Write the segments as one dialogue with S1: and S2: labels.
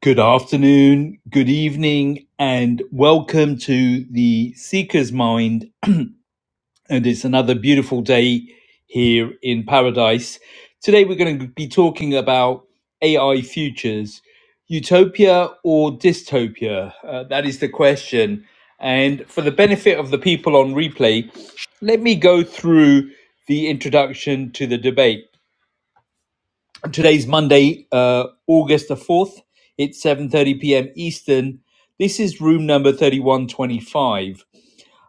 S1: Good afternoon, good evening, and welcome to the Seeker's Mind. and it's another beautiful day here in paradise. Today, we're going to be talking about AI futures utopia or dystopia? Uh, that is the question. And for the benefit of the people on replay, let me go through the introduction to the debate. Today's Monday, uh, August the 4th. It's 7.30 p.m. Eastern. This is room number 3125.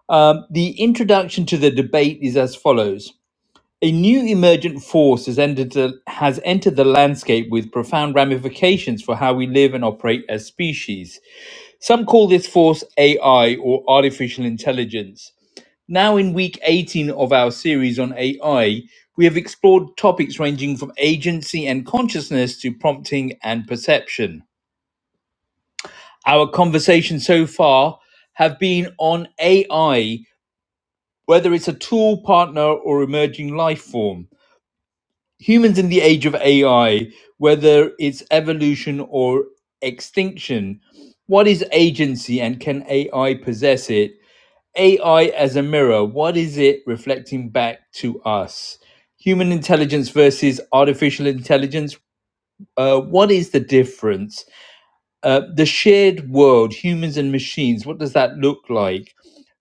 S1: Um, the introduction to the debate is as follows. A new emergent force has entered, the, has entered the landscape with profound ramifications for how we live and operate as species. Some call this force AI or artificial intelligence. Now, in week 18 of our series on AI, we have explored topics ranging from agency and consciousness to prompting and perception. Our conversations so far have been on AI, whether it's a tool, partner, or emerging life form. Humans in the age of AI, whether it's evolution or extinction, what is agency and can AI possess it? AI as a mirror, what is it reflecting back to us? Human intelligence versus artificial intelligence, uh, what is the difference? Uh, the shared world, humans and machines, what does that look like?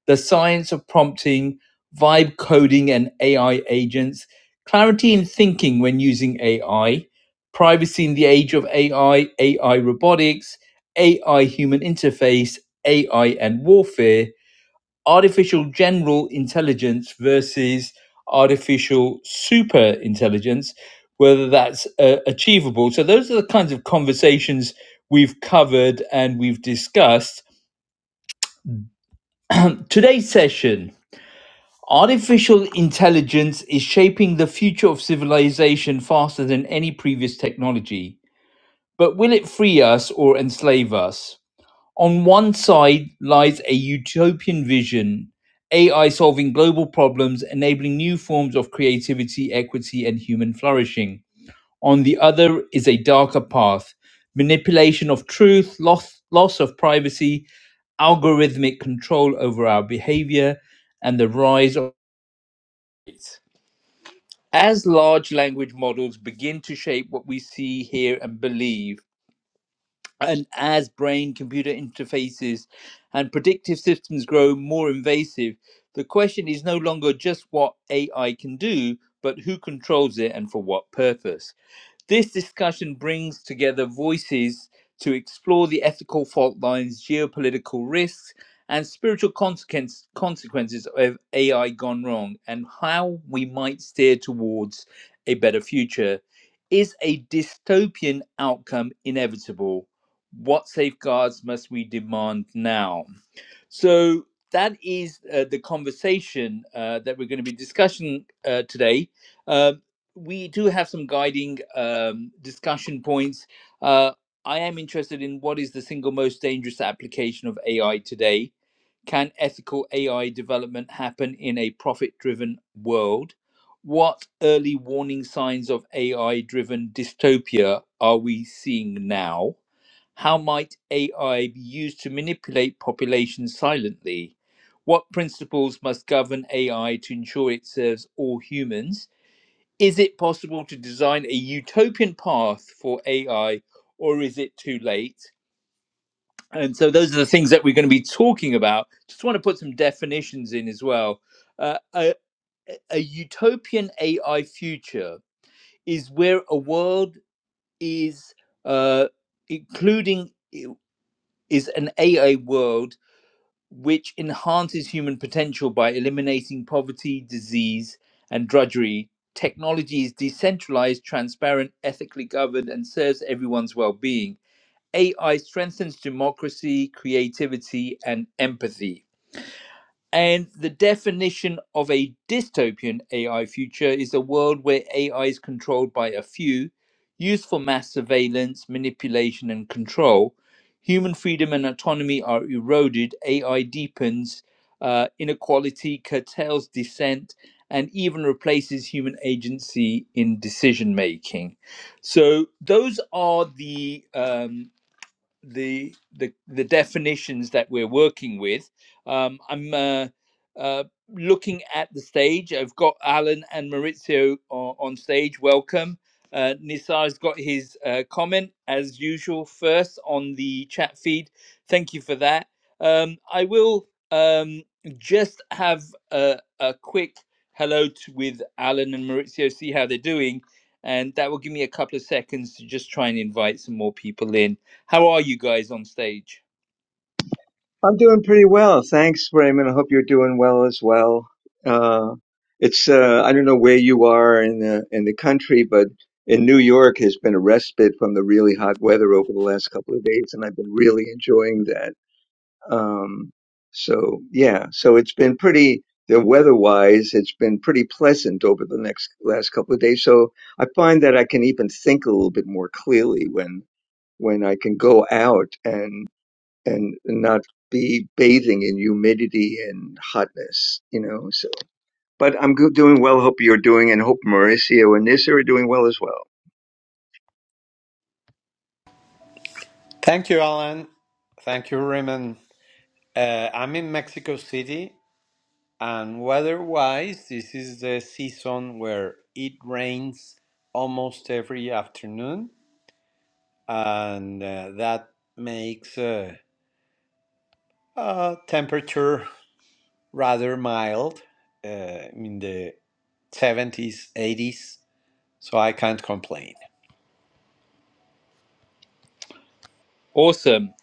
S1: The science of prompting, vibe coding, and AI agents, clarity in thinking when using AI, privacy in the age of AI, AI robotics, AI human interface, AI and warfare, artificial general intelligence versus artificial super intelligence, whether that's uh, achievable. So, those are the kinds of conversations we've covered and we've discussed. Today's session artificial intelligence is shaping the future of civilization faster than any previous technology. But will it free us or enslave us? On one side lies a utopian vision AI solving global problems, enabling new forms of creativity, equity, and human flourishing. On the other is a darker path manipulation of truth, loss, loss of privacy, algorithmic control over our behavior, and the rise of. it. As large language models begin to shape what we see, hear, and believe, and as brain computer interfaces and predictive systems grow more invasive, the question is no longer just what AI can do, but who controls it and for what purpose. This discussion brings together voices to explore the ethical fault lines, geopolitical risks, and spiritual consequence, consequences of AI gone wrong and how we might steer towards a better future. Is a dystopian outcome inevitable? What safeguards must we demand now? So that is uh, the conversation uh, that we're going to be discussing uh, today. Uh, we do have some guiding um, discussion points. Uh, I am interested in what is the single most dangerous application of AI today? Can ethical AI development happen in a profit driven world? What early warning signs of AI driven dystopia are we seeing now? How might AI be used to manipulate populations silently? What principles must govern AI to ensure it serves all humans? Is it possible to design a utopian path for AI or is it too late? And so, those are the things that we're going to be talking about. Just want to put some definitions in as well. Uh, a, a utopian AI future is where a world is, uh, including, is an AI world which enhances human potential by eliminating poverty, disease, and drudgery. Technology is decentralized, transparent, ethically governed, and serves everyone's well being. AI strengthens democracy, creativity, and empathy. And the definition of a dystopian AI future is a world where AI is controlled by a few, used for mass surveillance, manipulation, and control. Human freedom and autonomy are eroded. AI deepens uh, inequality, curtails dissent, and even replaces human agency in decision making. So, those are the um, the the the definitions that we're working with. Um, I'm uh, uh, looking at the stage. I've got Alan and Maurizio on, on stage. Welcome. Uh, Nisar's got his uh, comment as usual first on the chat feed. Thank you for that. Um, I will um, just have a, a quick hello to, with Alan and Maurizio, see how they're doing, and that will give me a couple of seconds to just try and invite some more people in. How are you guys on stage?
S2: I'm doing pretty well. Thanks, Raymond. I hope you're doing well as well. Uh, it's uh, I don't know where you are in the in the country, but in New York has been a respite from the really hot weather over the last couple of days, and I've been really enjoying that. Um, so yeah, so it's been pretty the weather-wise, it's been pretty pleasant over the next last couple of days. So I find that I can even think a little bit more clearly when when I can go out and and not be bathing in humidity and hotness, you know. So, but I'm doing well. Hope you're doing, and hope Mauricio and Nissa are doing well as well.
S3: Thank you, Alan. Thank you, Raymond. Uh, I'm in Mexico City, and weather-wise, this is the season where it rains almost every afternoon, and uh, that makes uh, uh, temperature rather mild, uh, in the 70s, 80s. So I can't complain.
S1: Awesome.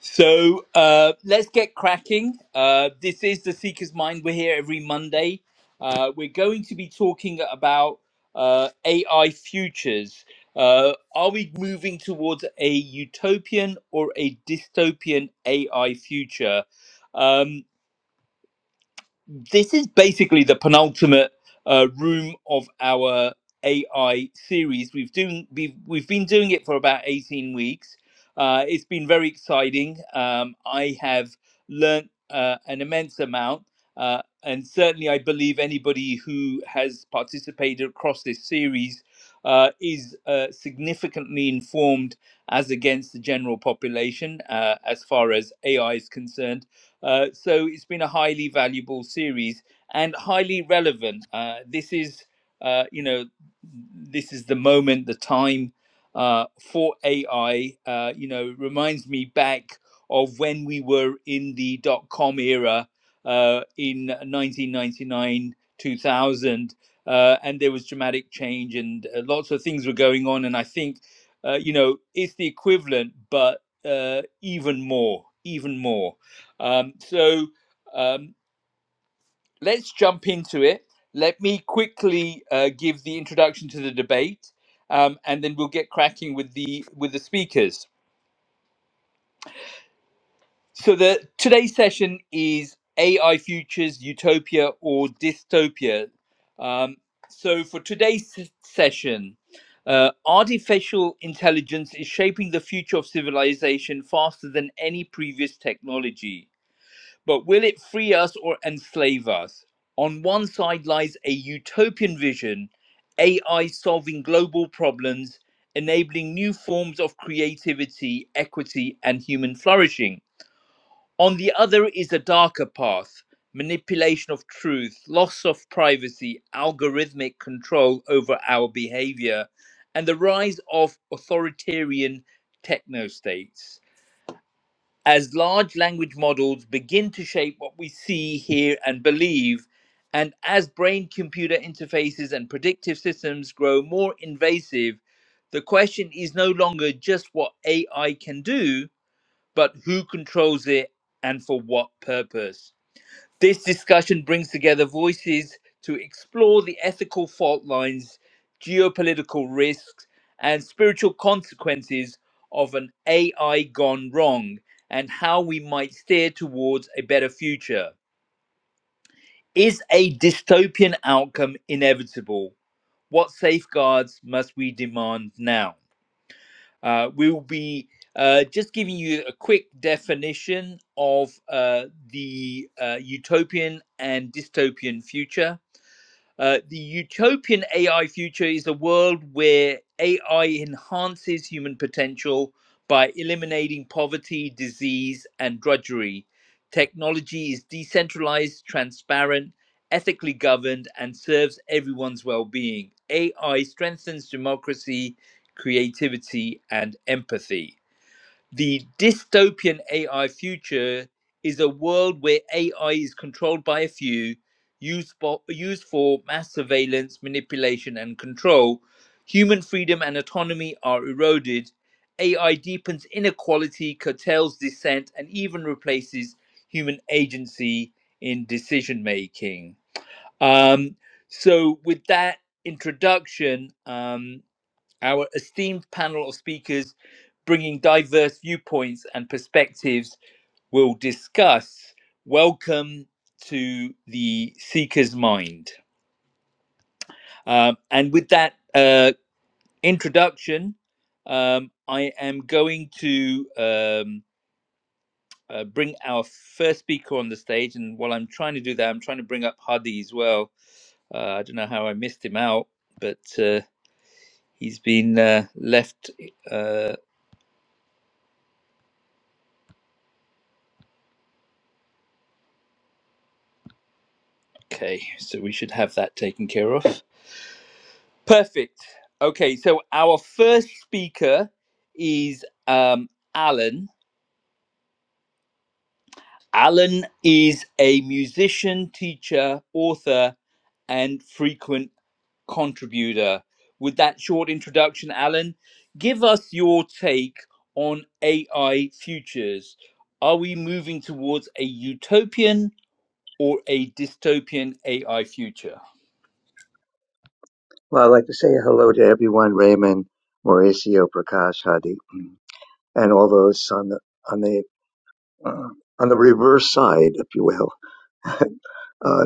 S1: So uh, let's get cracking. Uh, this is the Seeker's Mind. We're here every Monday. Uh, we're going to be talking about uh, AI futures. Uh, are we moving towards a utopian or a dystopian AI future? Um, this is basically the penultimate uh, room of our AI series. We've doing we've we've been doing it for about eighteen weeks. Uh, it's been very exciting. Um, I have learnt uh, an immense amount, uh, and certainly I believe anybody who has participated across this series. Uh, is uh, significantly informed as against the general population uh, as far as AI is concerned uh, so it's been a highly valuable series and highly relevant. Uh, this is, uh, you know, this is the moment, the time uh, for AI. Uh, you know, it reminds me back of when we were in the dot com era uh, in 1999, 2000. Uh, and there was dramatic change, and uh, lots of things were going on. And I think, uh, you know, it's the equivalent, but uh, even more, even more. Um, so um, let's jump into it. Let me quickly uh, give the introduction to the debate, um, and then we'll get cracking with the with the speakers. So the today's session is AI futures utopia or dystopia. Um, so for today's s- session. Uh, artificial intelligence is shaping the future of civilization faster than any previous technology. But will it free us or enslave us? On one side lies a utopian vision, AI solving global problems, enabling new forms of creativity, equity, and human flourishing. On the other is a darker path manipulation of truth, loss of privacy, algorithmic control over our behavior, and the rise of authoritarian technostates as large language models begin to shape what we see, hear, and believe, and as brain computer interfaces and predictive systems grow more invasive, the question is no longer just what AI can do, but who controls it and for what purpose. This discussion brings together voices to explore the ethical fault lines, geopolitical risks, and spiritual consequences of an AI gone wrong and how we might steer towards a better future. Is a dystopian outcome inevitable? What safeguards must we demand now? Uh, we will be uh, just giving you a quick definition of uh, the uh, utopian and dystopian future Uh, the utopian AI future is a world where AI enhances human potential by eliminating poverty, disease, and drudgery. Technology is decentralized, transparent, ethically governed, and serves everyone's well being. AI strengthens democracy, creativity, and empathy the dystopian AI future is a world where AI is controlled by a few, used, for used for mass surveillance, manipulation, and control. Human freedom and autonomy are eroded. AI deepens inequality, curtails dissent, and even replaces human agency in decision making. Um, so, with that introduction, um, our esteemed panel of speakers bringing diverse viewpoints and perspectives will discuss. Welcome to the Seeker's Mind. Um, and with that uh, introduction, um, I am going to um, uh, bring our first speaker on the stage. And while I'm trying to do that, I'm trying to bring up Hadi as well. Uh, I don't know how I missed him out, but uh, he's been uh, left. Uh, Okay, so we should have that taken care of. Perfect. Okay, so our first speaker is um, Alan. Alan is a musician, teacher, author, and frequent contributor. With that short introduction, Alan, give us your take on AI futures. Are we moving towards a utopian or a dystopian AI future?
S2: Well, I'd like to say hello to everyone: Raymond, Mauricio, Prakash, Hadi, and all those on the on the uh, on the reverse side, if you will. uh,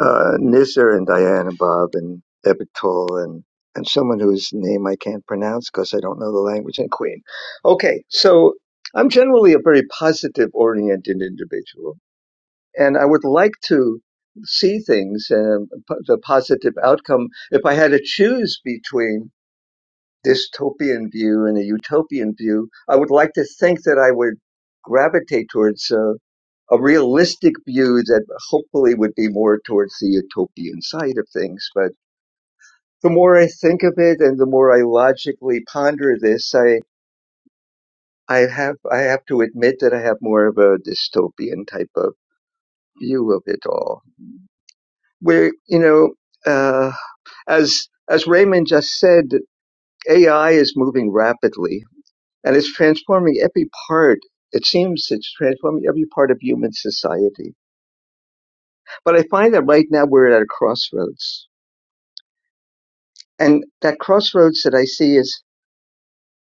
S2: uh, Nizar and Diana Bob and Epiktol and and someone whose name I can't pronounce because I don't know the language and Queen. Okay, so I'm generally a very positive oriented individual, and I would like to see things and po- the positive outcome. If I had to choose between dystopian view and a utopian view, I would like to think that I would gravitate towards. uh, a realistic view that hopefully would be more towards the utopian side of things. But the more I think of it and the more I logically ponder this, I, I have, I have to admit that I have more of a dystopian type of view of it all. Where, you know, uh, as, as Raymond just said, AI is moving rapidly and it's transforming every part. It seems it's transforming every part of human society. But I find that right now we're at a crossroads and that crossroads that I see is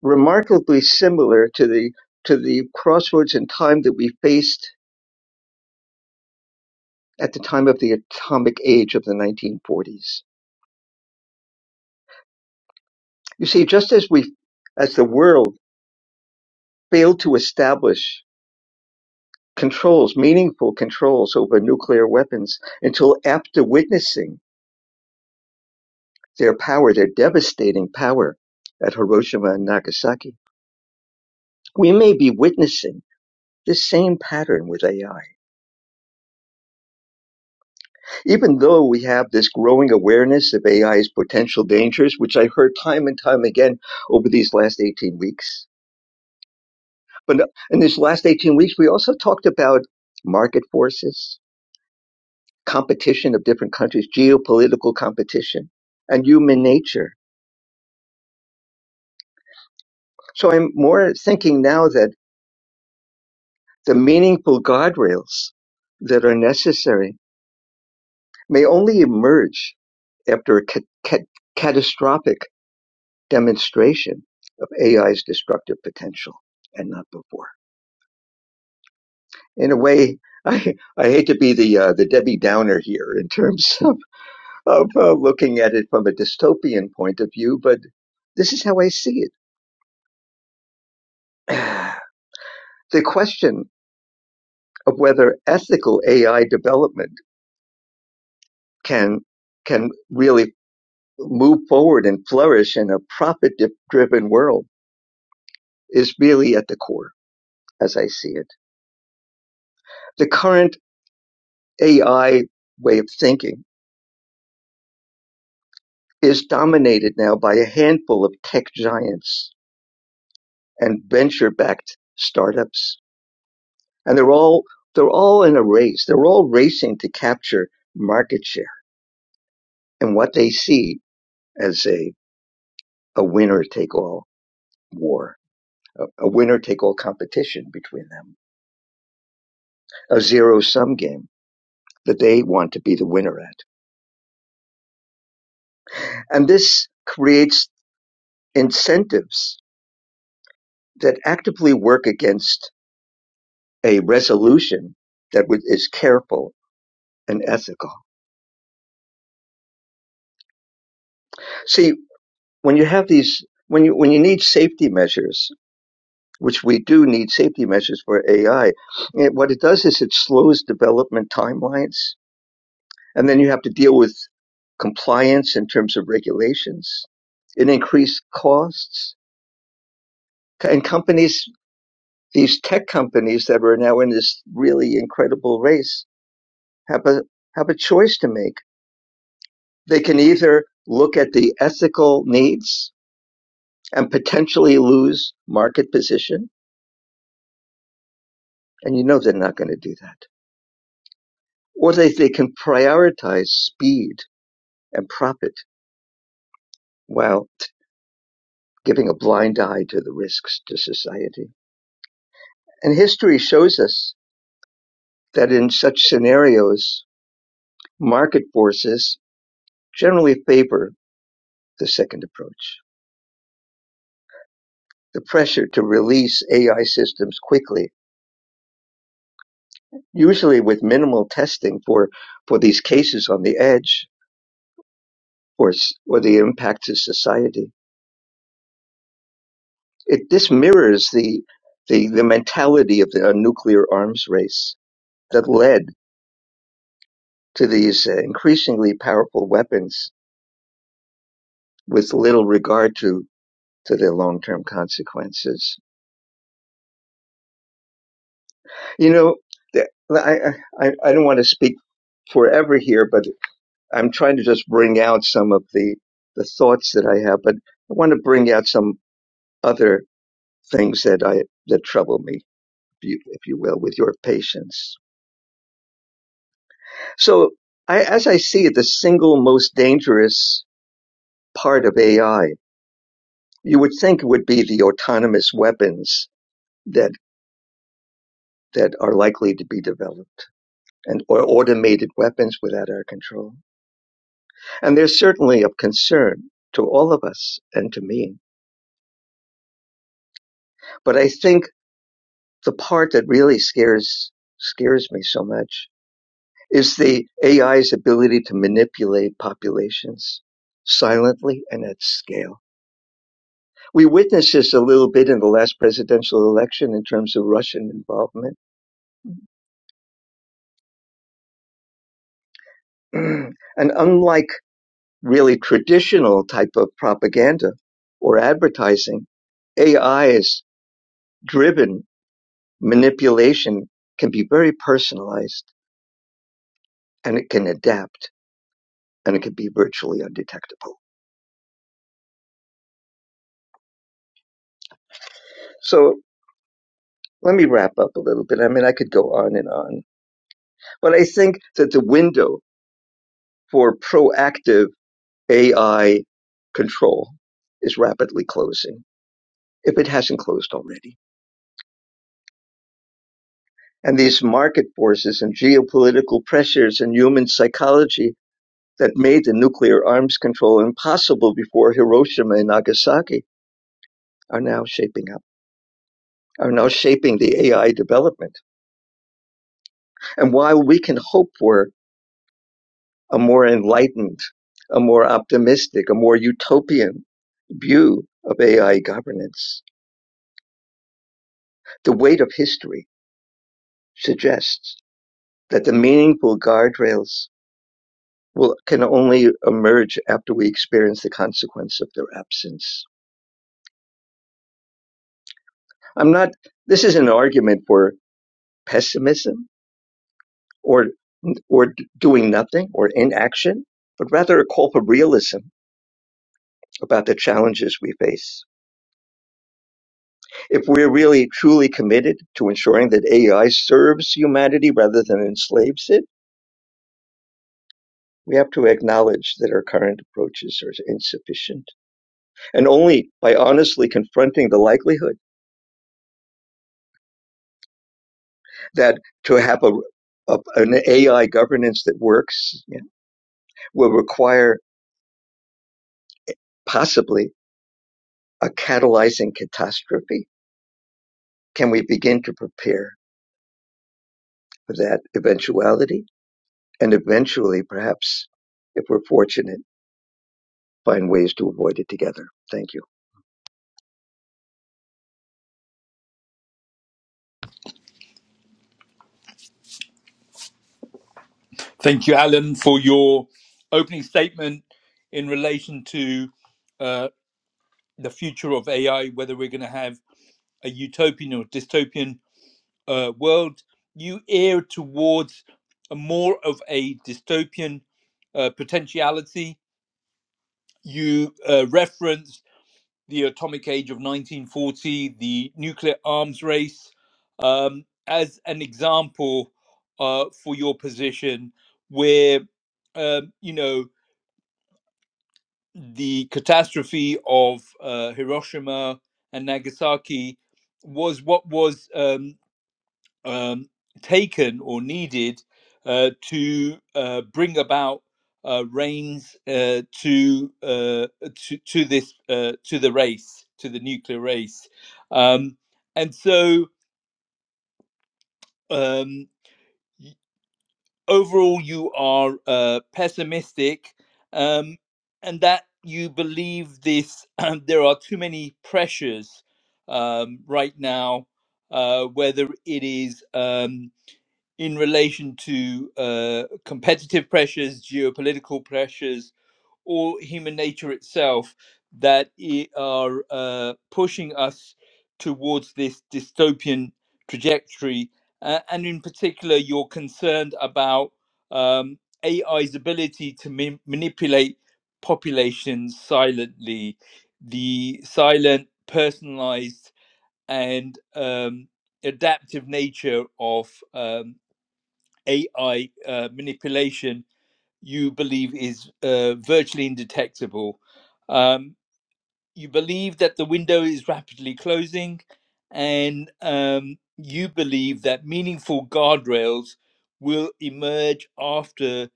S2: remarkably similar to the to the crossroads in time that we faced at the time of the atomic age of the 1940s. You see, just as we as the world failed to establish controls, meaningful controls over nuclear weapons until after witnessing their power, their devastating power at Hiroshima and Nagasaki, we may be witnessing this same pattern with AI Even though we have this growing awareness of AI's potential dangers, which I heard time and time again over these last 18 weeks, but no, in these last 18 weeks, we also talked about market forces, competition of different countries, geopolitical competition, and human nature. So I'm more thinking now that the meaningful guardrails that are necessary may only emerge after a ca- ca- catastrophic demonstration of AI's destructive potential and not before. In a way, I, I hate to be the uh, the Debbie Downer here in terms of, of uh, looking at it from a dystopian point of view, but this is how I see it. the question of whether ethical AI development can can really move forward and flourish in a profit driven world is really at the core, as I see it. The current AI way of thinking is dominated now by a handful of tech giants and venture-backed startups, and they're all they're all in a race. They're all racing to capture market share and what they see as a a winner take all war, a, a winner take all competition between them, a zero sum game that they want to be the winner at. And this creates incentives that actively work against a resolution that is careful and ethical. See, when you have these, when you when you need safety measures, which we do need safety measures for AI, it, what it does is it slows development timelines, and then you have to deal with compliance in terms of regulations. It increased costs, and companies, these tech companies that are now in this really incredible race, have a have a choice to make. They can either look at the ethical needs and potentially lose market position And you know they're not going to do that. Or they, they can prioritize speed and profit while giving a blind eye to the risks to society. And history shows us that in such scenarios, market forces generally favor the second approach. The pressure to release AI systems quickly, usually with minimal testing for, for these cases on the edge or, or the impact to society it this mirrors the the the mentality of the uh, nuclear arms race that led to these uh, increasingly powerful weapons with little regard to to their long-term consequences. You know, the- I I, I don't want to speak forever here, but I'm trying to just bring out some of the the thoughts that I have, but I want to bring out some other things that I that trouble me, if you, if you will, with your patience. So, I, as I see it, the single most dangerous part of AI, you would think it would be the autonomous weapons that that are likely to be developed and or automated weapons without our control. And they're certainly of concern to all of us and to me. But I think the part that really scares scares me so much is the AI's ability to manipulate populations silently and at scale. We witnessed this a little bit in the last presidential election in terms of Russian involvement. and unlike really traditional type of propaganda or advertising, AI is driven manipulation can be very personalized and it can adapt and it can be virtually undetectable. So let me wrap up a little bit. I mean, I could go on and on, but I think that the window for proactive AI control is rapidly closing, if it hasn't closed already. And these market forces and geopolitical pressures and human psychology that made the nuclear arms control impossible before Hiroshima and Nagasaki are now shaping up, are now shaping the AI development. And while we can hope for a more enlightened, a more optimistic, a more utopian view of AI governance, the weight of history suggests that the meaningful guardrails will can only emerge after we experience the consequence of their absence. I'm not this is an argument for pessimism or or doing nothing or inaction, but rather a call for realism about the challenges we face. If we're really truly committed to ensuring that AI serves humanity rather than enslaves it, we have to acknowledge that our current approaches are insufficient. And only by honestly confronting the likelihood that to have a, a an AI governance that works yeah, will require possibly a catalyzing catastrophe. Can we begin to prepare for that eventuality? And eventually, perhaps, if we're fortunate, find ways to avoid it together. Thank you.
S1: Thank you, Alan, for your opening statement in relation to uh, the future of AI, whether we're going to have a utopian or dystopian uh, world. You err towards a more of a dystopian uh, potentiality. You uh, reference the atomic age of 1940, the nuclear arms race, um, as an example uh, for your position where, um, you know, the catastrophe of uh, Hiroshima and Nagasaki was what was um, um, taken or needed uh, to uh, bring about uh, rains uh, to, uh, to to this uh, to the race to the nuclear race, um, and so. Um, overall you are uh, pessimistic um, and that you believe this Um, there are too many pressures um, right now uh, whether it is um, in relation to uh, competitive pressures geopolitical pressures or human nature itself that i- are uh, pushing us towards this dystopian trajectory. Uh, and in particular, you're concerned about um, AI's ability to ma- manipulate populations silently, the silent, personalized, and um, adaptive nature of um, AI uh, manipulation you believe is uh, virtually indetectable. Um, you believe that the window is rapidly closing, and um, you believe that meaningful guardrails will emerge after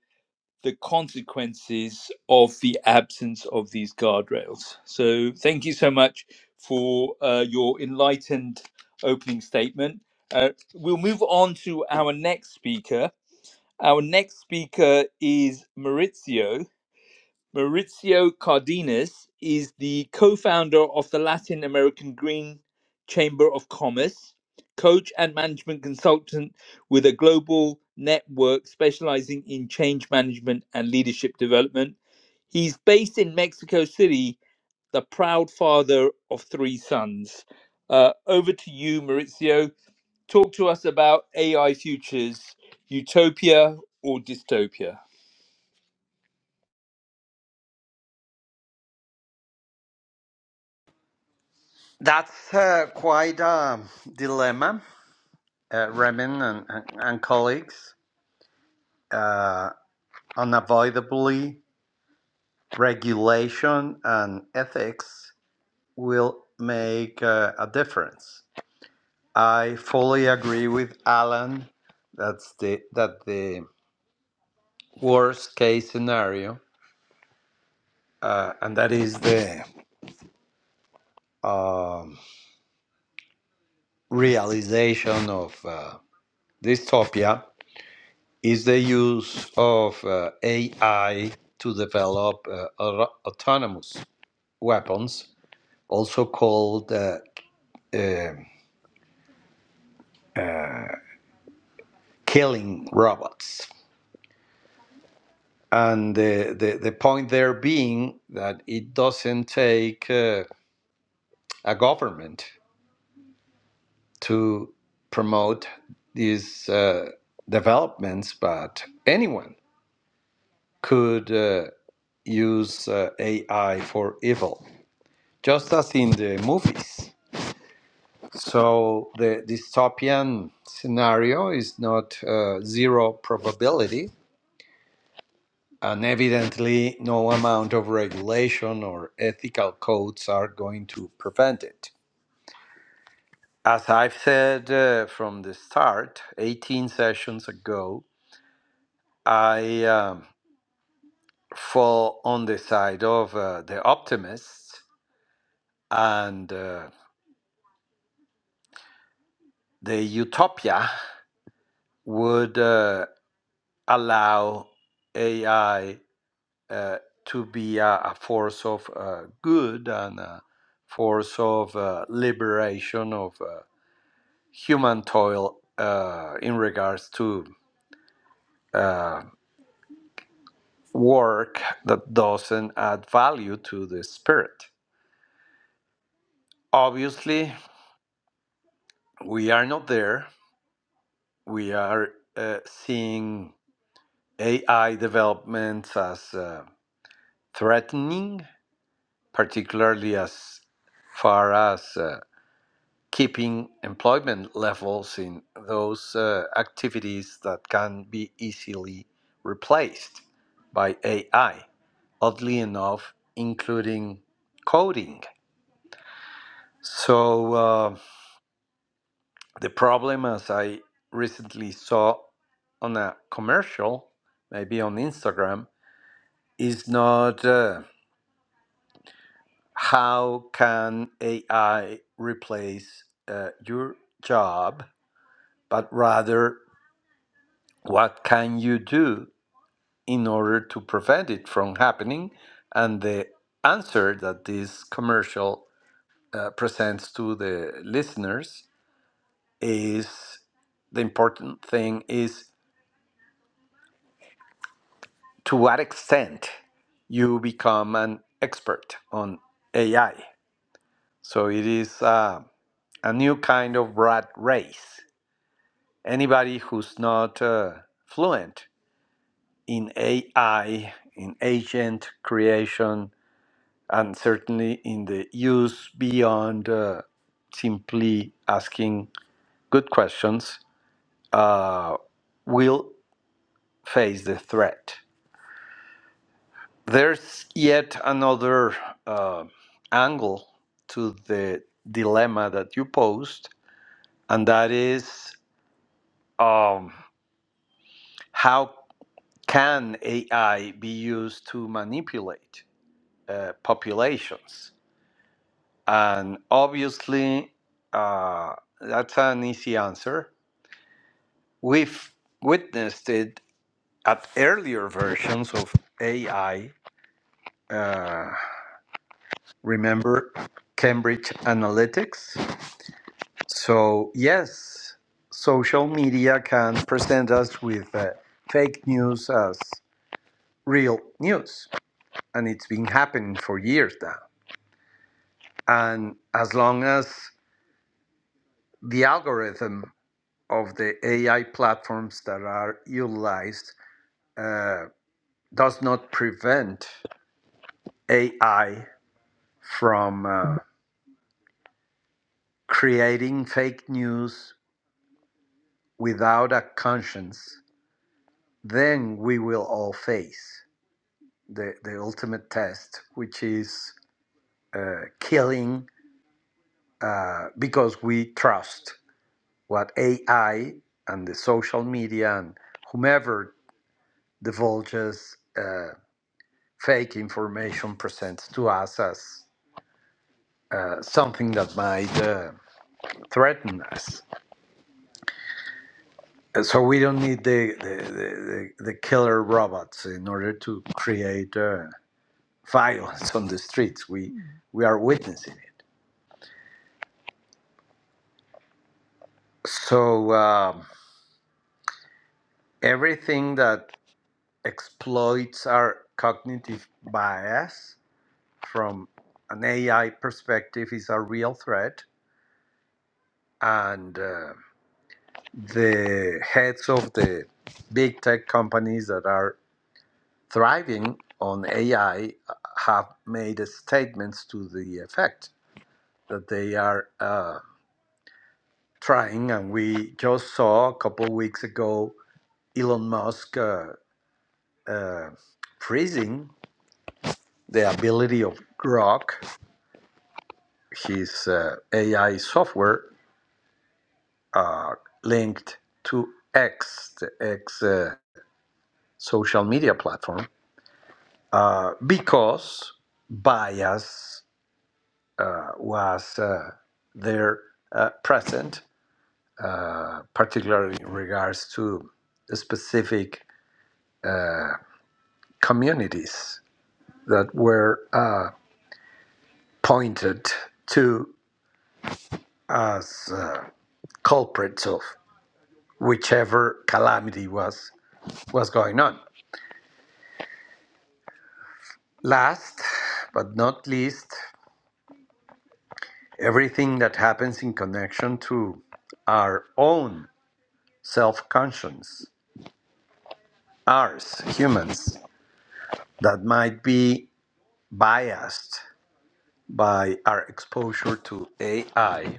S1: the consequences of the absence of these guardrails. So, thank you so much for uh, your enlightened opening statement. Uh, we'll move on to our next speaker. Our next speaker is Maurizio. Maurizio Cardenas is the co founder of the Latin American Green Chamber of Commerce, coach and management consultant with a global network specializing in change management and leadership development. He's based in Mexico City, the proud father of three sons. Uh, over to you, Maurizio talk to us about AI futures, utopia or dystopia.
S3: That's uh, quite a dilemma, uh, Raymond and, and, and colleagues. Uh, Unavoidably, regulation and ethics will make uh, a difference. I fully agree with Alan. That's the that the worst case scenario, uh, and that is the um, realization of uh, dystopia is the use of uh, AI to develop uh, auto- autonomous weapons, also called uh, um killing robots. And the, the, the point there being that it doesn't take uh, a government to promote these uh, developments, but anyone could uh, use uh, AI for evil, just as in the movies. So the dystopian scenario is not uh, zero probability, And evidently, no amount of regulation or ethical codes are going to prevent it. As I've said uh, from the start, 18 sessions ago, I um, fall on the side of uh, the optimists, and uh, the utopia would uh, allow AI uh, to be a, a force of uh, good and a force of uh, liberation of. Uh, human toil uh, in regards to uh, work that doesn't add value to the spirit. Obviously, we are not there. We are uh, seeing AI developments as uh, threatening, particularly as far as uh, keeping employment levels in those uh, activities that can be easily replaced by AI oddly enough, including coding. So uh, the problem, as I recently saw on a commercial, maybe on Instagram, is not uh, how can AI replace uh, your job, but rather what can you do in order to prevent it from happening? And the answer that this commercial uh, presents to the listeners is the important thing is to what extent you become an expert on AI. So it is uh, a new kind of rat race. Anybody who's not uh, fluent in AI, in agent creation, and certainly in the use beyond uh, simply asking good questions, uh, will face the threat. There's yet another uh, angle to the dilemma that you posed, and that is um, how can AI be used to manipulate uh, populations? And obviously, uh, that's an easy answer. We've witnessed it at earlier versions of AI. Uh, remember Cambridge Analytics? So, yes, social media can present us with uh, fake news as real news. And it's been happening for years now. And as long as the algorithm of the AI platforms that are utilized uh, does not prevent AI from uh, creating fake news without a conscience, then we will all face. the, the ultimate test, which is uh, killing uh, because we trust what AI and the social media and whomever divulges uh, fake information presents to us as uh, something that might uh, threaten us. And So we don't need the, the, the, the killer robots in order to create uh, violence on the streets. We, we are witnessing it. So. Um, everything that exploits our cognitive bias from an AI perspective is a real threat. And uh, the heads of the big tech companies that are thriving on AI have made statements to the effect that they are uh, trying. And we just saw a couple of weeks ago Elon Musk uh, uh, freezing the ability of Grok his uh, AI software uh, linked to X, the X uh, social media platform, uh, because bias uh, was uh, there uh, present, uh, particularly in regards to specific communities that were uh, pointed to as uh, culprits of whichever calamity was was going on. Last but not least, everything that happens in connection to our own self conscience, ours, humans, that might be biased by our exposure to AI,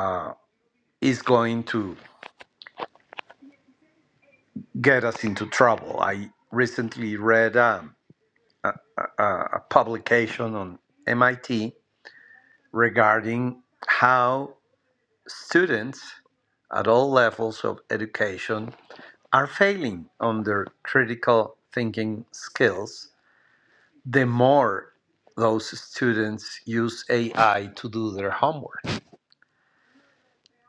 S3: uh, is going to get us into trouble. I recently read um, a, a publication on MIT regarding how students at all levels of education are failing on their critical thinking skills, the more those students use AI to do their homework.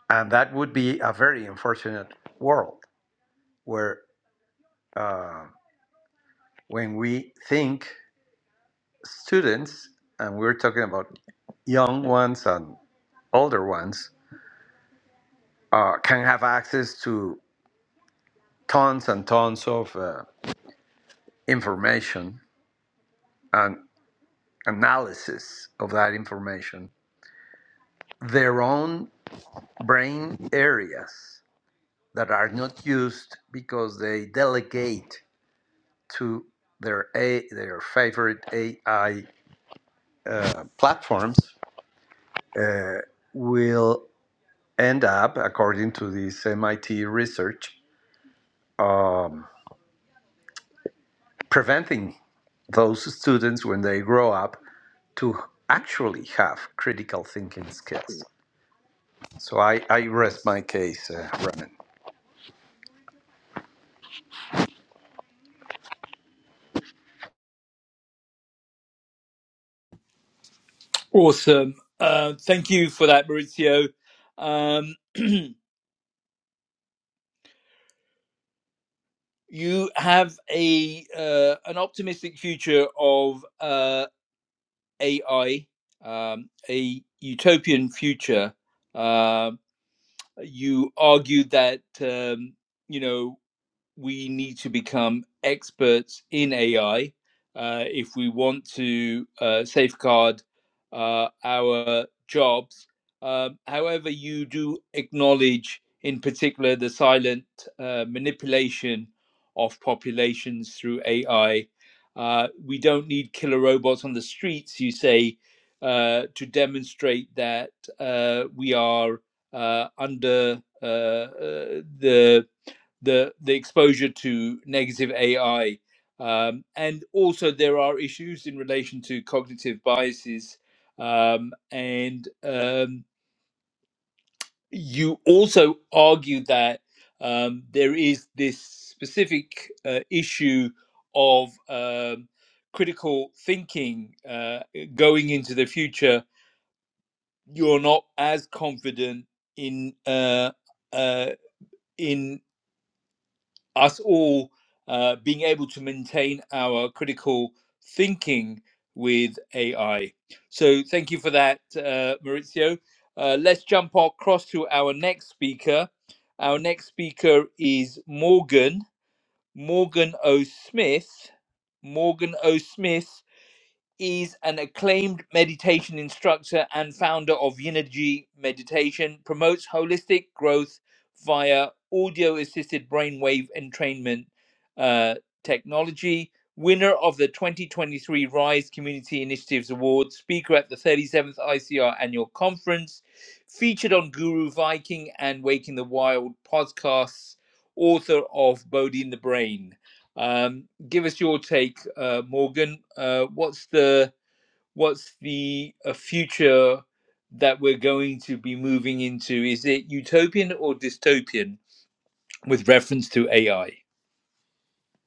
S3: And that would be a very unfortunate world where uh, when we think students, and we're talking about young ones and older ones, uh, can have access to tons and tons of uh, information and analysis of that information, their own brain areas that are not used because they delegate to their a their favorite AI uh, platforms uh, will end up, according to this MIT research, um, preventing those students when they grow up to actually have critical thinking skills. So I, I rest my case, uh, Raman.
S1: Awesome. Uh, thank you for that, Maurizio. Um, you have a uh, an optimistic future of uh, AI, um, a utopian future. Um you argued that um, you know we need to become experts in AI uh, if we want to uh, safeguard uh, our jobs. Um, however, you do acknowledge, in particular, the silent uh, manipulation of populations through AI. Uh, we don't need killer robots on the streets, you say, uh, to demonstrate that uh, we are uh, under uh, uh, the the the exposure to negative AI, um, and also there are issues in relation to cognitive biases, um, and um, you also argue that um, there is this specific uh, issue of um, critical thinking uh, going into the future. You're not as confident in uh, uh, in us all uh, being able to maintain our critical thinking with AI. So thank you for that, uh, Maurizio. Uh, let's jump across to our next speaker. Our next speaker is Morgan, Morgan O. Smith. Morgan O. Smith is an acclaimed meditation instructor and founder of Yinergy Meditation, promotes holistic growth via audio assisted brainwave entrainment uh, technology, winner of the 2023 RISE Community Initiatives Award, speaker at the 37th ICR Annual Conference, featured on Guru Viking and Waking the Wild podcasts, author of Bodhi in the Brain. Um, give us your take, uh, Morgan. Uh, what's the what's the uh, future that we're going to be moving into? Is it utopian or dystopian with reference to AI?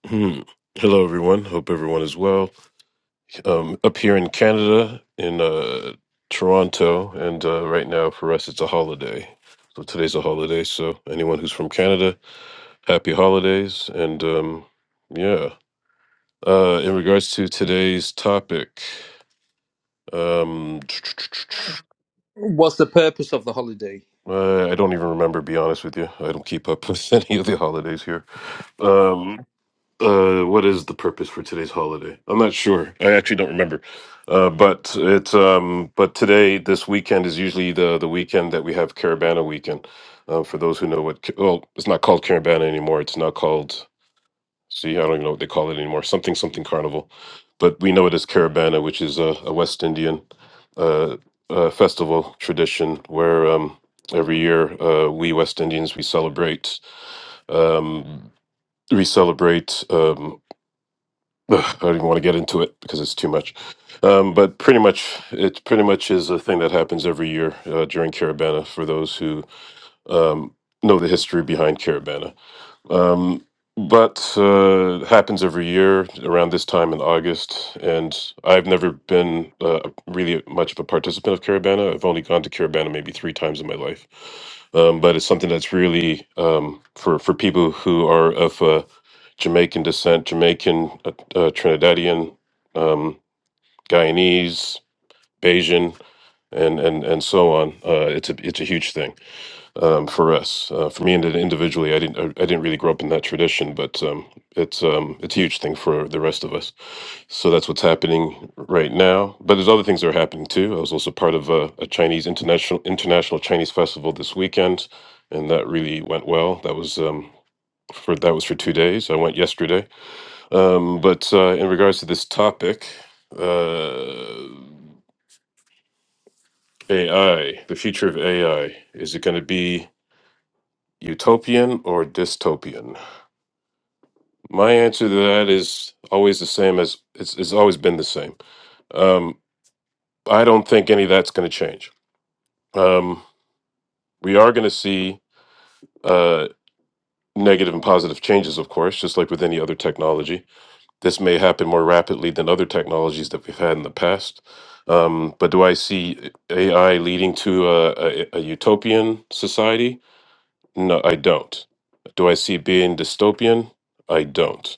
S4: Hmm. Hello, everyone. Hope everyone is well. Um, up here in Canada, in uh, Toronto, and uh, right now for us, it's a holiday. So today's a holiday. So anyone who's from Canada, happy holidays. And um, yeah, uh, in regards to today's topic, um,
S1: What's the purpose of the holiday?
S4: uh, I don't even remember. Be honest with you, I don't keep up with any of the holidays here. Um, uh what is the purpose for today's holiday i'm not sure i actually don't remember uh but it's um but today this weekend is usually the the weekend that we have caravana weekend uh, for those who know what ca- well it's not called caravana anymore it's now called see i don't even know what they call it anymore something something carnival but we know it as caravana which is a, a west indian uh, uh festival tradition where um every year uh we west indians we celebrate um we celebrate Um, Ugh, I don't even want to get into it because it's too much. Um, but pretty much, it pretty much is a thing that happens every year uh, during Caravana for those who um, know the history behind Caravana. Um, but uh, it happens every year around this time in August, and I've never been uh, really much of a participant of Carabana. I've only gone to Carabana maybe three times in my life, um, but it's something that's really um, for for people who are of uh, Jamaican descent, Jamaican, uh, uh, Trinidadian, um, Guyanese, Bajan, and and and so on. Uh, it's a it's a huge thing um, for us. Uh, for me and individually, I didn't I, I didn't really grow up in that tradition, but um, it's um, it's a huge thing for the rest of us. So that's what's happening right now. But there's other things that are happening too. I was also part of a, a Chinese international international Chinese festival this weekend, and that really went well. That was. Um, for that was for two days. I went yesterday. Um, but uh, in regards to this topic, uh, AI, the future of AI, is it going to be utopian or dystopian? My answer to that is always the same as it's, it's always been the same. Um, I don't think any of that's going to change. Um, we are going to see uh, negative and positive changes, of course, just like with any other technology. This may happen more rapidly than other technologies that we've had in the past. Um, but do I see AI leading to a, a, a utopian society? No, I don't. Do I see it being dystopian? I don't.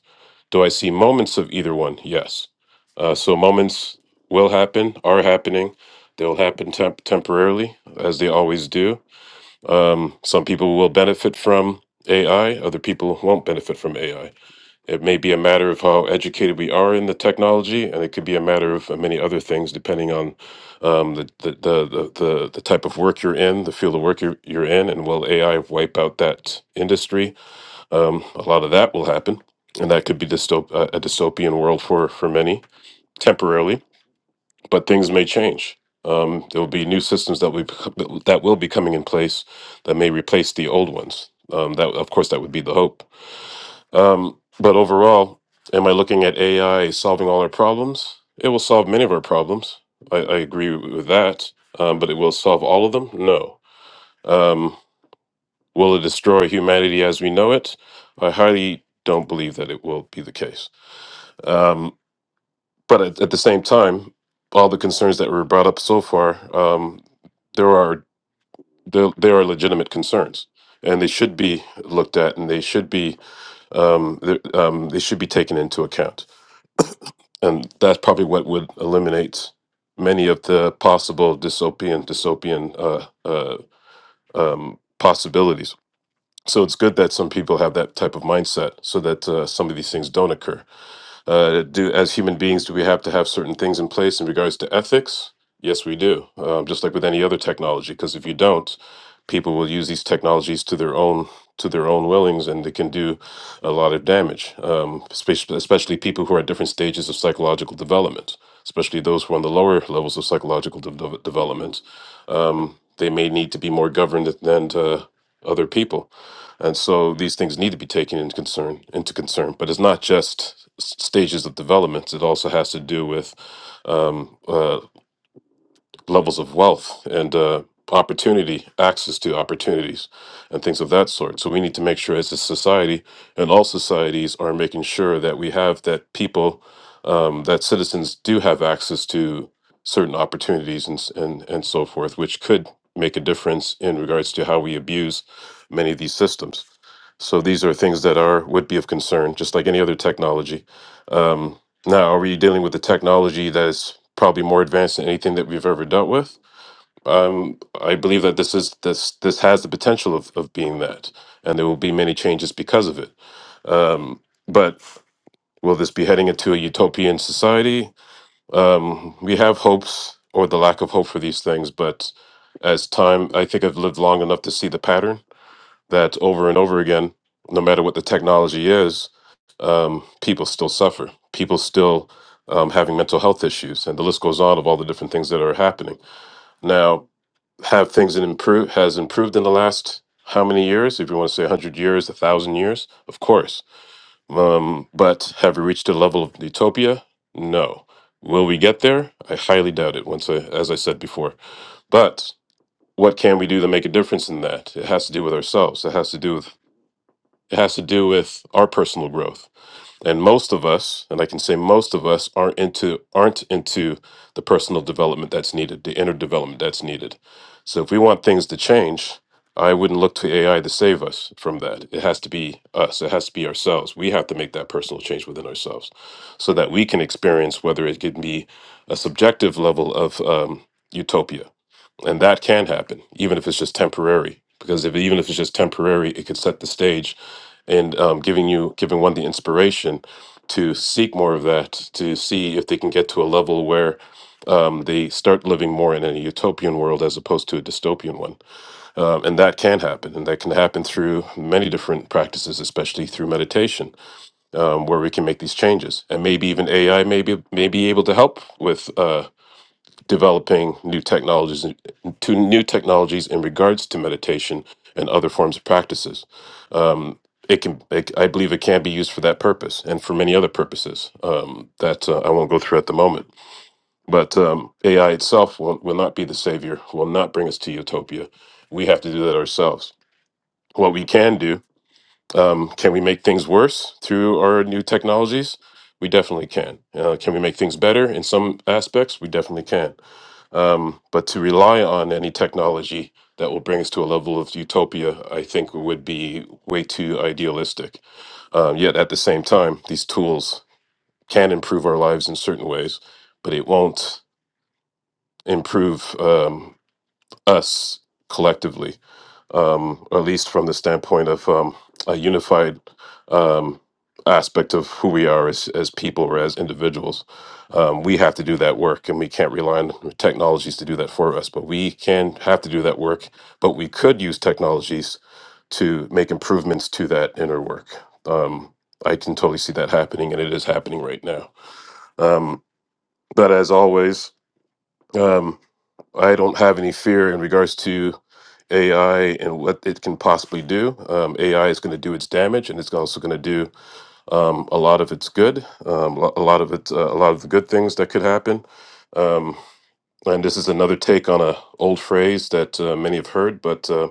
S4: Do I see moments of either one? Yes. Uh, so moments will happen, are happening. They'll happen temp- temporarily, as they always do. Um, some people will benefit from AI, other people won't benefit from AI. It may be a matter of how educated we are in the technology, and it could be a matter of many other things, depending on um, the, the, the, the, the the type of work you're in, the field of work you're, you're in, and will AI wipe out that industry? um, a lot of that will happen, and that could be dystop- uh, a dystopian world for for many temporarily. But things may change. Um, there will be new systems that we that will be coming in place that may replace the old ones. Um, that of course that would be the hope. Um, but overall, am I looking at AI solving all our problems? It will solve many of our problems. I, I agree with that. Um, but it will solve all of them? No. Um, Will it destroy humanity as we know it? I highly don't believe that it will be the case. Um, but at, at the same time, all the concerns that were brought up so far, um, there are there, there are legitimate concerns, and they should be looked at, and they should be um, th- um, they should be taken into account. And that's probably what would eliminate many of the possible dystopian dystopian uh, uh, um, possibilities so it's good that some people have that type of mindset so that uh, some of these things don't occur uh, do as human beings do we have to have certain things in place in regards to ethics yes we do um, just like with any other technology because if you don't people will use these technologies to their own to their own willings and they can do a lot of damage um, especially, especially people who are at different stages of psychological development especially those who are on the lower levels of psychological de- de- development they may need to be more governed than to other people, and so these things need to be taken into concern into concern. But it's not just s- stages of development; it also has to do with um, uh, levels of wealth and uh, opportunity, access to opportunities, and things of that sort. So we need to make sure, as a society, and all societies are making sure that we have that people, um, that citizens do have access to certain opportunities and s- and and so forth, which could make a difference in regards to how we abuse many of these systems. So these are things that are would be of concern, just like any other technology. Um, now, are we dealing with a technology that's probably more advanced than anything that we've ever dealt with? Um, I believe that this is this this has the potential of, of being that, and there will be many changes because of it. Um, but will this be heading into a utopian society? Um, we have hopes or the lack of hope for these things, but as time, I think I've lived long enough to see the pattern that over and over again, no matter what the technology is, um, people still suffer. People still um, having mental health issues, and the list goes on of all the different things that are happening. Now, have things improved? Has improved in the last how many years? If you want to say hundred years, a thousand years, of course. Um, but have we reached a level of utopia? No. Will we get there? I highly doubt it. Once, I, as I said before, but what can we do to make a difference in that? It has to do with ourselves. It has to do with it has to do with our personal growth. And most of us, and I can say most of us aren't into aren't into the personal development that's needed, the inner development that's needed. So if we want things to change, I wouldn't look to AI to save us from that. It has to be us. It has to be ourselves. We have to make that personal change within ourselves so that we can experience whether it can be a subjective level of um, utopia and that can happen even if it's just temporary because if even if it's just temporary it could set the stage and um, giving you giving one the inspiration to seek more of that to see if they can get to a level where um, they start living more in a utopian world as opposed to a dystopian one um, and that can happen and that can happen through many different practices especially through meditation um, where we can make these changes and maybe even ai may be, may be able to help with uh, developing new technologies to new technologies in regards to meditation and other forms of practices. Um, it can, it, I believe, it can be used for that purpose and for many other purposes um, that uh, I won't go through at the moment. But um, AI itself will, will not be the savior, will not bring us to utopia. We have to do that ourselves. What we can do, um, can we make things worse through our new technologies? We definitely can. Uh, can we make things better in some aspects? We definitely can um, but to rely on any technology that will bring us to a level of utopia, I think would be way too idealistic. Um, yet at the same time, these tools can improve our lives in certain ways, but it won't improve um, us collectively um, at least from the standpoint of um, a unified um, aspect of who we are as, as people or as individuals. Um, we have to do that work, and we can't rely on technologies to do that for us. But we can have to do that work. But we could use technologies to make improvements to that inner work. Um, I can totally see that happening, and it is happening right now. Um, but as always, um, I don't have any fear in regards to AI and what it can possibly do. Um, AI is going to do its damage, and it's also going to do um, a lot of its good, um, lo- a lot of its, uh, a lot of the good things that could happen. Um, and this is another take on a old phrase that uh, many have heard, but uh,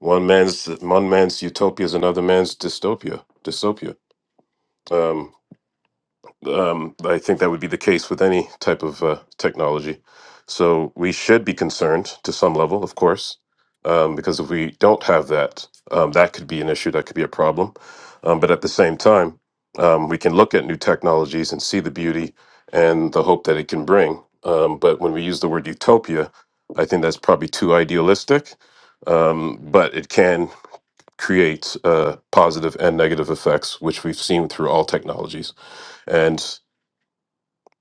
S4: one man's one man's utopia is another man's dystopia. Dystopia. Um, um, I think that would be the case with any type of uh, technology. So we should be concerned to some level, of course, um, because if we don't have that, um, that could be an issue, that could be a problem. Um, but at the same time, um, we can look at new technologies and see the beauty and the hope that it can bring. Um, but when we use the word utopia, I think that's probably too idealistic, um, but it can create uh, positive and negative effects, which we've seen through all technologies. And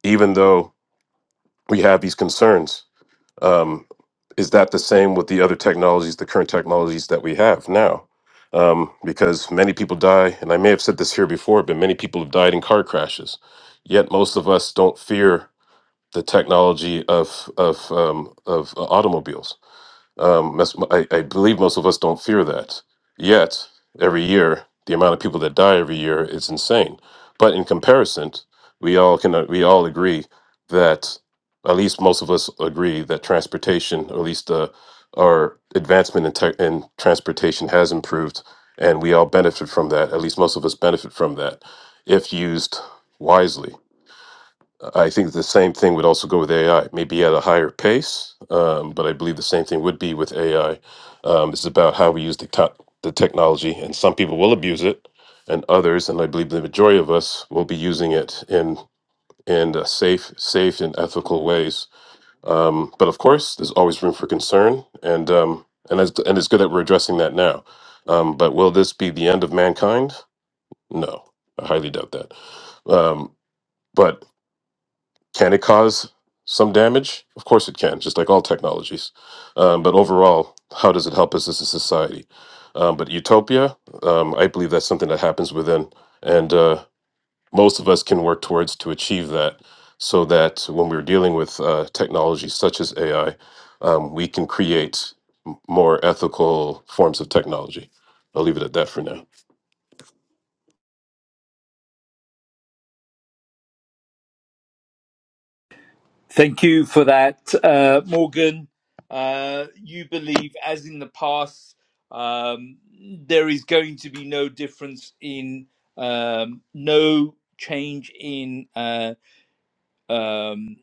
S4: even though we have these concerns. Um, is that the same with the other technologies, the current technologies that we have now? Um, because many people die, and I may have said this here before, but many people have died in car crashes. Yet most of us don't fear the technology of of um, of uh, automobiles um, that's, I, I believe most of us don't fear that. Yet, every year, the amount of people that die every year is insane. But in comparison, we all can we all agree that at least most of us agree that transportation, or at least uh, our advancement in, tech in transportation, has improved, and we all benefit from that. At least most of us benefit from that if used wisely. I think the same thing would also go with AI, maybe at a higher pace, um, but I believe the same thing would be with AI. Um, it's about how we use the, to- the technology, and some people will abuse it, and others, and I believe the majority of us, will be using it in in uh, safe, safe and ethical ways. Um, but of course, there's always room for concern, and um, and it's, and it's good that we're addressing that now. Um, but will this be the end of mankind? No, I highly doubt that. Um, but can it cause some damage? Of course it can, just like all technologies. Um, but overall, how does it help us as a society? Um, but utopia, um, I believe that's something that happens within, and uh, most of us can work towards to achieve that. So that when we're dealing with uh, technology such as AI, um, we can create m- more ethical forms of technology. I'll leave it at that for now.
S1: Thank you for that, uh, Morgan. Uh, you believe, as in the past, um, there is going to be no difference in um, no change in uh, um,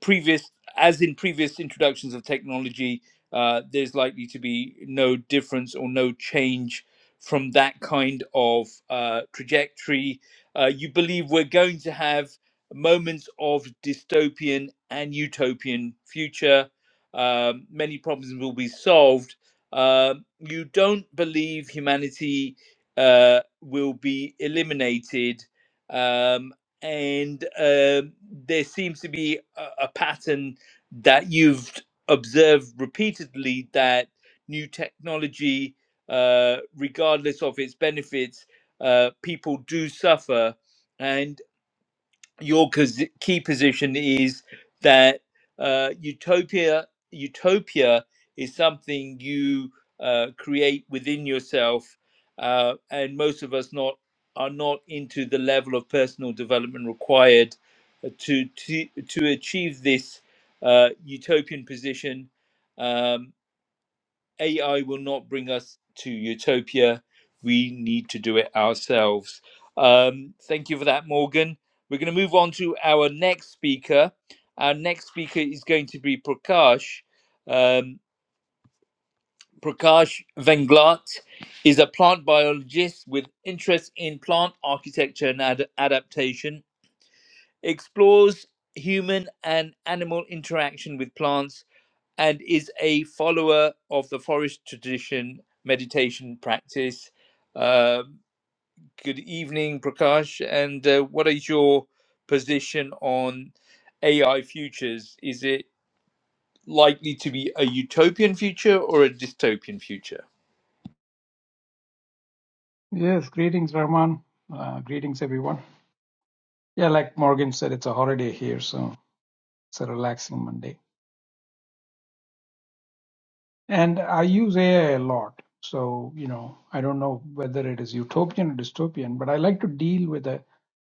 S1: previous as in previous introductions of technology uh, there's likely to be no difference or no change from that kind of uh, trajectory uh, you believe we're going to have moments of dystopian and utopian future um, many problems will be solved uh, you don't believe humanity uh, will be eliminated um, and uh, there seems to be a, a pattern that you've observed repeatedly that new technology, uh, regardless of its benefits, uh, people do suffer. And your cos- key position is that uh, utopia utopia is something you uh, create within yourself, uh, and most of us not are not into the level of personal development required uh, to to to achieve this uh, utopian position. Um, AI will not bring us to utopia. We need to do it ourselves. Um, thank you for that, Morgan. We're going to move on to our next speaker. Our next speaker is going to be Prakash. Um, Prakash Venglat is a plant biologist with interest in plant architecture and ad- adaptation, explores human and animal interaction with plants and is a follower of the forest tradition meditation practice. Uh, good evening, Prakash. And uh, what is your position on AI futures? Is it likely to be a utopian future or a dystopian future?
S5: Yes, greetings, Rahman. Uh, greetings, everyone. Yeah, like Morgan said, it's a holiday here, so it's a relaxing Monday. And I use AI a lot. So, you know, I don't know whether it is utopian or dystopian, but I like to deal with a,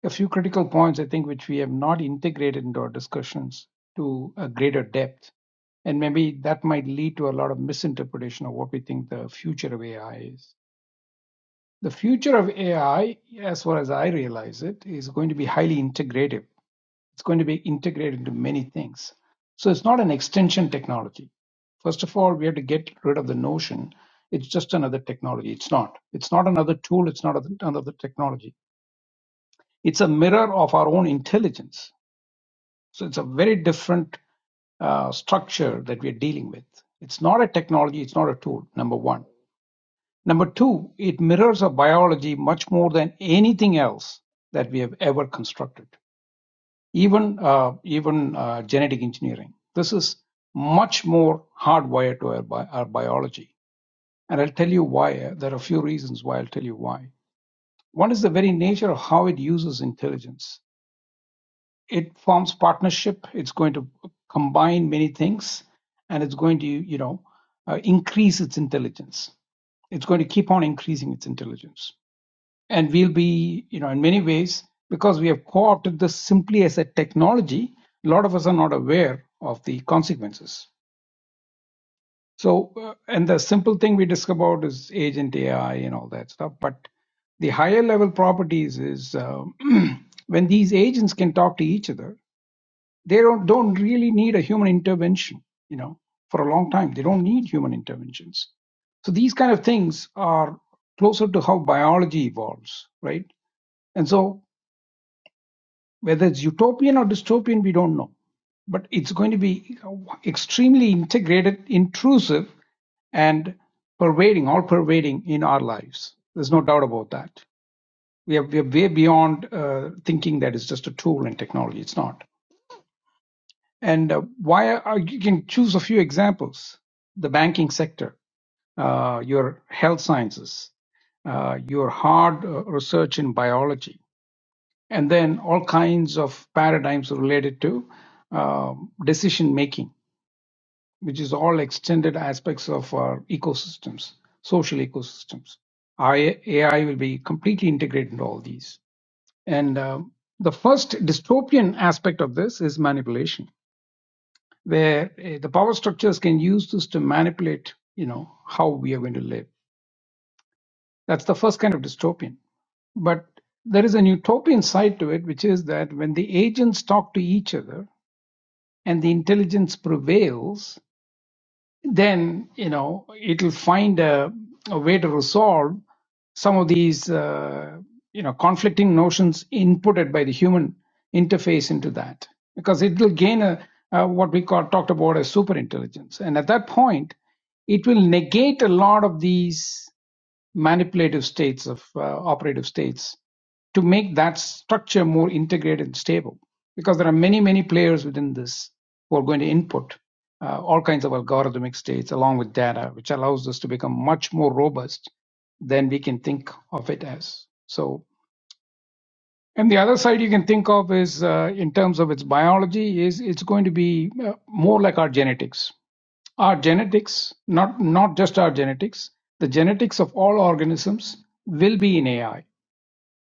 S5: a few critical points, I think, which we have not integrated into our discussions to a greater depth. And maybe that might lead to a lot of misinterpretation of what we think the future of AI is. The future of AI, as far as I realize it, is going to be highly integrative It's going to be integrated into many things. So it's not an extension technology. First of all, we have to get rid of the notion it's just another technology. It's not. It's not another tool. It's not another technology. It's a mirror of our own intelligence. So it's a very different uh, structure that we're dealing with. It's not a technology. It's not a tool, number one. Number two, it mirrors our biology much more than anything else that we have ever constructed. even uh, even uh, genetic engineering. This is much more hardwired to our, bi- our biology, and I'll tell you why. uh, There are a few reasons why I'll tell you why. One is the very nature of how it uses intelligence. It forms partnership. It's going to combine many things, and it's going to you know uh, increase its intelligence. It's going to keep on increasing its intelligence and we'll be, you know, in many ways, because we have co-opted this simply as a technology, a lot of us are not aware of the consequences. So, uh, and the simple thing we discuss about is agent AI and all that stuff. But the higher level properties is uh, when these agents can talk to each other, they don't don't really need a human intervention. You know, for a long time, they don't need human interventions. So these kind of things are closer to how biology evolves, right? And so Whether it's utopian or dystopian, we don't know. But it's going to be extremely integrated, intrusive, and pervading, all pervading in our lives. There's no doubt about that. We are, we are way beyond uh, thinking that it's just a tool and technology. It's not. And uh, why are, you can choose a few examples the banking sector, uh, your health sciences, uh, your hard uh, research in biology, and then all kinds of paradigms related to um, decision making, which is all extended aspects of our ecosystems, social ecosystems. AI, will be completely integrated into all these. And um, the first dystopian aspect of this is manipulation, where uh, the power structures can use this to manipulate, you know, how we are going to live. That's the first kind of dystopian. But there is an utopian side to it, which is that when the agents talk to each other, and the intelligence prevails, then you know it'll find a, a way to resolve some of these uh, you know conflicting notions inputted by the human interface into that because it will gain a, a what we call talked about as super intelligence and at that point it will negate a lot of these manipulative states of uh, operative states to make that structure more integrated and stable because there are many many players within this who are going to input uh, all kinds of algorithmic states along with data which allows us to become much more robust than we can think of it as so and the other side you can think of is uh, in terms of its biology is it's going to be uh, more like our genetics our genetics, not not just our genetics, the genetics of all organisms will be in AI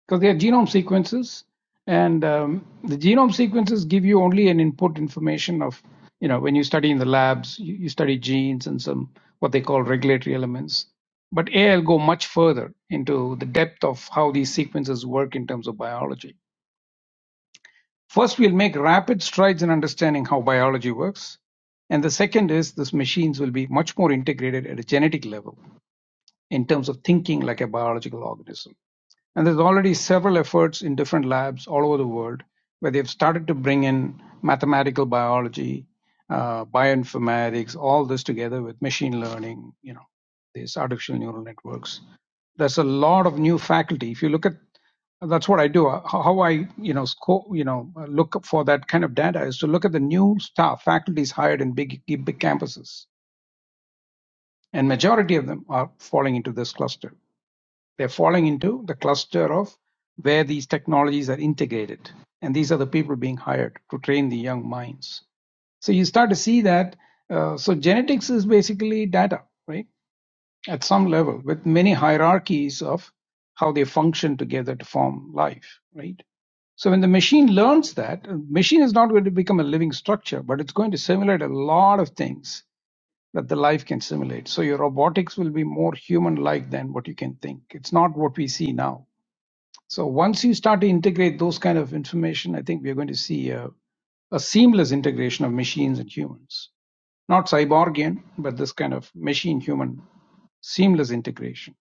S5: because they are genome sequences, and um, the genome sequences give you only an input information of you know when you study in the labs, you, you study genes and some what they call regulatory elements. But AI will go much further into the depth of how these sequences work in terms of biology. First, we'll make rapid strides in understanding how biology works. And the second is these machines will be much more integrated at a genetic level in terms of thinking like a biological organism. And there's already several efforts in different labs all over the world where they've started to bring in mathematical biology, uh, bioinformatics, all this together with machine learning, you know, these artificial neural networks. There's a lot of new faculty. If you look at that's what I do. Uh, How I, you know, sco- you know, uh, look for that kind of data is to look at the new staff, faculties hired in big, big campuses, and majority of them are falling into this cluster. They're falling into the cluster of where these technologies are integrated. And these are the people being hired to train the young minds. So you start to see that. Uh, so genetics is basically data, right? At some level, with many hierarchies of how they function together to form life, right? So when the machine learns that, uh, machine is not going to become a living structure, but it's going to simulate a lot of things that the life can simulate. So your robotics will be more human like than what you can think. It's not what we see now. So once you start to integrate those kind of information, I think we're going to see a, a seamless integration of machines and humans. Not cyborgian, but this kind of machine human seamless integration.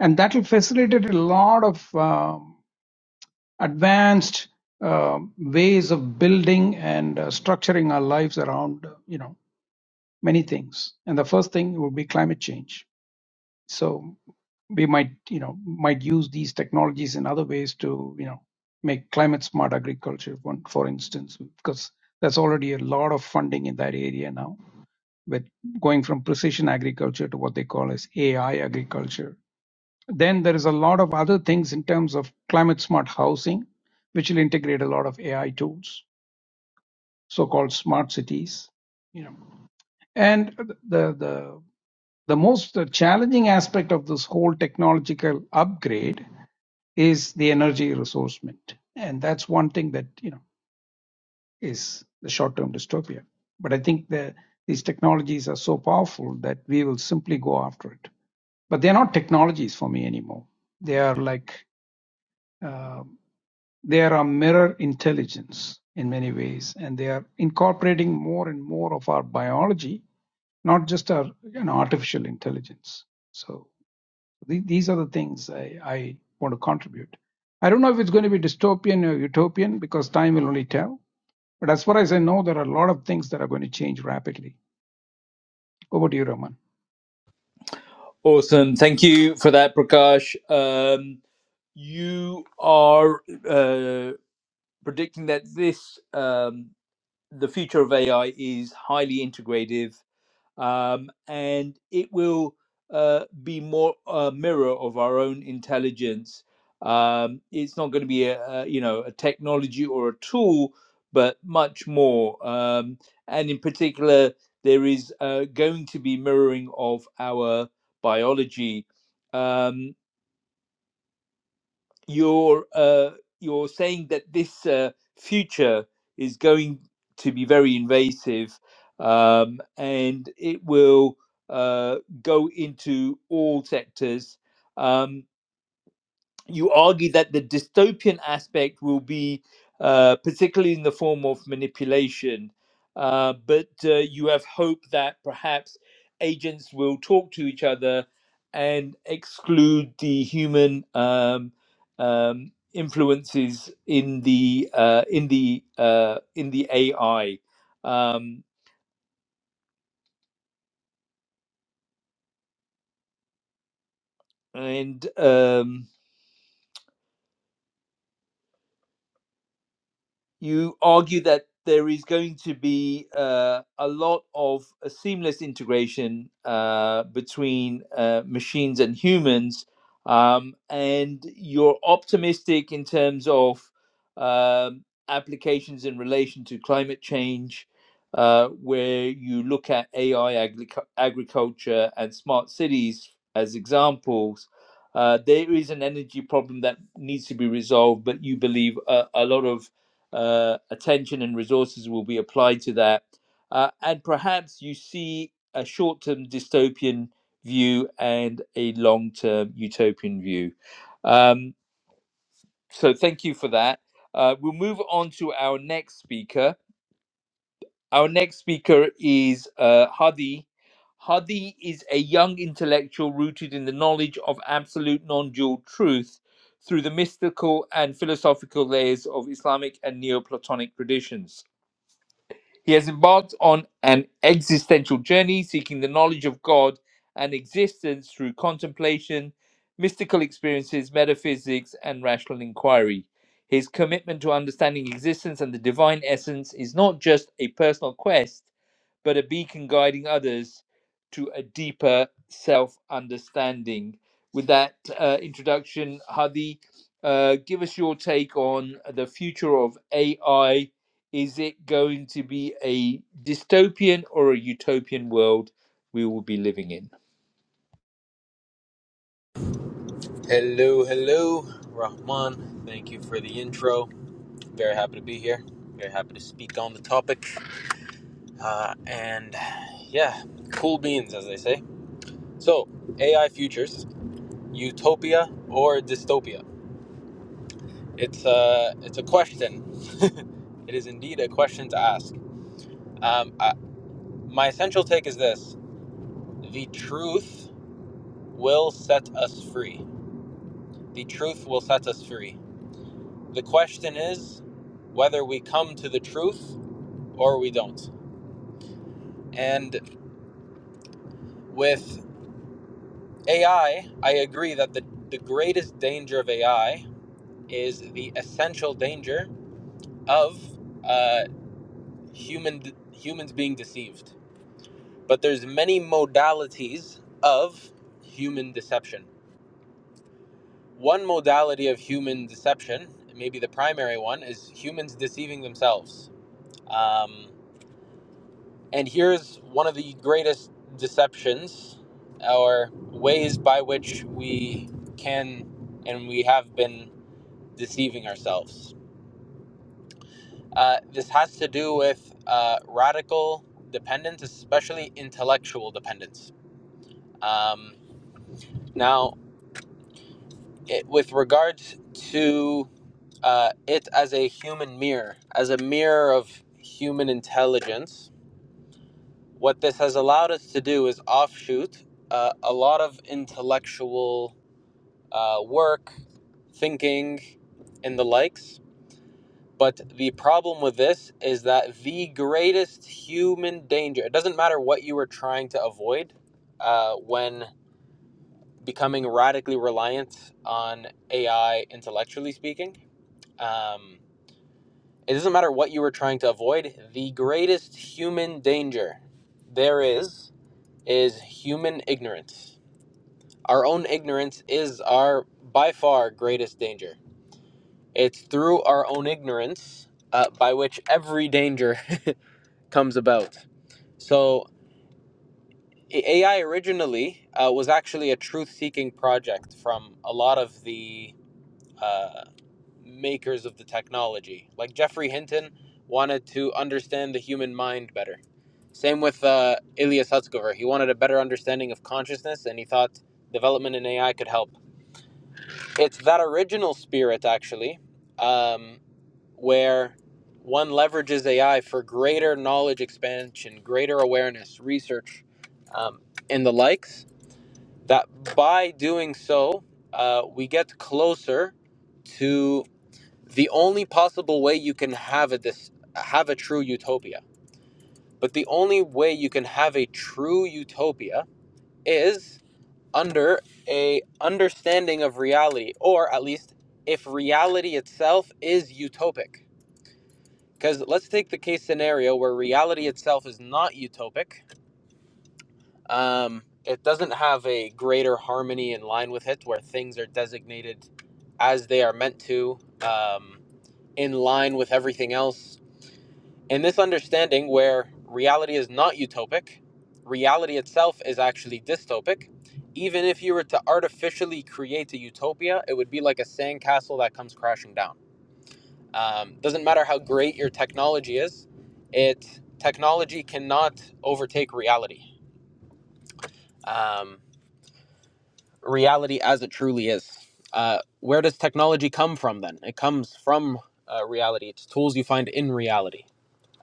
S5: And that will facilitate a lot of um, advanced um ways of building and uh, structuring our lives around, uh, you know, many things. And the first thing would be climate change So we might, you know, might use these technologies in other ways to, you know, make climate smart agriculture, one, for instance, because there's already a lot of funding in that area now with going from precision agriculture to what they call as AI agriculture. Then there is a lot of other things in terms of climate smart housing, which will integrate a lot of AI tools, so-called smart cities. you know. And the the the most challenging aspect of this whole technological upgrade is the energy resourcement, and that's one thing that you know is the short-term dystopia. But I think the these technologies are so powerful that we will simply go after it. But they're not technologies for me anymore. They are like uh, they are a mirror intelligence in many ways, and they are incorporating more and more of our biology not just our you know artificial intelligence. So the, these are the things I, I want to contribute. I don't know if it's going to be dystopian or utopian because time will only tell. But as far as I know, there are a lot of things that are going to change rapidly. Over to you, Raman.
S1: Awesome. Thank you for that, Prakash. Um, you are uh, predicting that this um, the future of AI is highly integrative um, and it will uh, be more a mirror of our own intelligence. Um, it's not going to be a, a you know a technology or a tool, but much more. Um, and in particular, there is uh, going to be mirroring of our biology. Um, you're uh, you're saying that this uh, future is going to be very invasive, um, and it will uh, go into all sectors. Um, you argue that the dystopian aspect will be uh, particularly in the form of manipulation, uh, but uh, you have hope that perhaps agents will talk to each other and exclude the human um, um, influences in the uh, in the uh, in the AI, um, and um, you argue that there is going to be uh, a lot of uh, seamless integration uh, between uh, machines and humans, um, and you're optimistic in terms of um, applications in relation to climate change, uh, where you look at AI, agric- agriculture, and smart cities as examples. Uh, there is an energy problem that needs to be resolved, but you believe a, a lot of uh, attention and resources will be applied to that. Uh, and perhaps you see a short term dystopian view and a long term utopian view. Um, so, thank you for that. Uh, we'll move on to our next speaker. Our next speaker is uh, Hadi. Hadi is a young intellectual rooted in the knowledge of absolute non dual truth through the mystical and philosophical layers of Islamic and Neoplatonic traditions. He has embarked on an existential journey seeking the knowledge of God and existence through contemplation, mystical experiences, metaphysics, and rational inquiry. His commitment to understanding existence and the divine essence is not just a personal quest, but a beacon guiding others to a deeper self understanding. With that uh, introduction, Hadi, uh, give us your take on the future of AI is it going to be a dystopian or a utopian world we will be living in?
S6: Hello, hello, Rahman. Thank you for the intro. Very happy to be here. Very happy to speak on the topic. Uh, and yeah, cool beans, as they say. So, AI futures, utopia or dystopia? It's a it's a question. it is indeed a question to ask. Um, I, my essential take is this: the truth will set us free. The truth will set us free. The question is whether we come to the truth or we don't. And with AI, I I agree that the, the greatest danger of AI is the essential danger of uh, human humans being deceived. But there's many modalities of human deception. One modality of human deception, maybe the primary one, is humans deceiving themselves. Um, And here's one of the greatest deceptions or ways by which we can and we have been deceiving ourselves. Uh, this has to do with uh, radical dependence, especially intellectual dependence. Um, now, it, with regards to uh, it as a human mirror, as a mirror of human intelligence, What this has allowed us to do is offshoot uh, a lot of intellectual uh, work, thinking, and the likes. But the problem with this is that the greatest human danger, it doesn't matter what you were trying to avoid uh, when becoming radically reliant on AI, intellectually speaking, um, it doesn't matter what you were trying to avoid, the greatest human danger there is is human ignorance. Our own ignorance is our by far greatest danger. It's through our own ignorance uh, by which every danger comes about. So, AI originally uh, was actually a truth seeking project from a lot of the uh, makers of the technology. Like Geoffrey Hinton wanted to understand the human mind better. Same with uh, Ilya Sutskever. He wanted a better understanding of consciousness, and he thought development in AI could help. It's that original spirit, actually, um, where one leverages AI for greater knowledge expansion, greater awareness, research, um, and the likes. That by doing so, uh, we get closer to the only possible way you can have a this have a true utopia. But the only way you can have a true utopia is under a understanding of reality or at least if reality itself is utopic because let's take the case scenario where reality itself is not utopic um, it doesn't have a greater harmony in line with it where things are designated as they are meant to um, in line with everything else In this understanding, where reality is not utopic, reality itself is actually dystopic. Even if you were to artificially create a utopia, it would be like a sandcastle that comes crashing down. Um, doesn't matter how great your technology is, it technology cannot overtake reality. Um, reality as it truly is. Uh, where does technology come from then? It comes from uh, reality. It's tools you find in reality.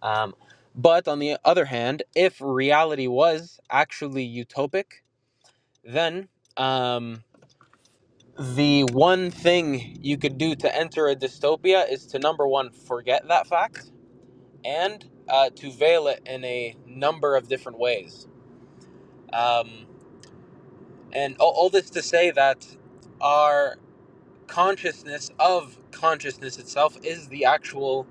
S6: Um, but on the other hand, if reality was actually utopic, then um, the one thing you could do to enter a dystopia is to number one, forget that fact, and uh, to veil it in a number of different ways. Um, and all, all this to say that our consciousness of consciousness itself is the actual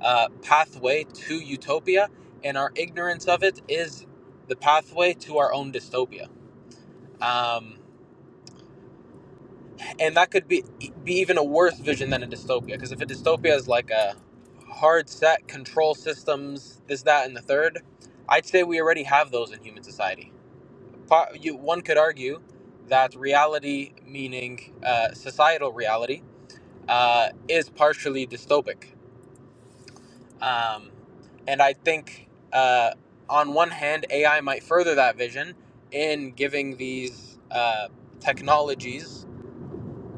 S6: uh, pathway to utopia, and our ignorance of it is the pathway to our own dystopia. Um, and that could be be even a worse vision than a dystopia, because if a dystopia is like a hard set control systems, this, that, and the third, I'd say we already have those in human society. Pa- You, one could argue that reality, meaning uh, societal reality, uh, is partially dystopic Um, and I think, uh, on one hand, AI might further that vision in giving these uh, technologies,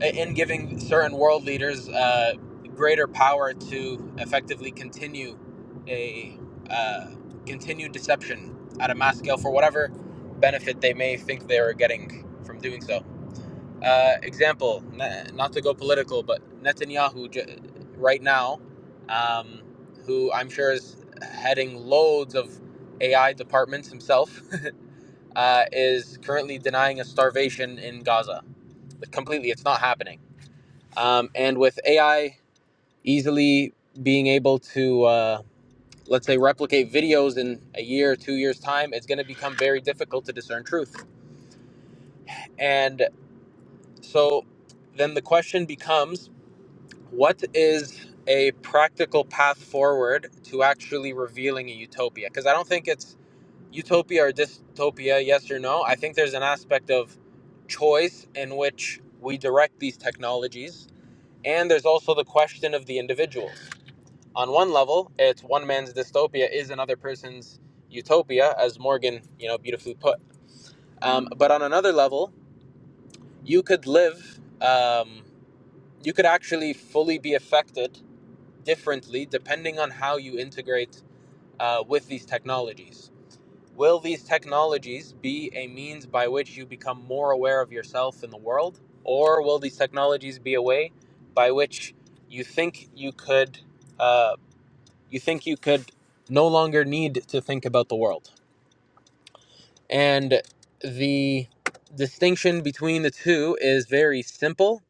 S6: in giving certain world leaders uh, greater power to effectively continue a uh, continued deception at a mass scale for whatever benefit they may think they are getting from doing so. Uh, example, not to go political, but Netanyahu right now, um, who I'm sure is heading loads of AI departments himself, uh, is currently denying a starvation in Gaza. Like, Completely, it's not happening. Um, and with AI easily being able to, uh, let's say, replicate videos in a year, two years' time, it's going to become very difficult to discern truth. And so then the question becomes What is a practical path forward to actually revealing a utopia? Because I don't think it's utopia or dystopia, yes or no. I think there's an aspect of choice in which we direct these technologies. And there's also the question of the individuals. On one level, it's one man's dystopia is another person's utopia, as Morgan, you know, beautifully put. Um, but on another level, you could live, um, you could actually fully be affected differently depending on how you integrate uh, with these technologies. Will these technologies be a means by which you become more aware of yourself in the world, or will these technologies be a way by which you think you could uh, you think you could no longer need to think about the world? And the distinction between the two is very simple,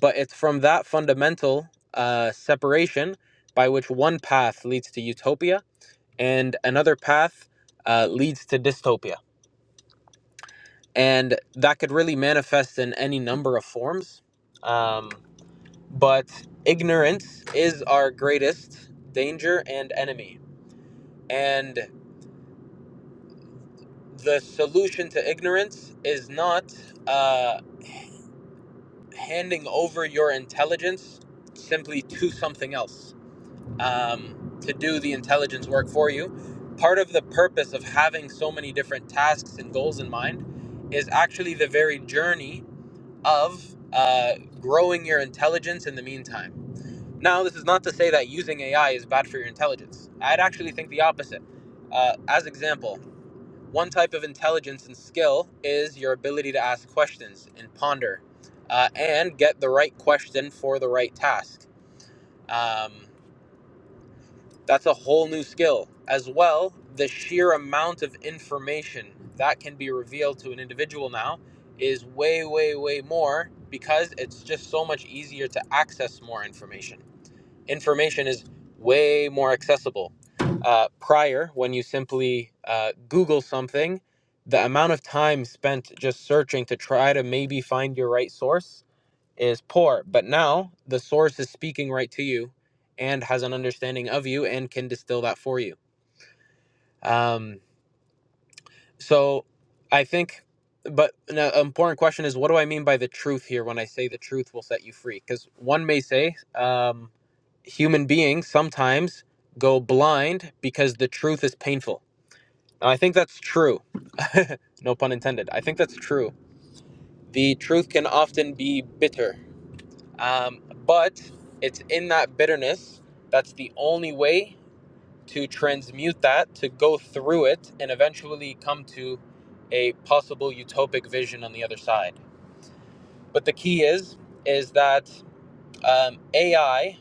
S6: but it's from that fundamental uh, separation by which one path leads to utopia and another path uh, leads to dystopia. And that could really manifest in any number of forms. Um, but ignorance is our greatest danger and enemy. And the solution to ignorance is not. Uh, handing over your intelligence simply to something else um, to do the intelligence work for you. Part of the purpose of having so many different tasks and goals in mind is actually the very journey of uh, growing your intelligence in the meantime. Now, this is not to say that using AI is bad for your intelligence. I'd actually think the opposite. Uh, as example, one type of intelligence and skill is your ability to ask questions and ponder uh, and get the right question for the right task. Um, that's a whole new skill. As well, the sheer amount of information that can be revealed to an individual now is way, way, way more because it's just so much easier to access more information information is way more accessible. Uh, prior, when you simply uh, Google something, the amount of time spent just searching to try to maybe find your right source is poor. But now the source is speaking right to you and has an understanding of you and can distill that for you. Um, so I think, but an important question is what do I mean by the truth here when I say the truth will set you free? Because one may say, um, human beings sometimes go blind because the truth is painful. And I think that's true. no pun intended. I think that's true. The truth can often be bitter, um, but it's in that bitterness that's the only way to transmute that, to go through it, and eventually come to a possible utopic vision on the other side. But the key is, is that um, AI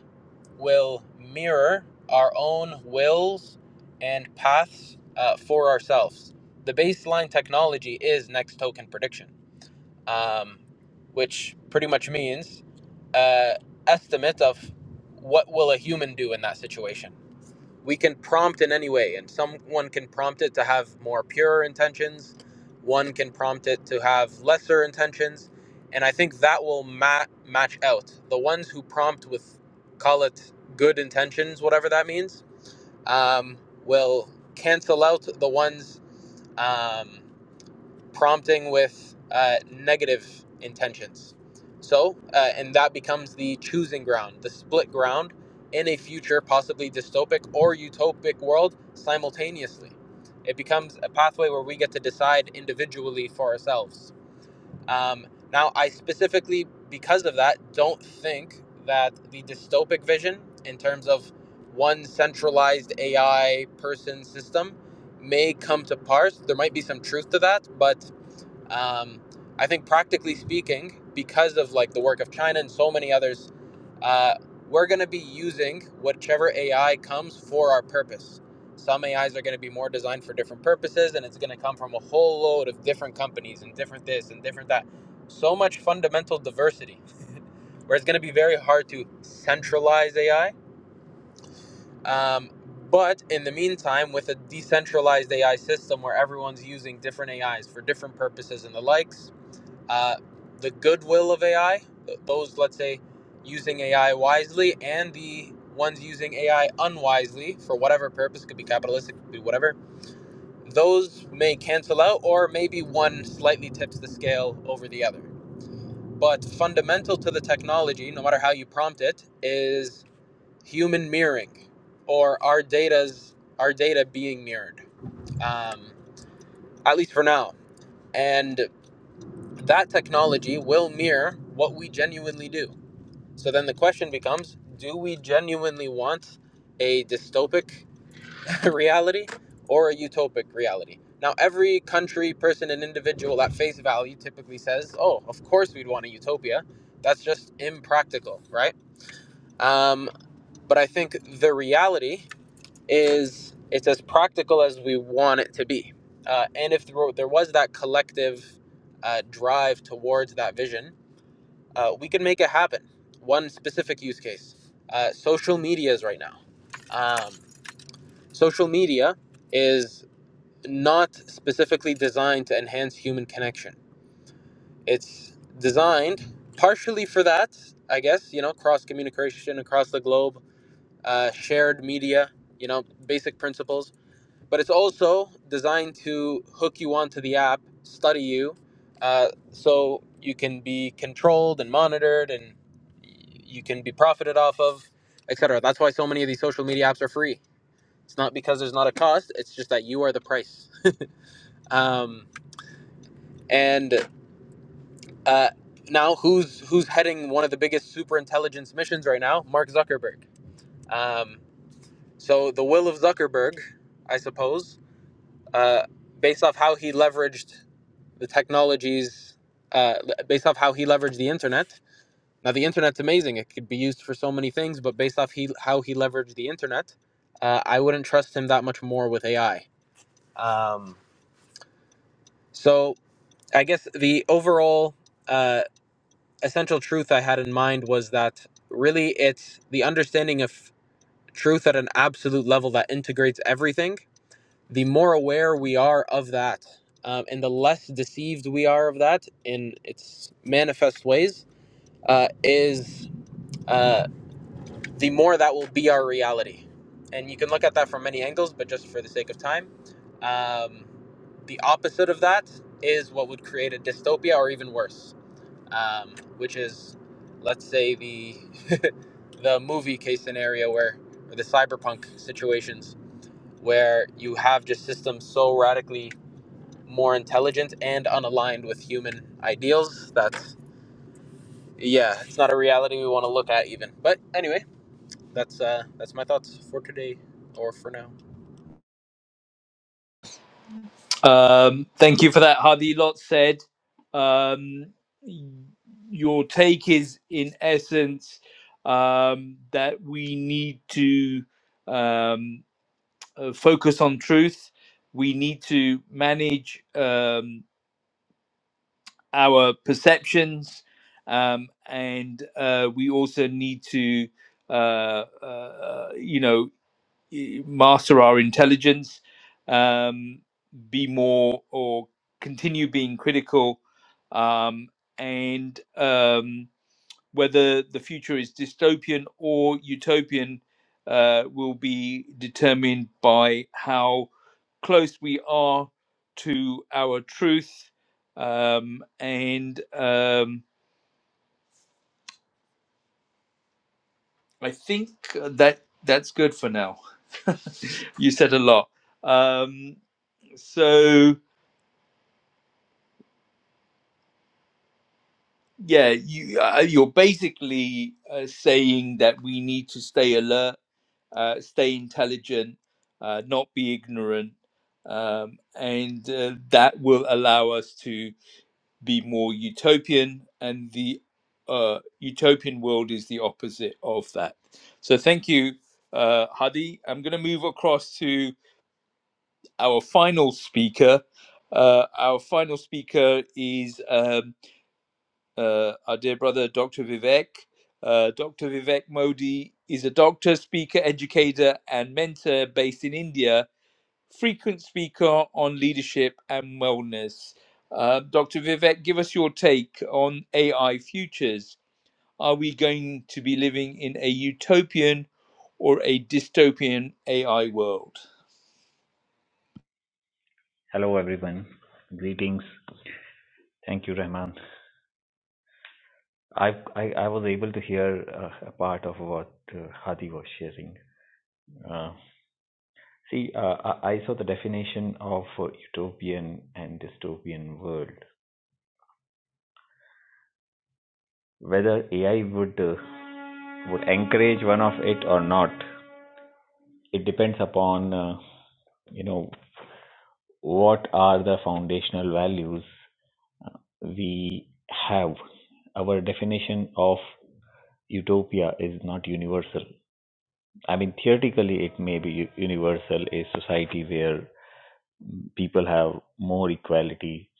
S6: will mirror our own wills and paths uh, for ourselves. The baseline technology is next token prediction, um, which pretty much means uh, estimate of what will a human do in that situation we can prompt in any way and someone can prompt it to have more pure intentions one can prompt it to have lesser intentions and i think that will ma- match out the ones who prompt with call it good intentions whatever that means um, will cancel out the ones um, prompting with uh, negative intentions. So, uh, and that becomes the choosing ground, the split ground in a future, possibly dystopic or utopic world simultaneously. It becomes a pathway where we get to decide individually for ourselves. Um, now, I specifically, because of that, don't think that the dystopic vision, in terms of one centralized AI person system, may come to pass. There might be some truth to that, but um, I think practically speaking, because of like the work of China and so many others, uh, we're going to be using whichever AI comes for our purpose. Some AIs are going to be more designed for different purposes, and it's going to come from a whole load of different companies and different this and different that. So much fundamental diversity, where it's going to be very hard to centralize AI. Um, but in the meantime, with a decentralized AI system where everyone's using different AIs for different purposes and the likes, uh, the goodwill of AI, those, let's say, using AI wisely, and the ones using AI unwisely for whatever purpose, it could be capitalistic, it could be whatever, those may cancel out, or maybe one slightly tips the scale over the other. But fundamental to the technology, no matter how you prompt it, is human mirroring or our data's our data being mirrored um, at least for now and that technology will mirror what we genuinely do So then the question becomes do we genuinely want a dystopic reality or a utopic reality? Now, every country, person, and individual at face value typically says, oh, of course we'd want a utopia. That's just impractical, right? Um, but I think the reality is it's as practical as we want it to be. Uh, and if there were- there was that collective uh, drive towards that vision, uh, we can make it happen. One specific use case: uh, social medias right now. Um, social media is not specifically designed to enhance human connection. It's designed partially for that, I guess. You know, cross communication across the globe, uh, shared media. You know, basic principles but it's also designed to hook you onto the app, study you, uh, so you can be controlled and monitored, and you can be profited off of, et cetera. That's why so many of these social media apps are free. It's not because there's not a cost; it's just that you are the price. Um, and uh, now, who's who's heading one of the biggest super intelligence missions right now? Mark Zuckerberg. Um, so the will of Zuckerberg, I suppose, uh, based off how he leveraged the technologies uh, based off how he leveraged the internet. Now the internet's amazing; it could be used for so many things. But based off he how he leveraged the internet, uh, I wouldn't trust him that much more with AI. Um, so I guess the overall uh, essential truth I had in mind was that really it's the understanding of truth at an absolute level that integrates everything. The more aware we are of that, um, and the less deceived we are of that in its manifest ways, uh, is uh, the more that will be our reality. And you can look at that from many angles, but just for the sake of time, um, the opposite of that is what would create a dystopia or even worse, um, which is, let's say, the, the movie case scenario where, or the cyberpunk situations, where you have just systems so radically more intelligent and unaligned with human ideals that, yeah, it's not a reality we want to look at even. But, anyway. that's uh that's my thoughts for today or for now
S1: Um, thank you for that, Hadi. Lot said. Um, your take is, in essence, um, that we need to um, uh, focus on truth. We need to manage. Um, our perceptions, um, and uh, we also need to, uh, uh, you know, master our intelligence, um, be more or continue being critical, um, and um, whether the future is dystopian or utopian uh, will be determined by how close we are to our truth. Um, and um, I think that that's good for now. you said a lot. Um, so yeah, you uh, you're basically uh, saying that we need to stay alert uh, stay intelligent, uh, not be ignorant, um, and uh, that will allow us to be more utopian. And the uh, utopian world is the opposite of that. So, thank you, uh, Hadi. I'm going to move across to our final speaker. Uh, our final speaker is um, uh, our dear brother, Dr. Vivek. Uh, Dr. Vivek Modi is a doctor, speaker, educator, and mentor based in India, frequent speaker on leadership and wellness. Uh, Dr. Vivek, give us your take on AI futures. Are we going to be living in a utopian or a dystopian AI world?
S7: Hello, everyone. Greetings. Thank you, Rahman. I I, I was able to hear uh, a part of what uh, Hadi was sharing. Uh, see, uh, I, I saw the definition of uh, utopian and dystopian world. Whether AI would uh, would encourage one of it or not, it depends upon uh, you know what are the foundational values we have. Our definition of utopia is not universal I mean, theoretically, it may be universal, a society where people have more equality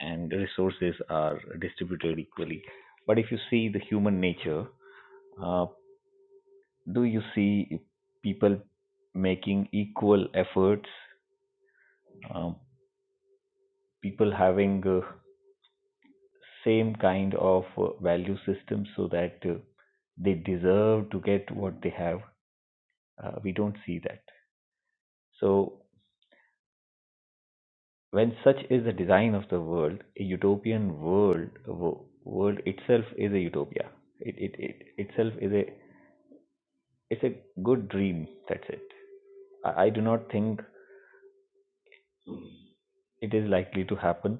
S7: and resources are distributed equally. But if you see the human nature, uh, do you see people making equal efforts, um, people having uh, same kind of uh, value system so that uh, they deserve to get what they have? Uh, we don't see that. So When such is the design of the world, a utopian world wo- world itself is a utopia. It, it, it itself is a it's a good dream. That's it. I, I do not think it is likely to happen,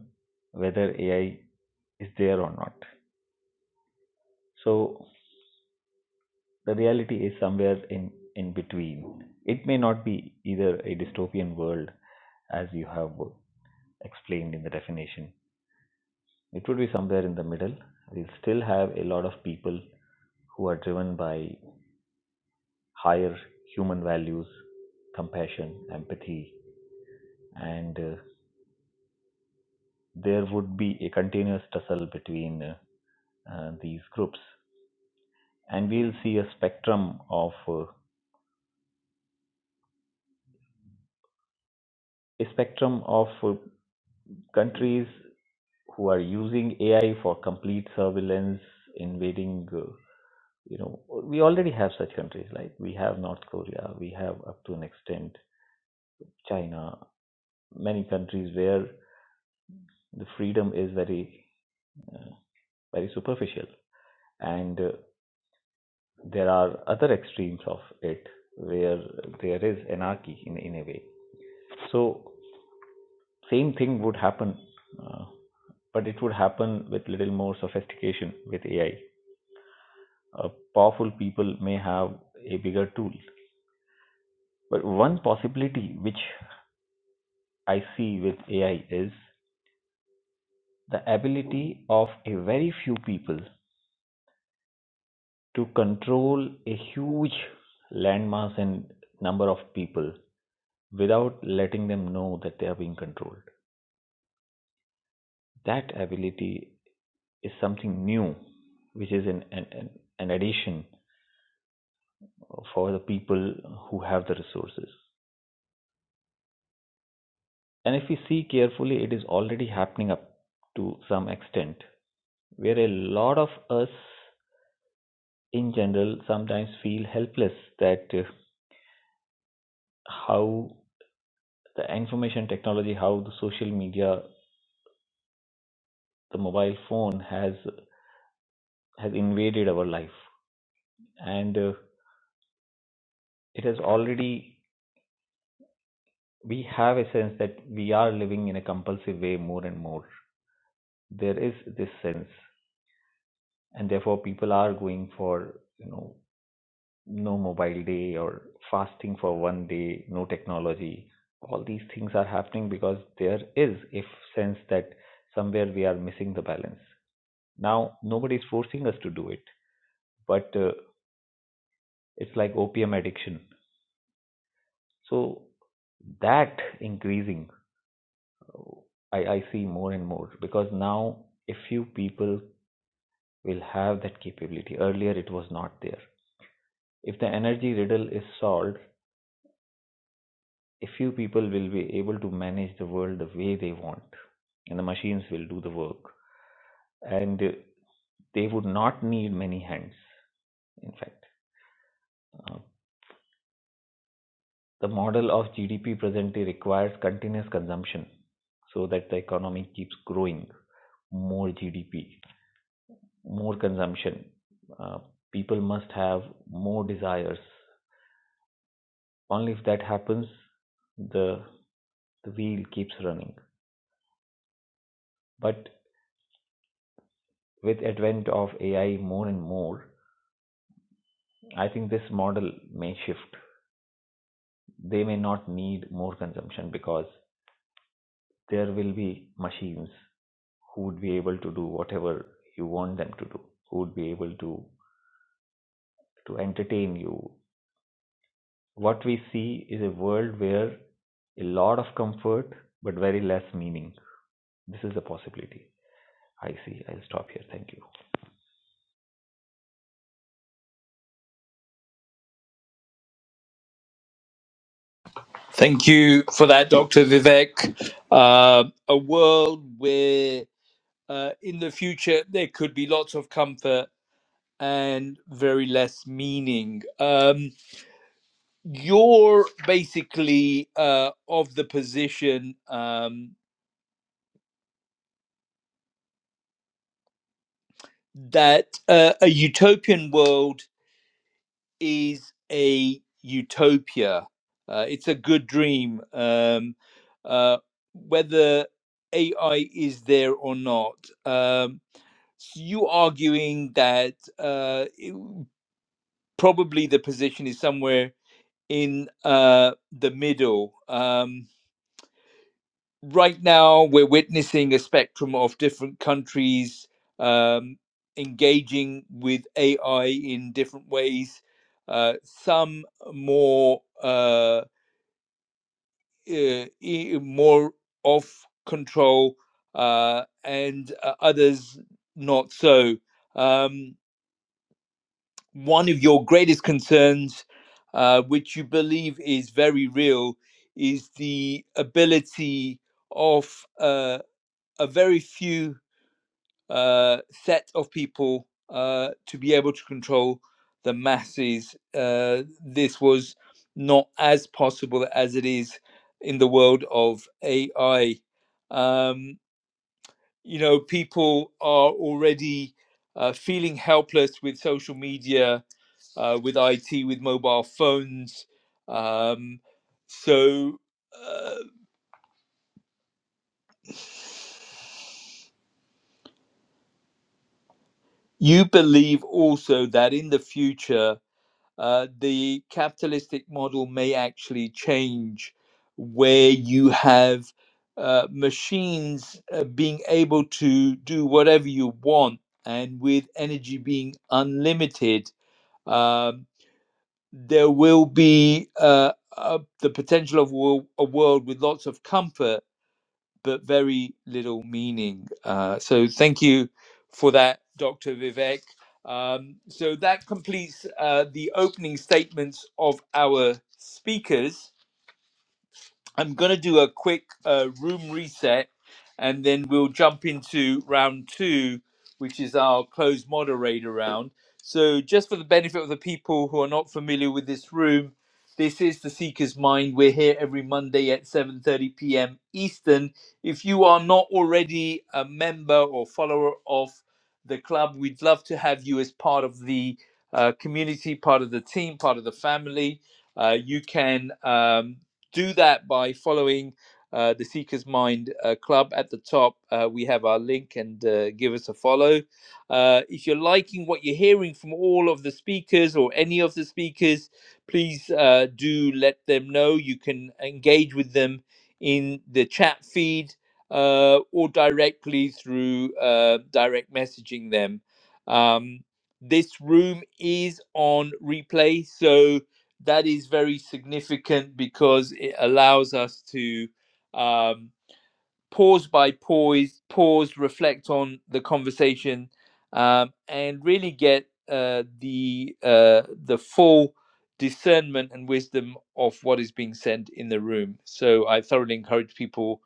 S7: whether AI is there or not. So the reality is somewhere in in between. It may not be either a dystopian world as you have explained in the definition. It would be somewhere in the middle. We'll still have a lot of people who are driven by higher human values, compassion, empathy, and uh, there would be a continuous tussle between uh, uh, these groups. And we'll see a spectrum of uh, a spectrum of uh, countries who are using AI for complete surveillance, invading. Uh, you know, we already have such countries like we have North Korea, we have up to an extent China, many countries where the freedom is very uh, very superficial. And uh, there are other extremes of it where there is anarchy in, in a way. So, same thing would happen, uh, but it would happen with little more sophistication with AI. Uh, powerful people may have a bigger tool. But one possibility which I see with AI is the ability of a very few people to control a huge landmass and number of people without letting them know that they are being controlled. That ability is something new, which is an, an, an addition for the people who have the resources. And if we see carefully, it is already happening up to some extent, where a lot of us in general sometimes feel helpless that uh, how the information technology, how the social media, the mobile phone has has invaded our life, and uh, it has already we have a sense that we are living in a compulsive way more and more. There is this sense, and therefore people are going for you know no mobile day or fasting for one day, no technology. All these things are happening because there is a sense that somewhere we are missing the balance. Now nobody is forcing us to do it, but uh, it's like opium addiction. So that increasing, I, I see more and more because now a few people will have that capability. Earlier, it was not there. If the energy riddle is solved, a few people will be able to manage the world the way they want, and the machines will do the work. And uh, they would not need many hands, in fact. Uh, the model of GDP presently requires continuous consumption so that the economy keeps growing. More GDP, more consumption. Uh, people must have more desires. Only if that happens, the the wheel keeps running. But with advent of AI more and more, I think this model may shift. They may not need more consumption because there will be machines who would be able to do whatever you want them to do, who would be able to to entertain you. What we see is a world where a lot of comfort but very less meaning. This is a possibility. I see. I'll stop here. Thank you.
S1: Thank you for that, Dr. Vivek. Uh, a world where uh, in the future there could be lots of comfort and very less meaning. Um, you're basically uh, of the position um, that uh, a utopian world is a utopia, uh, it's a good dream. Um, uh, whether AI is there or not. Um, you arguing that uh, it- probably the position is somewhere in uh, the middle. Um, right now, we're witnessing a spectrum of different countries um, engaging with AI in different ways. Uh, some more uh, uh, more off control, uh, and uh, others not so. Um, one of your greatest concerns, uh, which you believe is very real, is the ability of uh, a very few uh, set of people uh, to be able to control the masses. Uh, this was not as possible as it is in the world of AI. Um, you know, people are already uh, feeling helpless with social media uh, with IT, with mobile phones. Um, so uh, you believe also that in the future, uh, the capitalistic model may actually change where you have uh, machines uh, being able to do whatever you want and with energy being unlimited. Um, there will be uh, uh, the potential of wo- a world with lots of comfort but very little meaning. Uh, so thank you for that, Dr. Vivek. Um, so that completes uh, the opening statements of our speakers. I'm going to do a quick uh, room reset and then we'll jump into round two, which is our closed moderator round. So, just for the benefit of the people who are not familiar with this room, this is the Seeker's Mind. We're here every Monday at 7:30 p.m. Eastern. If you are not already a member or follower of the club, we'd love to have you as part of the uh, community, part of the team, part of the family. Uh, you can um, do that by following uh, the Seeker's Mind uh, Club at the top. Uh, we have our link and uh, give us a follow. Uh, if you're liking what you're hearing from all of the speakers or any of the speakers, please uh, do let them know. You can engage with them in the chat feed uh, or directly through uh, direct messaging them. Um, this room is on replay, so that is very significant because it allows us to um, pause by pause, pause, reflect on the conversation, um, and really get uh, the uh, the full discernment and wisdom of what is being said in the room. So I thoroughly encourage people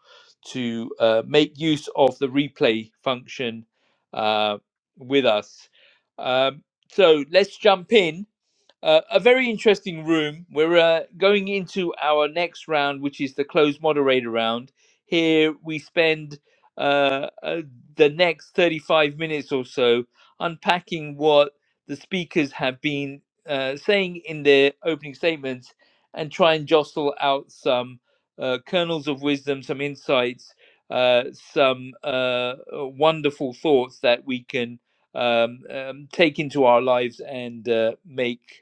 S1: to uh, make use of the replay function uh, with us. Um, so let's jump in uh, a very interesting room. We're uh, going into our next round, which is the closed moderator round. Here we spend uh, uh, the next 35 minutes or so unpacking what the speakers have been uh, saying in their opening statements and try and jostle out some uh, kernels of wisdom, some insights, uh, some uh, uh, wonderful thoughts that we can um, um, take into our lives and uh, make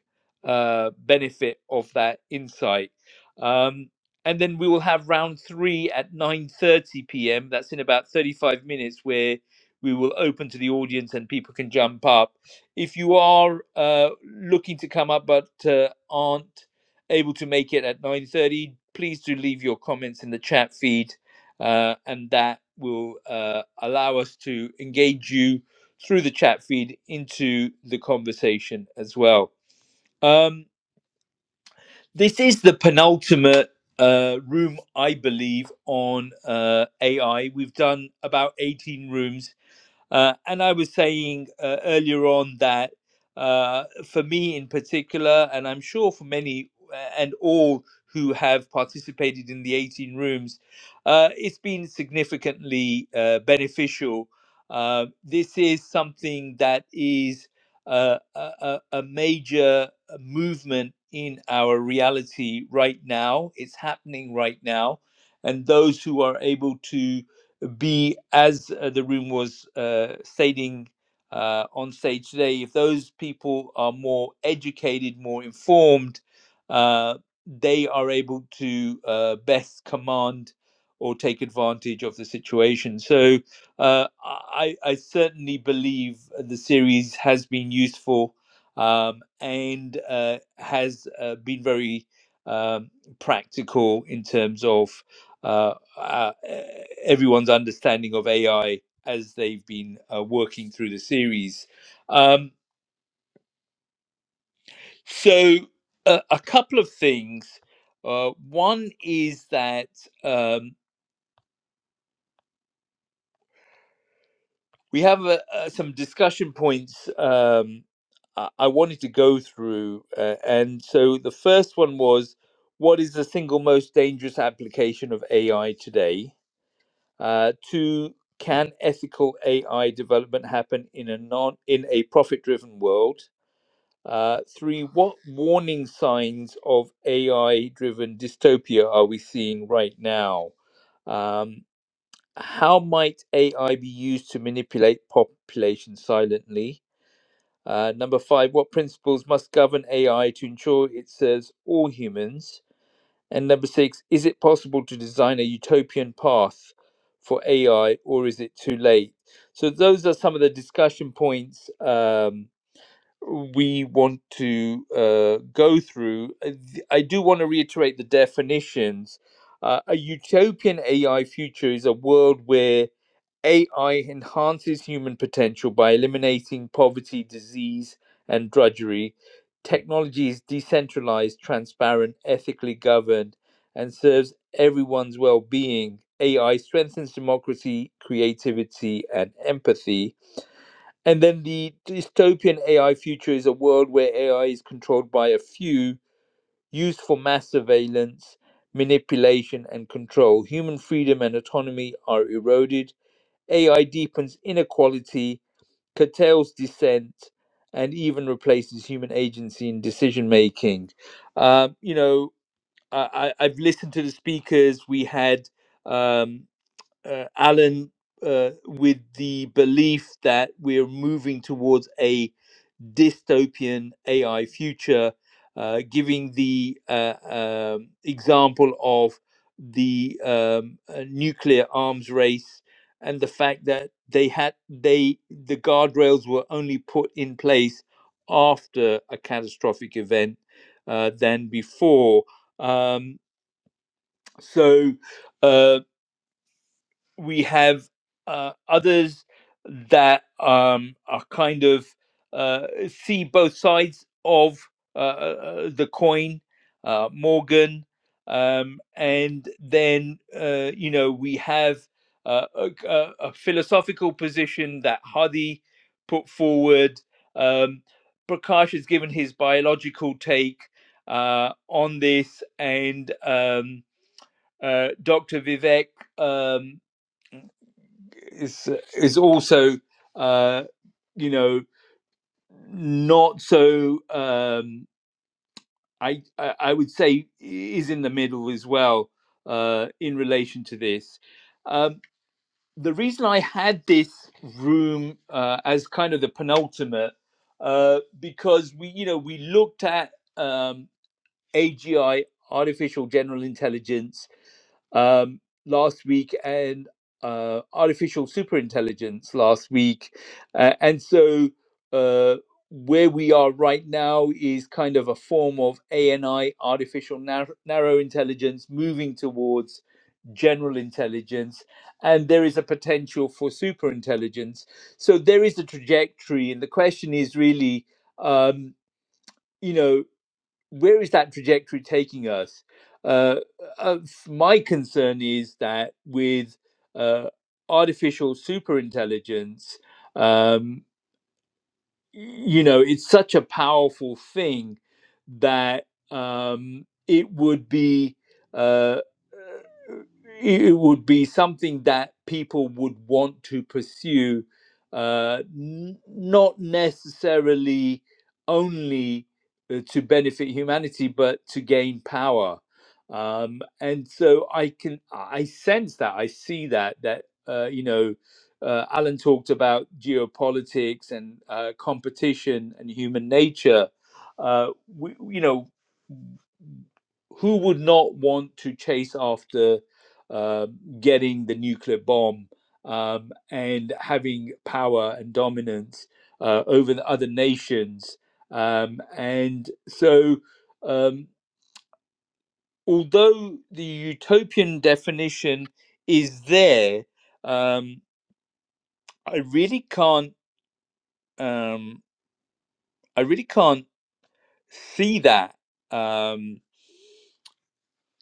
S1: uh, benefit of that insight. Um, and then we will have round three at 9.30 p.m. That's in about 35 minutes where we will open to the audience and people can jump up. If you are uh, looking to come up but uh, aren't able to make it at 9.30, please do leave your comments in the chat feed uh, and that will uh, allow us to engage you through the chat feed into the conversation as well. Um, this is the penultimate uh, room, I believe, on uh, AI. We've done about 18 rooms uh, and I was saying uh, earlier on that uh, for me in particular, and I'm sure for many uh, and all who have participated in the 18 rooms, uh, it's been significantly uh, beneficial. Uh, this is something that is uh, a, a a major uh, movement in our reality right now. It's happening right now. And those who are able to be as uh, the room was uh, stating uh, on stage today, if those people are more educated, more informed, uh, they are able to uh, best command or take advantage of the situation. So uh, I, I certainly believe the series has been useful um, and uh, has uh, been very um, practical in terms of. uh, uh, everyone's understanding of AI as they've been uh, working through the series. Um, so, uh, a couple of things. Uh, one is that um, we have uh, uh, some discussion points um, I I wanted to go through. Uh, and so, the first one was what is the single most dangerous application of AI today? Uh, two, can ethical AI development happen in a non in a profit driven world? Uh, three, what warning signs of AI driven dystopia are we seeing right now? Um, how might AI be used to manipulate population silently? Uh, number five, what principles must govern AI to ensure it serves all humans? And number six, is it possible to design a utopian path for AI or is it too late? So, those are some of the discussion points um, we want to uh, go through. Uh, th- I do want to reiterate the definitions. Uh, a utopian AI future is a world where AI enhances human potential by eliminating poverty, disease, and drudgery. Technology is decentralized, transparent, ethically governed, and serves everyone's well being. AI strengthens democracy, creativity, and empathy. And then the dystopian AI future is a world where AI is controlled by a few, used for mass surveillance, manipulation, and control. Human freedom and autonomy are eroded AI deepens inequality, curtails dissent, and even replaces human agency in decision making. Um, you know, I, I, I've listened to the speakers. We had um, uh, Alan uh, with the belief that we're moving towards a dystopian AI future, uh, giving the uh, um, example of the um, uh, nuclear arms race and the fact that they had they the guardrails were only put in place after a catastrophic event uh, than before. Um, so Um, we have uh, others that um, are kind of uh, see both sides of uh, uh, uh, the coin, uh, Morgan, um, and then uh, you know we have uh, a, a- a philosophical position that Hadi put forward. Um, Prakash has given his biological take uh, on this, and um, uh, Dr. Vivek. um, is is also uh you know not so um I, I i would say is in the middle as well uh in relation to this um the reason i had this room uh as kind of the penultimate uh because we you know we looked at um agi artificial general intelligence um, last week and uh, artificial superintelligence last week. Uh, and so uh, where we are right now is kind of a form of ANI, artificial nar- narrow intelligence, moving towards general intelligence. And there is a potential for superintelligence. So there is a trajectory. And the question is really, um, you know, where is that trajectory taking us? Uh, uh, my concern is that with uh, artificial superintelligence, um, you know it's such a powerful thing that um, it would be uh, uh, it would be something that people would want to pursue uh, n- not necessarily only uh, to benefit humanity but to gain power um, and so i can i I sense that i see that that uh, you know uh, Alan talked about geopolitics and uh, competition and human nature. Uh, we, you know, who would not want to chase after uh, getting the nuclear bomb um, and having power and dominance uh, over the other nations? Um, and so, um, although the utopian definition is there, um, I really can't um, I really can't see that um,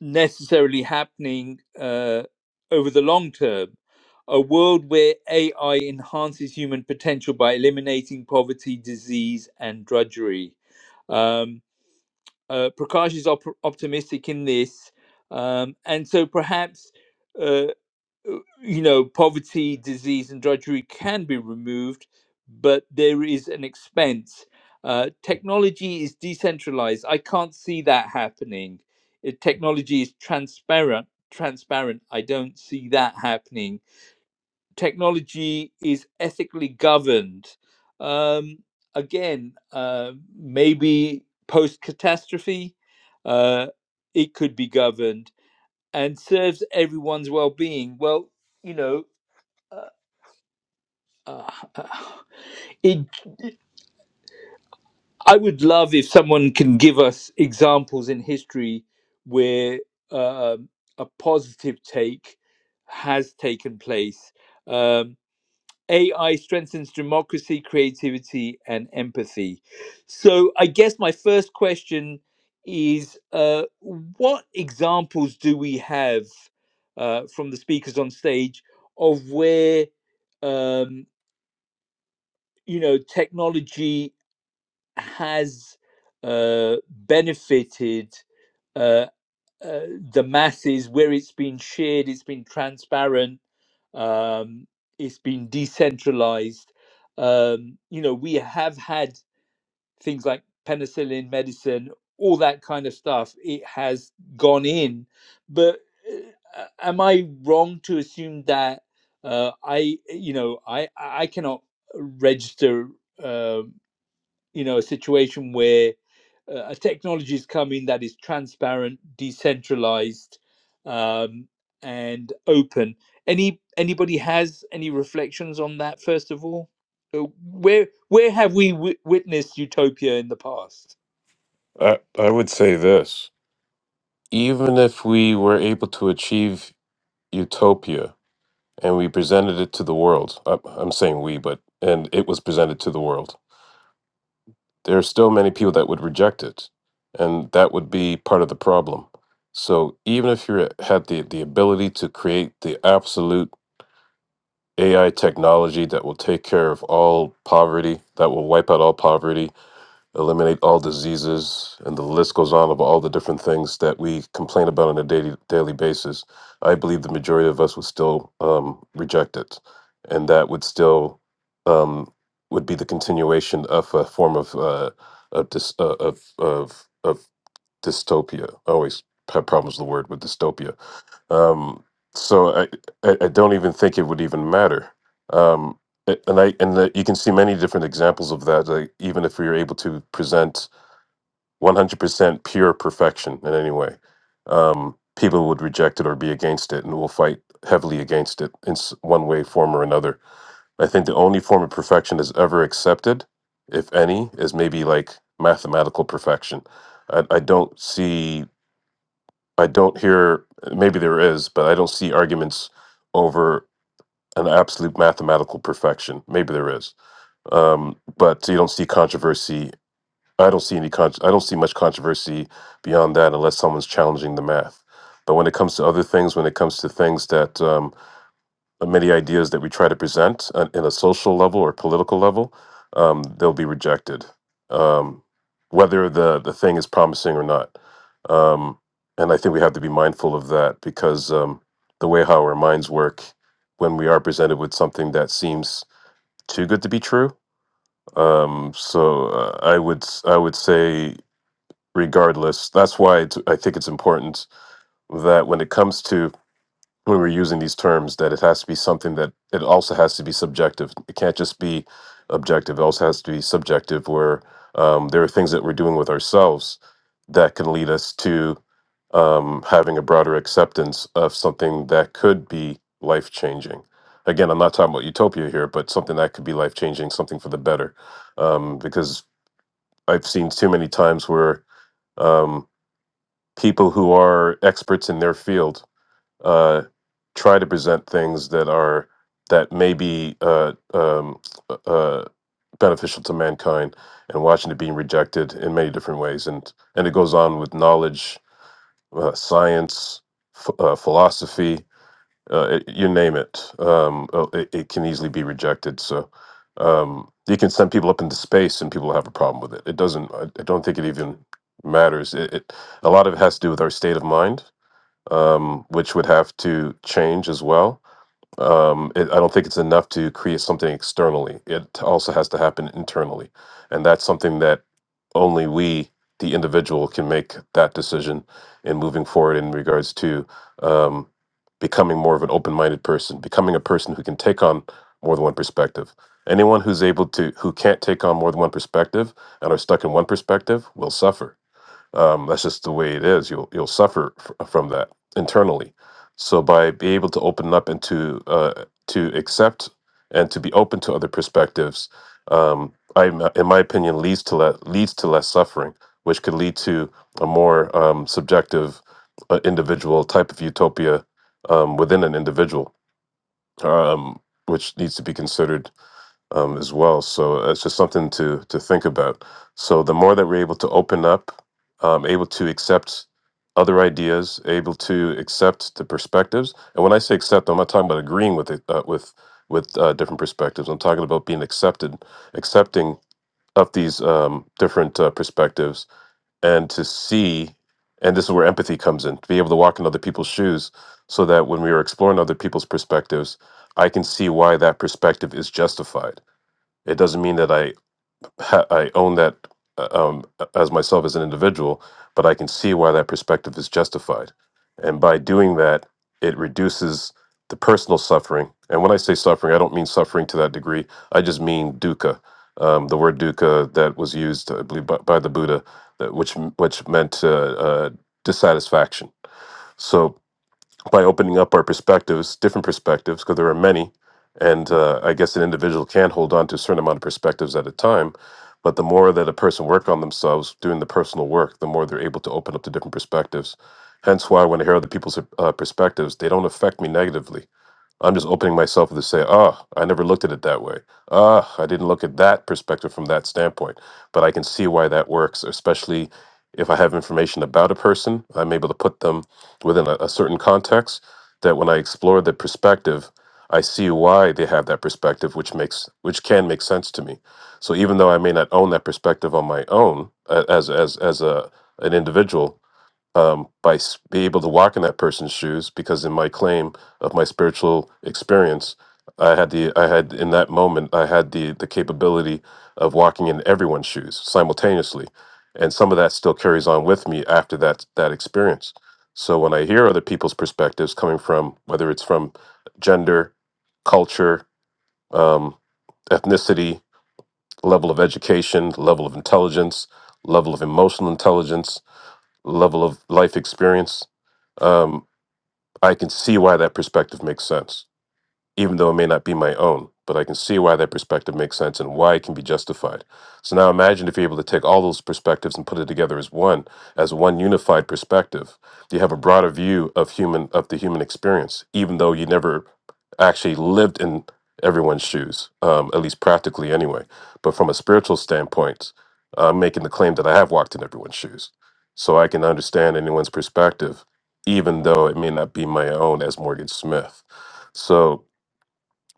S1: necessarily happening uh, over the long term. A world where AI enhances human potential by eliminating poverty, disease, and drudgery. Um, uh, Prakash is op- optimistic in this, um, and so perhaps. uh, uh, you know, poverty, disease, and drudgery can be removed, but there is an expense. Uh, technology is decentralized. I can't see that happening. If technology is transparent. Transparent. I don't see that happening. Technology is ethically governed. Um, again, uh, maybe post catastrophe, uh, it could be governed and serves everyone's well-being. Well, you know, uh, uh, uh, it, I would love if someone can give us examples in history where um a positive take has taken place. Um, AI strengthens democracy, creativity, and empathy. So, I guess my first question is uh, what examples do we have uh, from the speakers on stage of where um, you know technology has uh, benefited uh, uh, the masses where it's been shared, it's been transparent, um, it's been decentralized. Um, you know, we have had things like penicillin medicine, all that kind of stuff. It has gone in, but uh, am I wrong to assume that uh, I, you know, I I cannot register. um you know a situation where uh, a technology is coming that is transparent decentralized um, and open any anybody has any reflections on that first of all Uh, where where have we w- witnessed utopia in the past
S4: I, I would say this: even if we were able to achieve utopia, and we presented it to the world. I- I'm saying we, but and it was presented to the world. There are still many people that would reject it, and that would be part of the problem. So even if you had the the ability to create the absolute AI technology that will take care of all poverty, that will wipe out all poverty, eliminate all diseases, and the list goes on of all the different things that we complain about on a daily daily basis. I believe the majority of us would still um, reject it, and that would still um, would be the continuation of a form of uh, of, dys- uh, of of of dystopia. I always have problems with the word with dystopia um, so I, I, I don't even think it would even matter. Um, a- and I and that you can see many different examples of that. Like even if we were able to present 100% pure perfection in any way, um, people would reject it or be against it, and will fight heavily against it in s- one way, form, or another. I think the only form of perfection is ever accepted, if any, is maybe like mathematical perfection. I, I don't see. I don't hear, maybe there is, but I don't see arguments over an absolute mathematical perfection. Maybe there is. Um, but you don't see controversy. I don't see any con- I don't see much controversy beyond that unless someone's challenging the math. But when it comes to other things, when it comes to things that um, of many ideas that we try to present on, in a social level or political level, um, they'll be rejected, um, whether the, the thing is promising or not. Um, and I think we have to be mindful of that because um, the way how our minds work when we are presented with something that seems too good to be true. Um, so uh, I would s- I would say regardless. That's why it's, I think it's important that when it comes to we were using these terms that it has to be something that it also has to be subjective. It can't just be objective. It also has to be subjective, where um, there are things that we're doing with ourselves that can lead us to um, having a broader acceptance of something that could be life changing. Again, I'm not talking about utopia here, but something that could be life changing, something for the better. Um, because I've seen too many times where um, people who are experts in their field uh, try to present things that are that may be uh, um, uh, beneficial to mankind, and watching it being rejected in many different ways, and and it goes on with knowledge, uh, science, ph uh, philosophy, uh, it, you name it. Um, uh, it. It can easily be rejected. So um, you can send people up into space, and people have a problem with it. It doesn't. I, I don't think it even matters. It, it a lot of it has to do with our state of mind um, which would have to change as well. Um, it, I don't think it's enough to create something externally. It also has to happen internally, and that's something that only we, the individual, can make that decision in moving forward in regards to um, becoming more of an open-minded person, becoming a person who can take on more than one perspective. Anyone who's able to, who can't take on more than one perspective and are stuck in one perspective, will suffer um, that's just the way it is you'll you'll suffer f- uh, from that internally so by being able to open up and to uh, to accept and to be open to other perspectives um, I, in my opinion leads to le- leads to less suffering which could lead to a more um, subjective uh, individual type of utopia um, within an individual um, which needs to be considered um, as well. So uh, it's just something to to think about. So the more that we're able to open up, um, able to accept other ideas, able to accept the perspectives, and when I say accept, I'm not talking about agreeing with it uh, with with uh, different perspectives. I'm talking about being accepted, accepting of these um, different uh, perspectives, and to see. And this is where empathy comes in. To be able to walk in other people's shoes, so that when we are exploring other people's perspectives, I can see why that perspective is justified it doesn't mean that I ha- I own that uh, um, as myself as an individual, but I can see why that perspective is justified, and by doing that, it reduces the personal suffering. And when I say suffering, I don't mean suffering to that degree. I just mean dukkha, um, the word dukkha that was used, I believe, by, by the Buddha, that, which which meant uh, uh, dissatisfaction. So by opening up our perspectives, different perspectives, because there are many. And uh, I guess an individual can hold on to a certain amount of perspectives at a time. But the more that a person work on themselves doing the personal work, the more they're able to open up to different perspectives. Hence why when I hear other people's uh, perspectives, they don't affect me negatively I'm just opening myself to say, oh, I never looked at it that way. Ah, I didn't look at that perspective from that standpoint. But I can see why that works, especially if I have information about a person. I'm able to put them within a, a certain context that when I explore the perspective, I see why they have that perspective, which makes which can make sense to me. So even though I may not own that perspective on my own uh, as as as a an individual, um, by s- be able to walk in that person's shoes because in my claim of my spiritual experience i had the i had in that moment i had the the capability of walking in everyone's shoes simultaneously and some of that still carries on with me after that that experience so when i hear other people's perspectives coming from whether it's from gender culture um, ethnicity level of education level of intelligence level of emotional intelligence level of life experience, um, I can see why that perspective makes sense even though it may not be my own, but I can see why that perspective makes sense and why it can be justified. So now imagine if you're able to take all those perspectives and put it together as one, as one unified perspective. You have a broader view of human of the human experience, even though you never actually lived in everyone's shoes, um, at least practically anyway. But from a spiritual standpoint, I'm making the claim that I have walked in everyone's shoes. So I can understand anyone's perspective, even though it may not be my own as Morgan Smith. So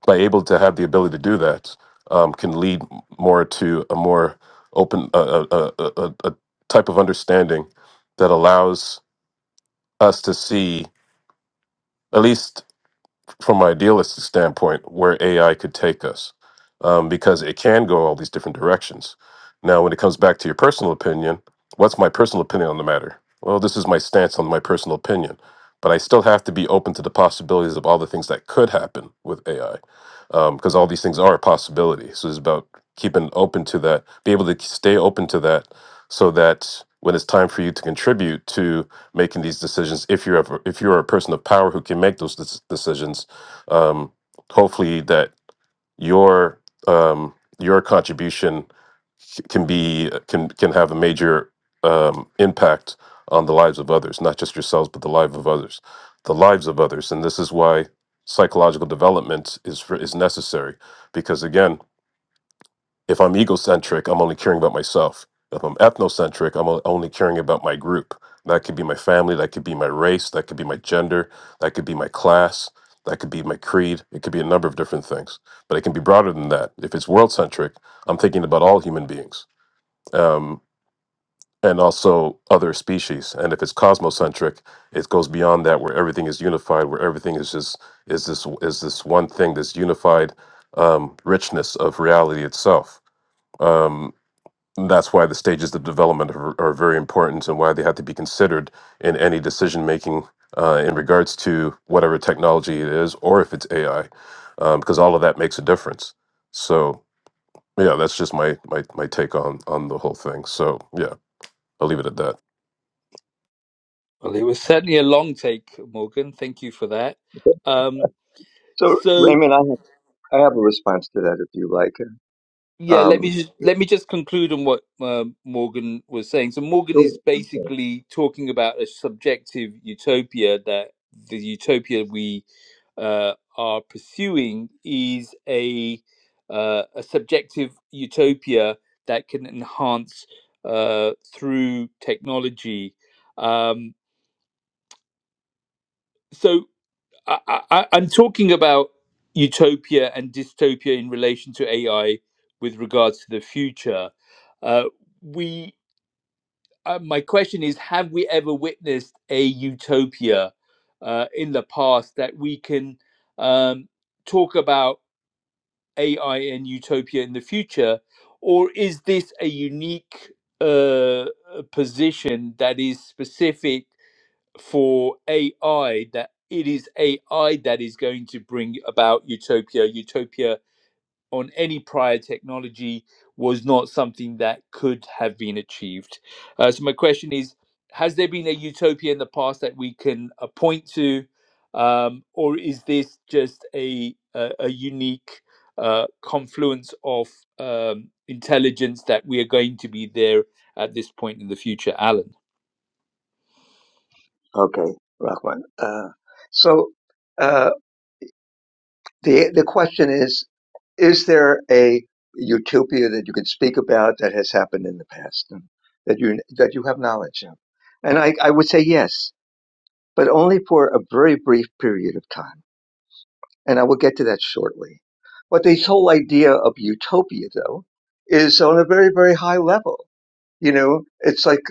S4: by able to have the ability to do that um, can lead more to a more open a, a, a, a a type of understanding that allows us to see at least from an idealistic standpoint where AI could take us um, because it can go all these different directions. Now, when it comes back to your personal opinion, what's my personal opinion on the matter? Well, this is my stance on my personal opinion, but I still have to be open to the possibilities of all the things that could happen with AI because all these things are a possibility. So it's about keeping open to that, be able to stay open to that so that when it's time for you to contribute to making these decisions if you're ever, if you're a person of power who can make those dec- decisions um, hopefully that your um, your contribution c- can be can can have a major um, impact on the lives of others, not just yourselves, but the lives of others, the lives of others, and this is why psychological development is for, is necessary because again if I'm egocentric, I'm only caring about myself. If I'm ethnocentric, I'm o- only caring about my group. That could be my family, that could be my race, that could be my gender, that could be my class, that could be my creed. It could be a number of different things, but it can be broader than that. If it's world centric, I'm thinking about all human beings um, and also other species. And if it's cosmocentric, it goes beyond that, where everything is unified, where everything is just is this is this one thing, this unified um, richness of reality itself. Um, and that's why the stages of development are, are very important and why they have to be considered in any decision making uh, in regards to whatever technology it is or if it's AI, um, because all of that makes a difference. So yeah, that's just my my my take on on the whole thing. So yeah, I'll leave it at that.
S1: Well, it was certainly a long take, Morgan. Thank you for that.
S2: Okay.
S1: Um,
S2: So,
S1: so
S2: Raymond, I have, I have a response to that if you like.
S1: yeah, let me
S2: Um,
S1: just, let me just conclude on what uh, Morgan was saying. So Morgan
S2: Sure.
S1: is
S2: I'm sorry.
S1: basically talking about a subjective utopia that the utopia we uh, are pursuing is a uh, a subjective utopia that can enhance uh, through technology. Um, so I, I, I'm talking about utopia and dystopia in relation to AI with regards to the future. Uh, we, uh, my question is, have we ever witnessed a utopia uh, in the past that we can um, talk about AI and utopia in the future, or is this a unique uh, position that is specific? for AI that it is AI that is going to bring about utopia. Utopia on any prior technology was not something that could have been achieved. Uh, so my question is: Has there been a utopia in the past that we can uh, point to, um, or is this just a a, a unique uh, confluence of um, intelligence that we are going to be there at this point in the future, Alan?
S2: Okay, Rahman. Uh, so, uh, the the question is is there a utopia that you could speak about that has happened in the past and that you that you have knowledge of and i i would say yes but only for a very brief period of time and i will get to that shortly but this whole idea of utopia though is on a very very high level you know it's like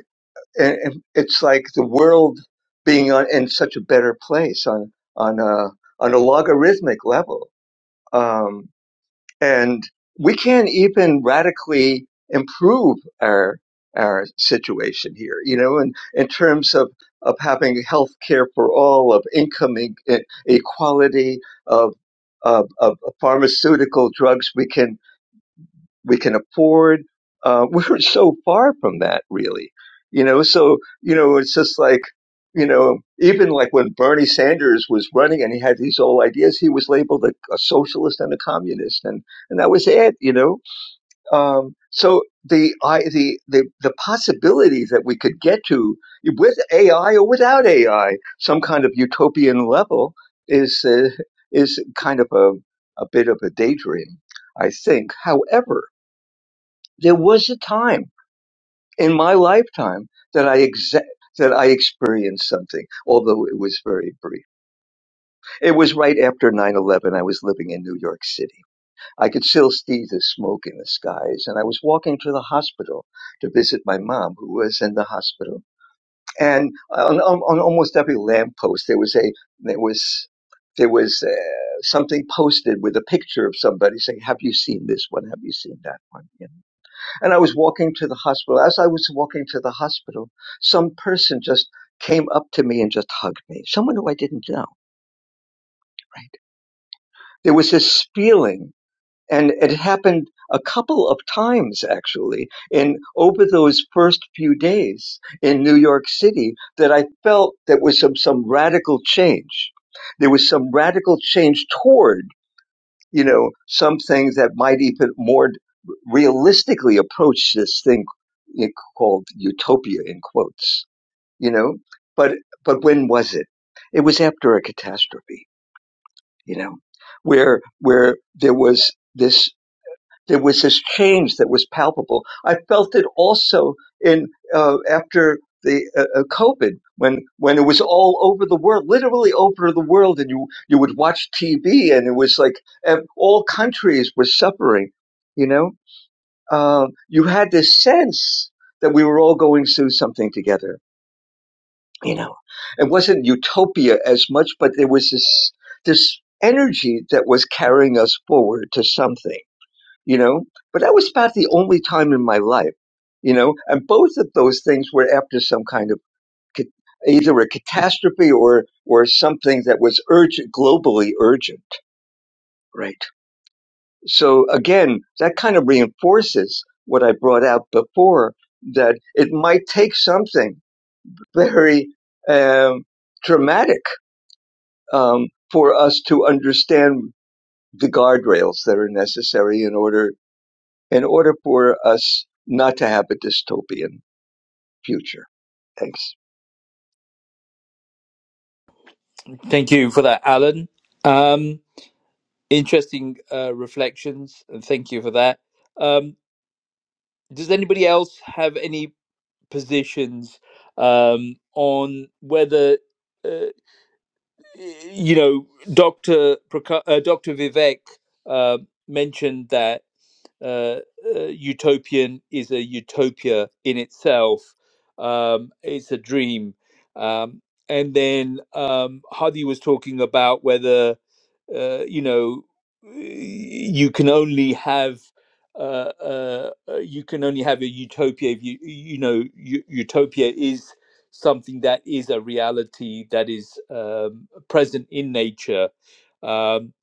S2: eh, eh, it's like the world being on, in such a better place on on a on a logarithmic level Um, and we can't even radically improve our our situation here you know in in terms of of having health care for all of income e- e, equality of of, of pharmaceutical drugs we can we can afford. Uh, we're so far from that, really. You know, so, you know, it's just like, you know, even like when Bernie Sanders was running and he had these old ideas, he was labeled a, a socialist and a communist. And, and that was it, you know? Um, so the, I, the, the, the possibilities that we could get to with AI or without AI, some kind of utopian level is, uh, is kind of a, a bit of a daydream, I think. However, there was a time in my lifetime that I ex- that I experienced something, although it was very brief. It was right after nine eleven. I was living in New York City. I could still see the smoke in the skies, and I was walking to the hospital to visit my mom, who was in the hospital. And on, on, on almost every lamppost, there was a there was there was uh, something posted with a picture of somebody saying, "Have you seen this one? Have you seen that one?" You and I was walking to the hospital. As I was walking to the hospital, some person just came up to me and just hugged me. Someone who I didn't know, right? There was this feeling, and it happened a couple of times actually in over those first few days in New York City that I felt that was some, some radical change. There was some radical change toward you know, some things that might even more realistically approach this thing called utopia in quotes, you know, but, but when was it? It was after a catastrophe, you know, where, where there was this there was this change that was palpable. I felt it also in uh, after the uh, uh, COVID, when when it was all over the world, literally over the world, and you you would watch TV, and it was like all countries were suffering. You know, uh, you had this sense that we were all going through something together. You know, it wasn't utopia as much, but there was this this energy that was carrying us forward to something you know. But that was about the only time in my life, you know. And both of those things were after some kind of ca- either a catastrophe or or something that was urgent, globally urgent, right? So again, that kind of reinforces what I brought out before that it might take something very um, dramatic um, for us to understand the guardrails that are necessary in order in order for us not to have a dystopian future. Thanks.
S1: Thank you for that, Alan. Um, interesting uh, reflections, and thank you for that. Um, does anybody else have any positions um, on whether, uh, you know, Doctor Praka- uh, Doctor Vivek uh, mentioned that uh, uh, utopian is a utopia in itself. Um, it's a dream, um, and then um, Hadi was talking about whether uh, you know you can only have uh, uh, uh, you can only have a utopia if you you know u- utopia is something that is a reality that is um, present in nature um,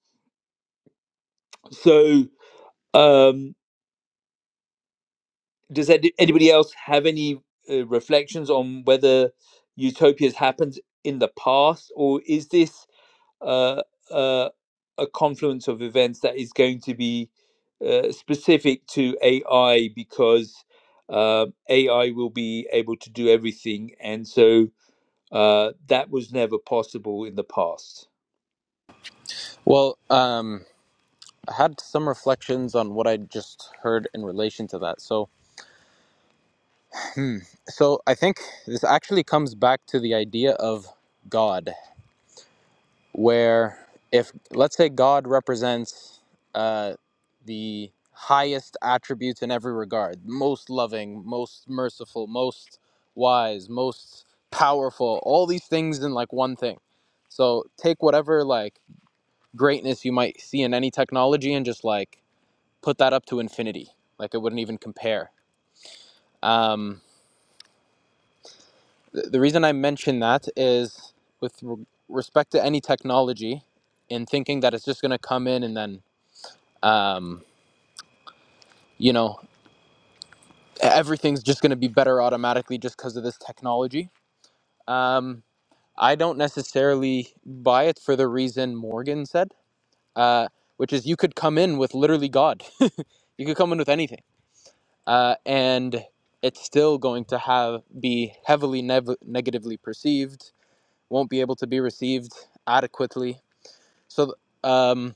S1: so um, does any- anybody else have any uh, reflections on whether utopias happened in the past or is this uh, uh, a confluence of events that is going to be uh, specific to AI because uh, AI will be able to do everything, and so uh, that was never possible in the past.
S6: well um i had some reflections on what i just heard in relation to that so hmm, so i think this actually comes back to the idea of god where if let's say god represents uh the highest attributes in every regard most loving most merciful most wise most powerful all these things in like one thing so take whatever like greatness you might see in any technology and just like put that up to infinity. Like it wouldn't even compare. Um, th- the reason I mention that is with re- respect to any technology in thinking that it's just going to come in and then, um, you know, e-, everything's just going to be better automatically just because of this technology. Um, I don't necessarily buy it for the reason Morgan said, uh, which is you could come in with literally God. You could come in with anything uh, and it's still going to have be heavily nev- negatively perceived won't be able to be received adequately so um,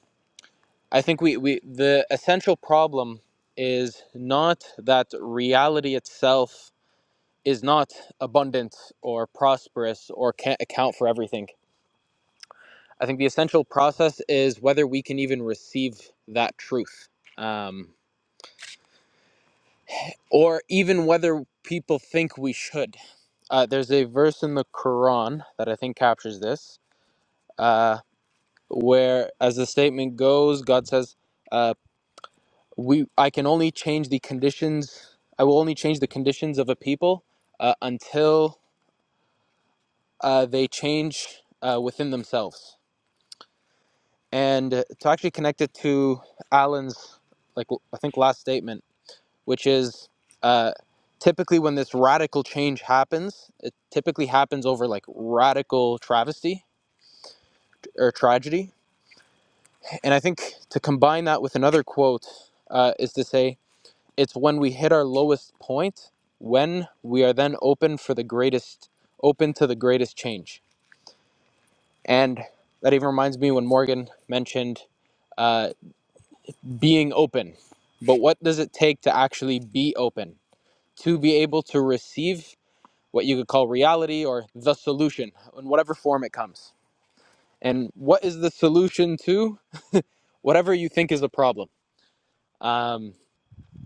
S6: i think we, we the essential problem is not that reality itself is not abundant or prosperous or can't account for everything i think the essential process is whether we can even receive that truth um, or even whether people think we should Uh, there's a verse in the Quran that I think captures this, uh, where, as the statement goes, God says, uh, "We, I can only change the conditions. I will only change the conditions of a people uh, until uh, they change uh, within themselves." And uh, to actually connect it to Alan's, like I think last statement, which is. Uh, typically when this radical change happens it typically happens over like radical travesty or tragedy And I think to combine that with another quote uh, is to say, it's when we hit our lowest point when we are then open for the greatest, open to the greatest change. And that even reminds me when Morgan mentioned uh, being open. But what does it take to actually be open? To be able to receive what you could call reality or the solution in whatever form it comes. And what is the solution to whatever you think is a problem? Um,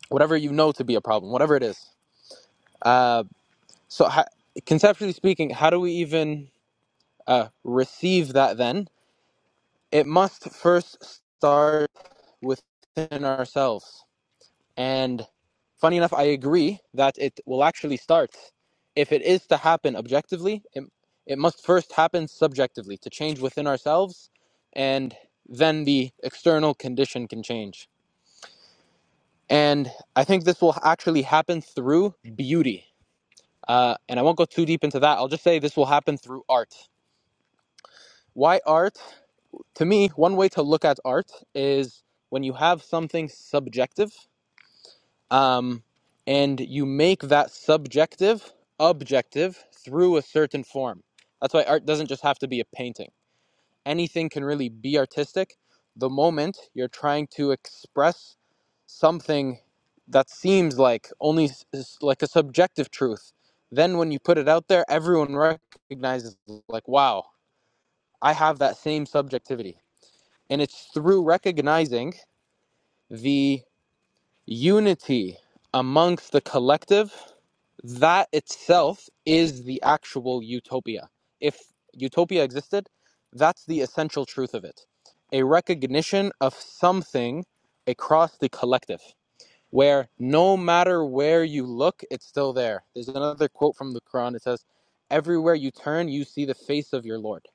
S6: whatever you know to be a problem, whatever it is. Uh, so, ho- conceptually speaking, how do we even uh, receive that then? It must first start within ourselves. And funny enough, I agree that it will actually start. If it is to happen objectively, it, it must first happen subjectively to change within ourselves, and then the external condition can change. And I think this will actually happen through beauty Uh, and I won't go too deep into that. I'll just say this will happen through art. Why art? To me, one way to look at art is when you have something subjective um, and you make that subjective objective through a certain form. That's why art doesn't just have to be a painting anything can really be artistic the moment you're trying to express something that seems like only like a subjective truth then when you put it out there everyone recognizes like wow i have that same subjectivity and it's through recognizing the unity amongst the collective that itself is the actual utopia. If utopia existed, that's the essential truth of it. A recognition of something across the collective, where no matter where you look, it's still there. There's another quote from the Quran. It says, Everywhere you turn, you see the face of your Lord.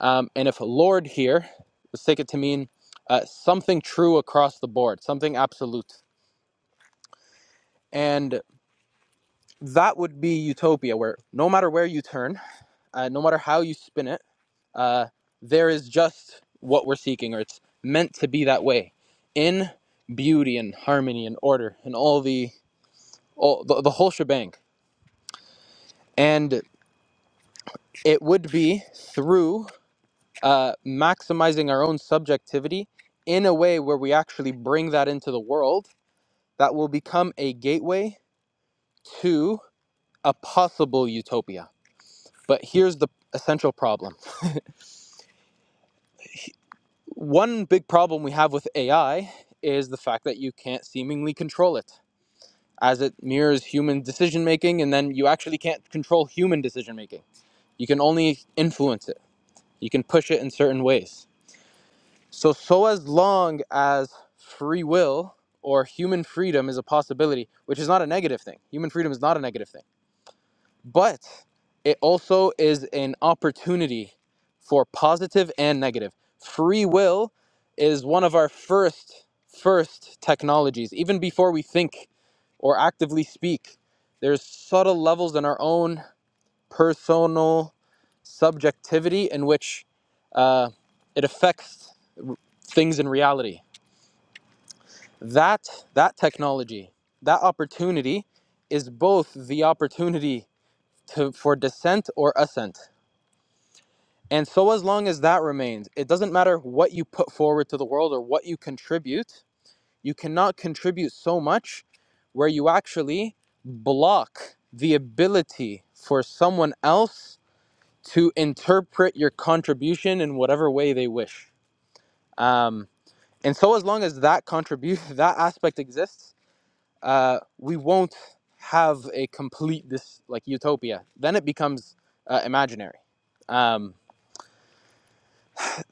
S6: Um, and if Lord here, let's take it to mean uh, something true across the board, something absolute. And that would be utopia, where no matter where you turn, uh, no matter how you spin it, uh, there is just what we're seeking, or it's meant to be that way, in beauty and harmony and order and all the all the, the whole shebang. And it would be through uh, maximizing our own subjectivity in a way where we actually bring that into the world that will become a gateway to a possible utopia. But here's the essential problem One big problem we have with AI is the fact that you can't seemingly control it, as it mirrors human decision making, and then you actually can't control human decision making. You can only influence it, you can push it in certain ways. So, so as long as free will or human freedom is a possibility, which is not a negative thing, human freedom is not a negative thing but it also is an opportunity for positive and negative. Free will is one of our first first technologies even before we think or actively speak. There's subtle levels in our own personal subjectivity in which uh, it affects things in reality. That that technology, that opportunity is both the opportunity to, for descent or ascent And so, as long as that remains, it doesn't matter what you put forward to the world or what you contribute, you cannot contribute so much where you actually block the ability for someone else to interpret your contribution in whatever way they wish. Um, and so, as long as that contribute that aspect exists, uh, we won't have a complete this like utopia. Then it becomes uh, imaginary. Um,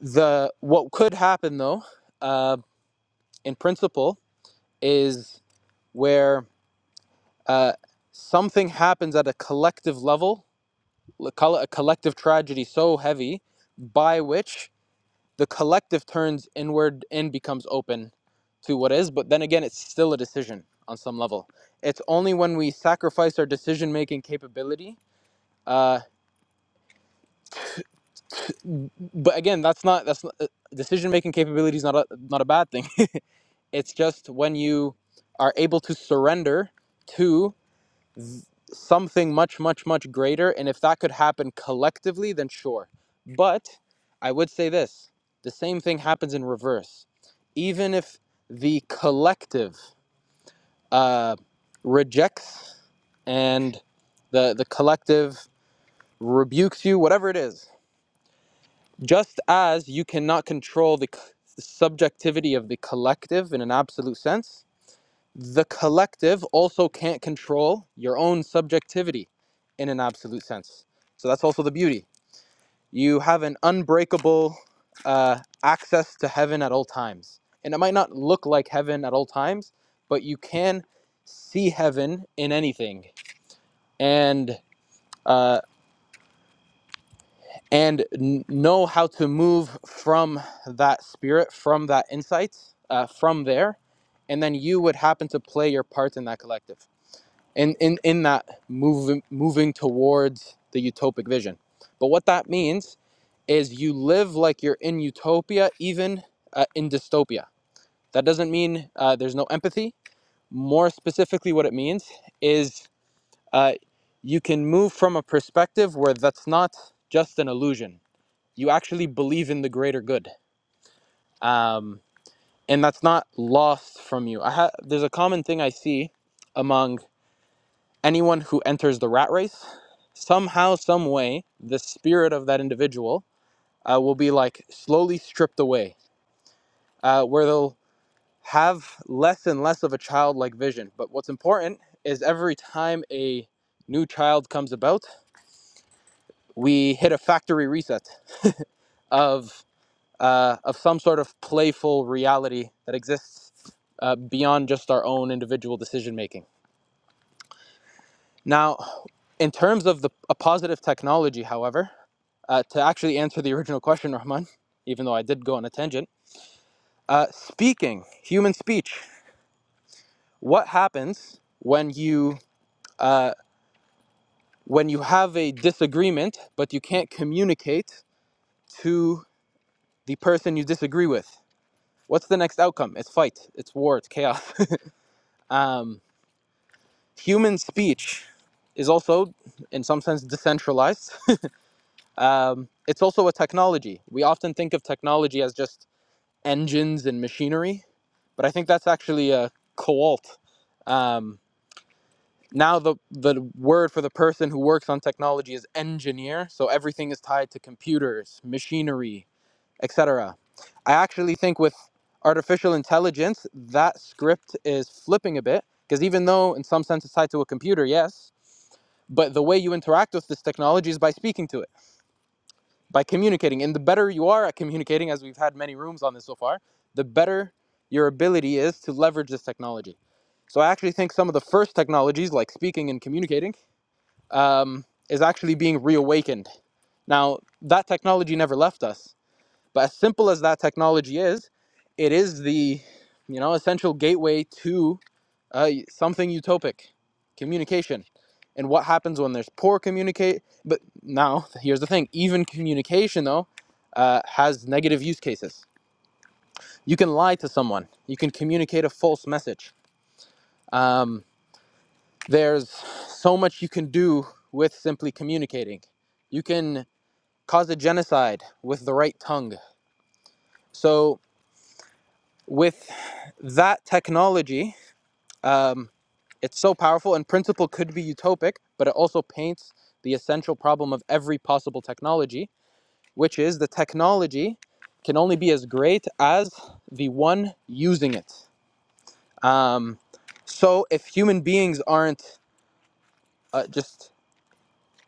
S6: the what could happen though uh, in principle is where uh, something happens at a collective level call it a collective tragedy so heavy by which the collective turns inward and becomes open to what is but then again it's still a decision on some level it's only when we sacrifice our decision making capability uh, but again that's not that's not, decision making capability is not a, not a bad thing It's just when you are able to surrender to something much, much, much greater. And if that could happen collectively, then sure. But I would say this the same thing happens in reverse. Even if the collective uh, rejects and the, the collective rebukes you, whatever it is, just as you cannot control the c- subjectivity of the collective in an absolute sense, The collective also can't control your own subjectivity in an absolute sense. So that's also the beauty. You have an unbreakable uh, access to heaven at all times. And it might not look like heaven at all times, but you can see heaven in anything and uh, and n- know how to move from that spirit, from that insight, uh, from there. And then you would happen to play your part in that collective. in in in that moving moving towards the utopic vision. But what that means is you live like you're in utopia, even uh, in dystopia. That doesn't mean uh, there's no empathy. More specifically, what it means is uh, you can move from a perspective where that's not just an illusion. You actually believe in the greater good, um, and that's not lost from you. I ha- there's a common thing I see among anyone who enters the rat race somehow, some way, the spirit of that individual uh, will be like slowly stripped away, uh, where they'll have less and less of a childlike vision. But what's important is every time a new child comes about, we hit a factory reset of uh, of some sort of playful reality that exists uh, beyond just our own individual decision making. Now, in terms of the a positive technology, however, uh, to actually answer the original question, Rahman, even though I did go on a tangent, uh, speaking, human speech. What happens when you uh, when you have a disagreement but you can't communicate to the person you disagree with? What's the next outcome? It's fight. It's war. It's chaos. Um, human speech is also, in some sense, decentralized. Um, it's also a technology. We often think of technology as just engines and machinery, but I think that's actually a coalt. Um, now the the word for the person who works on technology is engineer. So everything is tied to computers, machinery, etc. I actually think with artificial intelligence, that script is flipping a bit because even though in some sense it's tied to a computer, yes, but the way you interact with this technology is by speaking to it by communicating. And the better you are at communicating, as we've had many rooms on this so far, the better your ability is to leverage this technology. So I actually think some of the first technologies, like speaking and communicating, um, is actually being reawakened. Now, that technology never left us, but as simple as that technology is, it is the you know essential gateway to uh, something utopic, communication, and what happens when there's poor communicate. But now here's the thing: even communication though uh, has negative use cases. You can lie to someone. You can communicate a false message. Um, there's so much you can do with simply communicating. You can cause a genocide with the right tongue. So with that technology. Um, It's so powerful, and principle could be utopic, but it also paints the essential problem of every possible technology, which is the technology can only be as great as the one using it. Um, so, if human beings aren't uh, just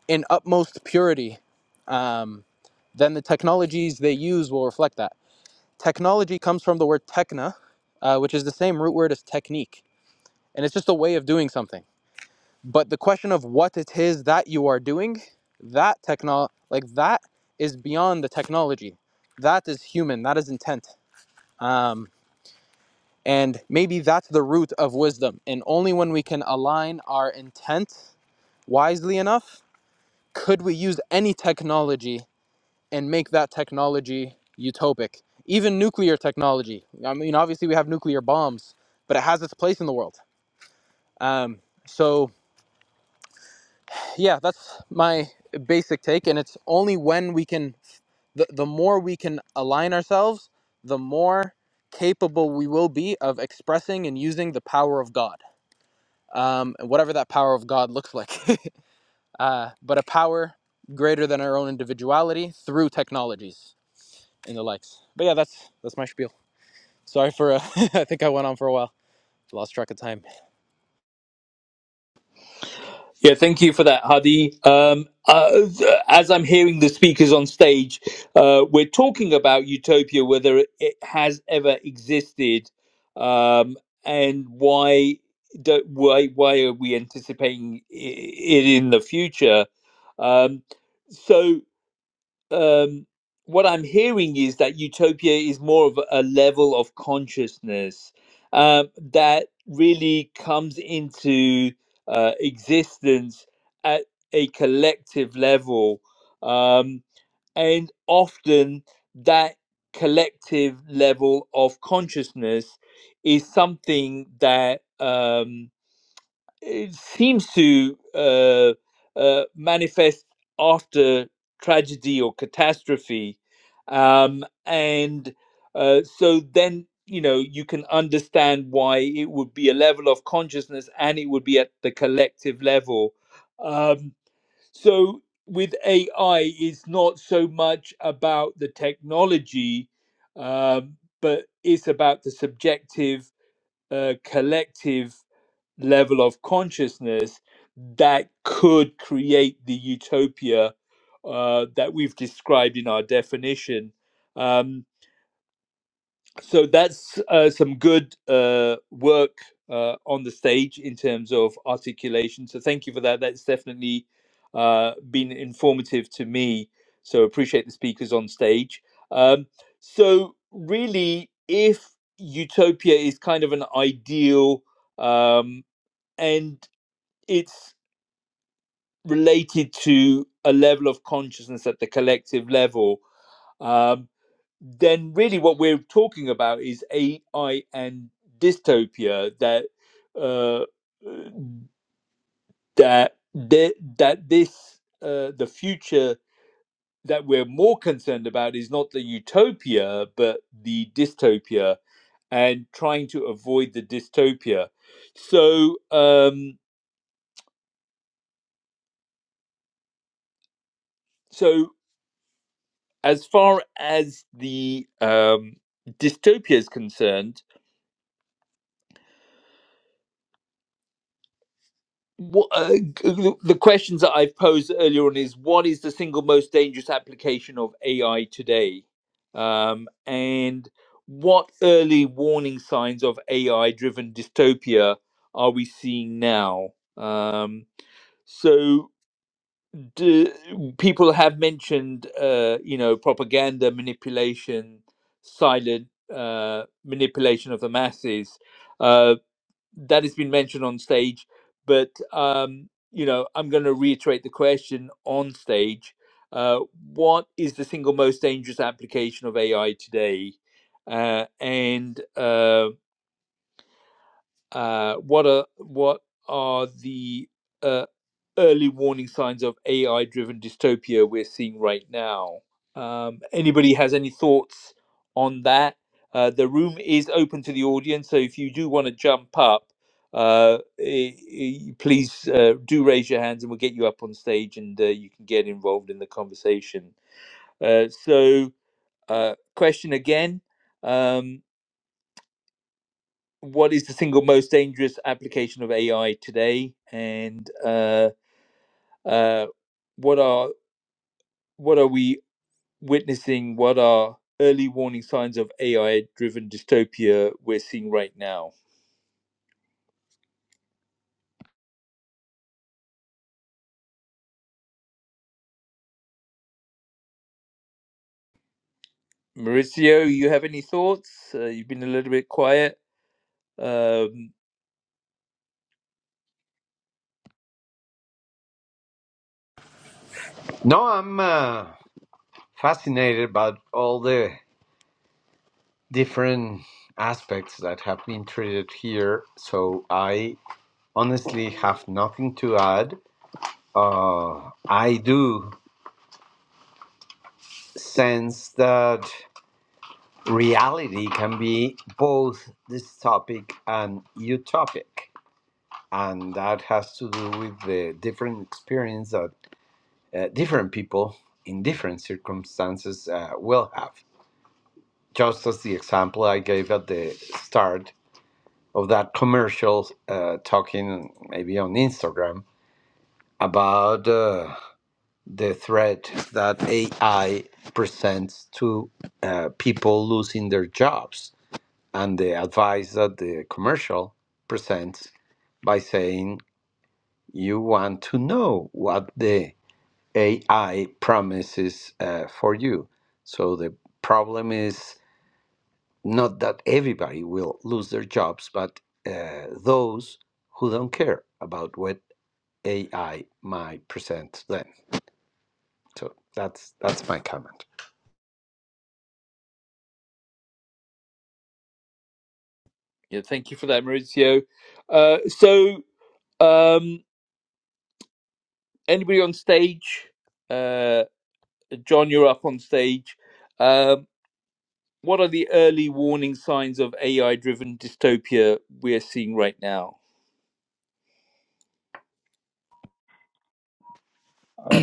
S6: in utmost purity, um, then the technologies they use will reflect that. Technology comes from the word techna, uh, which is the same root word as technique, and it's just a way of doing something. but the question of what it is that you are doing that techno like that is beyond the technology that is human that is intent um, and maybe that's the root of wisdom and only when we can align our intent wisely enough could we use any technology and make that technology utopic even nuclear technology i mean obviously we have nuclear bombs but it has its place in the world um, so yeah that's my basic take and it's only when we can the, the more we can align ourselves the more capable we will be of expressing and using the power of god um, and whatever that power of god looks like uh, but a power greater than our own individuality through technologies and the likes but yeah that's that's my spiel sorry for uh, i think i went on for a while lost track of time
S1: Yeah, thank you for that, Hadi. Um, uh, as I'm hearing the speakers on stage, uh, we're talking about utopia, whether it has ever existed, um, and why do, why why are we anticipating i- it in the future? Um, so um, what I'm hearing is that utopia is more of a level of consciousness um, that really comes into uh, existence at a collective level. Um, and often that collective level of consciousness is something that. Um, it seems to uh, uh, manifest after tragedy or catastrophe. Um, and uh, so then, you know, you can understand why it would be a level of consciousness and it would be at the collective level. Um, so with AI, it's not so much about the technology, um, but it's about the subjective, uh, collective level of consciousness that could create the utopia uh, that we've described in our definition. Um, so that's uh, some good uh, work uh, on the stage in terms of articulation. So thank you for that. That's definitely uh, been informative to me. So appreciate the speakers on stage. Um, so really, if utopia is kind of an ideal um, end it's related to a level of consciousness at the collective level, um, then really what we're talking about is AI and dystopia that uh, that thi- that this uh, the future that we're more concerned about is not the utopia but the dystopia and trying to avoid the dystopia. So um, so as far as the um, dystopia is concerned, what, uh, the the questions that I've posed earlier on is what is the single most dangerous application of AI today, um, and what early warning signs of AI-driven dystopia are we seeing now? Um, so d- people have mentioned uh, you know propaganda manipulation silent uh, manipulation of the masses uh, that has been mentioned on stage but um, you know i'm going to reiterate the question on stage uh, what is the single most dangerous application of ai today uh, and um uh, what are what are the uh, early warning signs of AI-driven dystopia we're seeing right now? Um, anybody has any thoughts on that? Uh, the room is open to the audience, so if you do want to jump up, uh, eh, eh, please uh, do raise your hands, and we'll get you up on stage, and uh, you can get involved in the conversation. Uh, so, uh, question again. um what is the single most dangerous application of AI today, and uh, uh, what are what are we witnessing? What are early warning signs of AI-driven dystopia we're seeing right now? Maurizio, you have any thoughts? Uh, you've been a little bit quiet. Um,
S3: No, I'm uh, fascinated by all the different aspects that have been treated here. So I honestly have nothing to add. Uh, I do sense that reality can be both dystopic and utopic. And that has to do with the different experience that uh, different people in different circumstances uh, will have. Just as the example I gave at the start of that commercial uh, talking maybe on Instagram about uh, the threat that AI presents to uh, people losing their jobs and the advice that the commercial presents by saying you want to know what the AI promises uh, for you. So the problem is Not that everybody will lose their jobs, but uh, those who don't care about what AI might present to them. So that's that's my comment.
S1: yeah, thank you for that, Maurizio. Uh, so, um, anybody on stage? Uh, John, you're up on stage. Uh, What are the early warning signs of AI driven dystopia we're seeing right now?
S7: Uh,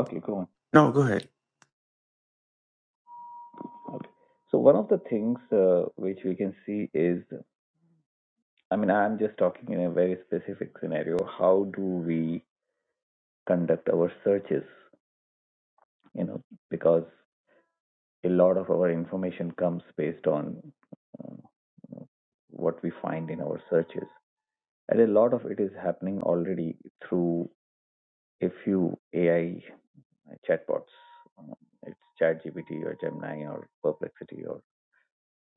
S7: okay, go on.
S8: No, go ahead.
S7: Okay. So one of the things uh, which we can see is, I mean, I'm just talking in a very specific scenario. How do we conduct our searches? You know, because a lot of our information comes based on uh, what we find in our searches, and a lot of it is happening already through a few AI chatbots. Um, It's ChatGPT or Gemini or Perplexity or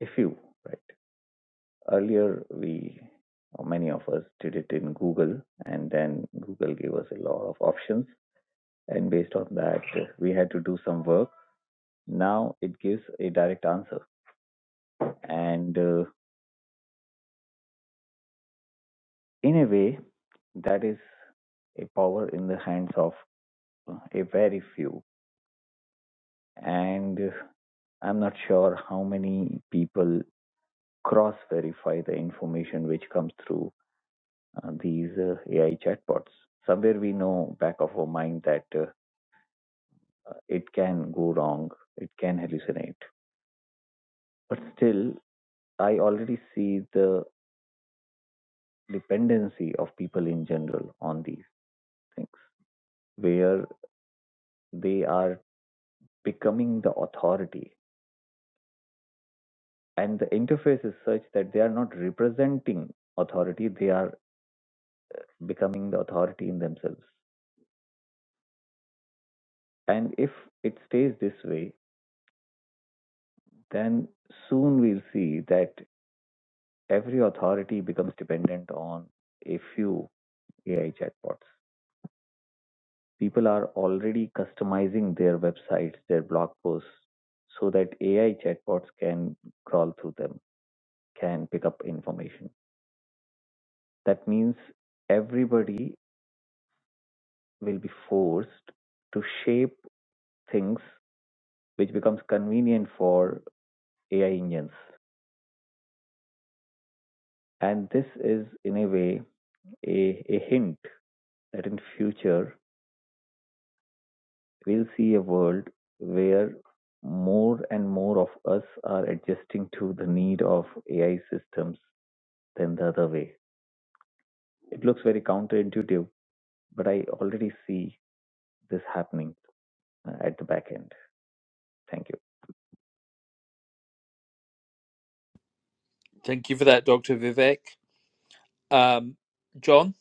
S7: a few, right? Earlier, we, or many of us, did it in Google, and then Google gave us a lot of options. And based on that, uh, we had to do some work. Now it gives a direct answer. And uh, in a way, that is a power in the hands of uh, a very few. And uh, I'm not sure how many people cross verify the information which comes through uh, these uh, AI chatbots. Somewhere we know back of our mind that. uh, uh, it can go wrong, it can hallucinate. But still, I already see the dependency of people in general on these things, where they are becoming the authority. And the interface is such that they are not representing authority, they are becoming the authority in themselves. And if it stays this way, then soon we'll see that every authority becomes dependent on a few AI chatbots. People are already customizing their websites, their blog posts, so that AI chatbots can crawl through them, can pick up information. That means everybody will be forced to shape things which becomes convenient for AI engines. And this is, in a way, a, a hint that in future we'll see a world where more and more of us are adjusting to the need of AI systems than the other way. It looks very counterintuitive, but I already see this happening uh, at the back end. Thank you.
S1: Thank you for that, Dr. Vivek. Um, John?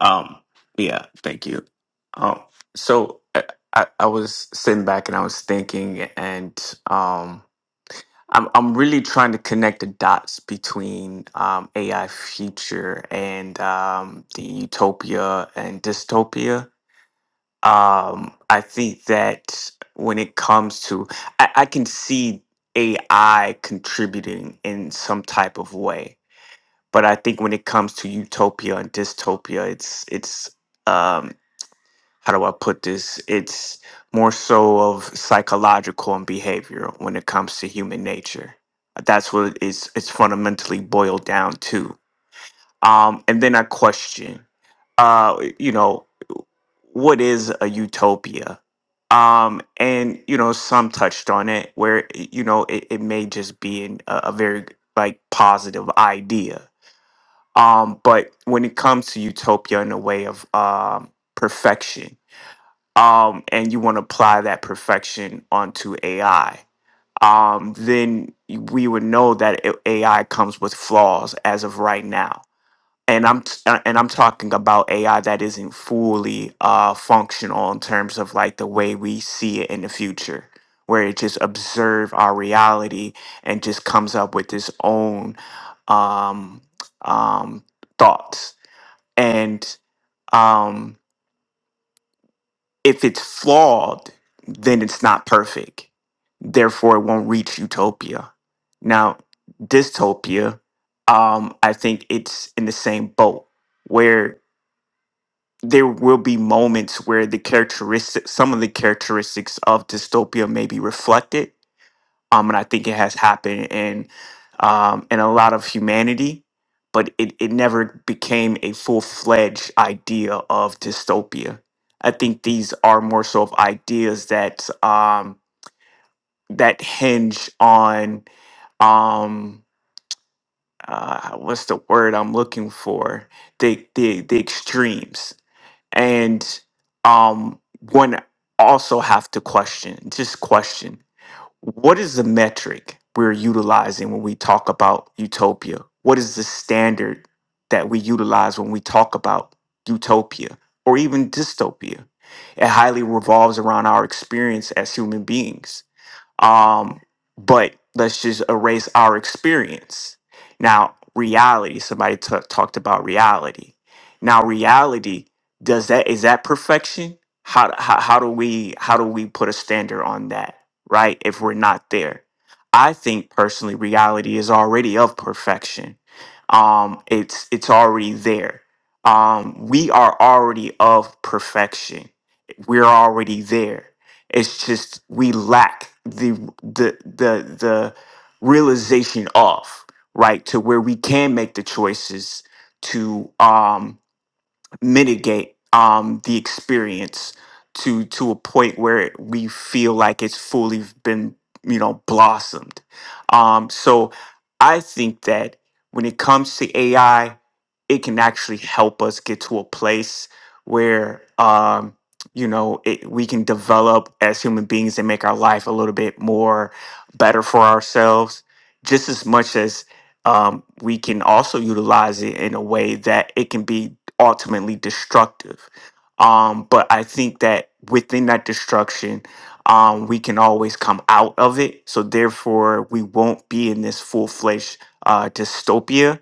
S8: Um, yeah, thank you. Um, so I, I, I was sitting back and I was thinking, and um, I'm I'm really trying to connect the dots between um, AI future and um, the utopia and dystopia. Um, I think that when it comes to, I, I can see AI contributing in some type of way but I think when it comes to utopia and dystopia, it's it's um, how do I put this? It's more so of psychological and behavioral when it comes to human nature. That's what it's it's fundamentally boiled down to. Um, and then I question, uh, you know, what is a utopia? Um, and you know, some touched on it where you know it, it may just be an, a, a very like positive idea um, but when it comes to utopia in the way of um, perfection, um, and you want to apply that perfection onto AI, um, then we would know that a- AI comes with flaws as of right now. And I'm t- uh, and I'm talking about AI that isn't fully uh, functional in terms of like the way we see it in the future, where it just observe our reality and just comes up with its own um, um, thoughts and um, if it's flawed, then it's not perfect. Therefore, it won't reach utopia. Now, dystopia, um, I think it's in the same boat where there will be moments where the characteristics, some of the characteristics of dystopia may be reflected, um, and I think it has happened in um, in a lot of humanity, but it, it never became a full fledged idea of dystopia. I think these are more so of ideas that um, that hinge on um, uh, what's the word I'm looking for the the, the extremes and um, one also have to question just question what is the metric we're utilizing when we talk about utopia? What is the standard that we utilize when we talk about utopia or even dystopia? It highly revolves around our experience as human beings um, but let's just erase our experience. Now, reality, somebody ta- talked about reality. Now, reality, does that is that perfection? How, how how do we how do we put a standard on that, right? If we're not there. I think personally reality is already of perfection. Um it's it's already there. Um we are already of perfection. We're already there it's just we lack the the the the realization of right to where we can make the choices to um mitigate um, the experience to to a point where we feel like it's fully been you know blossomed. Um, so I think that when it comes to AI, it can actually help us get to a place where um, you know it, we can develop as human beings and make our life a little bit more better for ourselves, just as much as um, we can also utilize it in a way that it can be ultimately destructive. Um, but I think that within that destruction, um, we can always come out of it. So therefore, we won't be in this full fledged uh, dystopia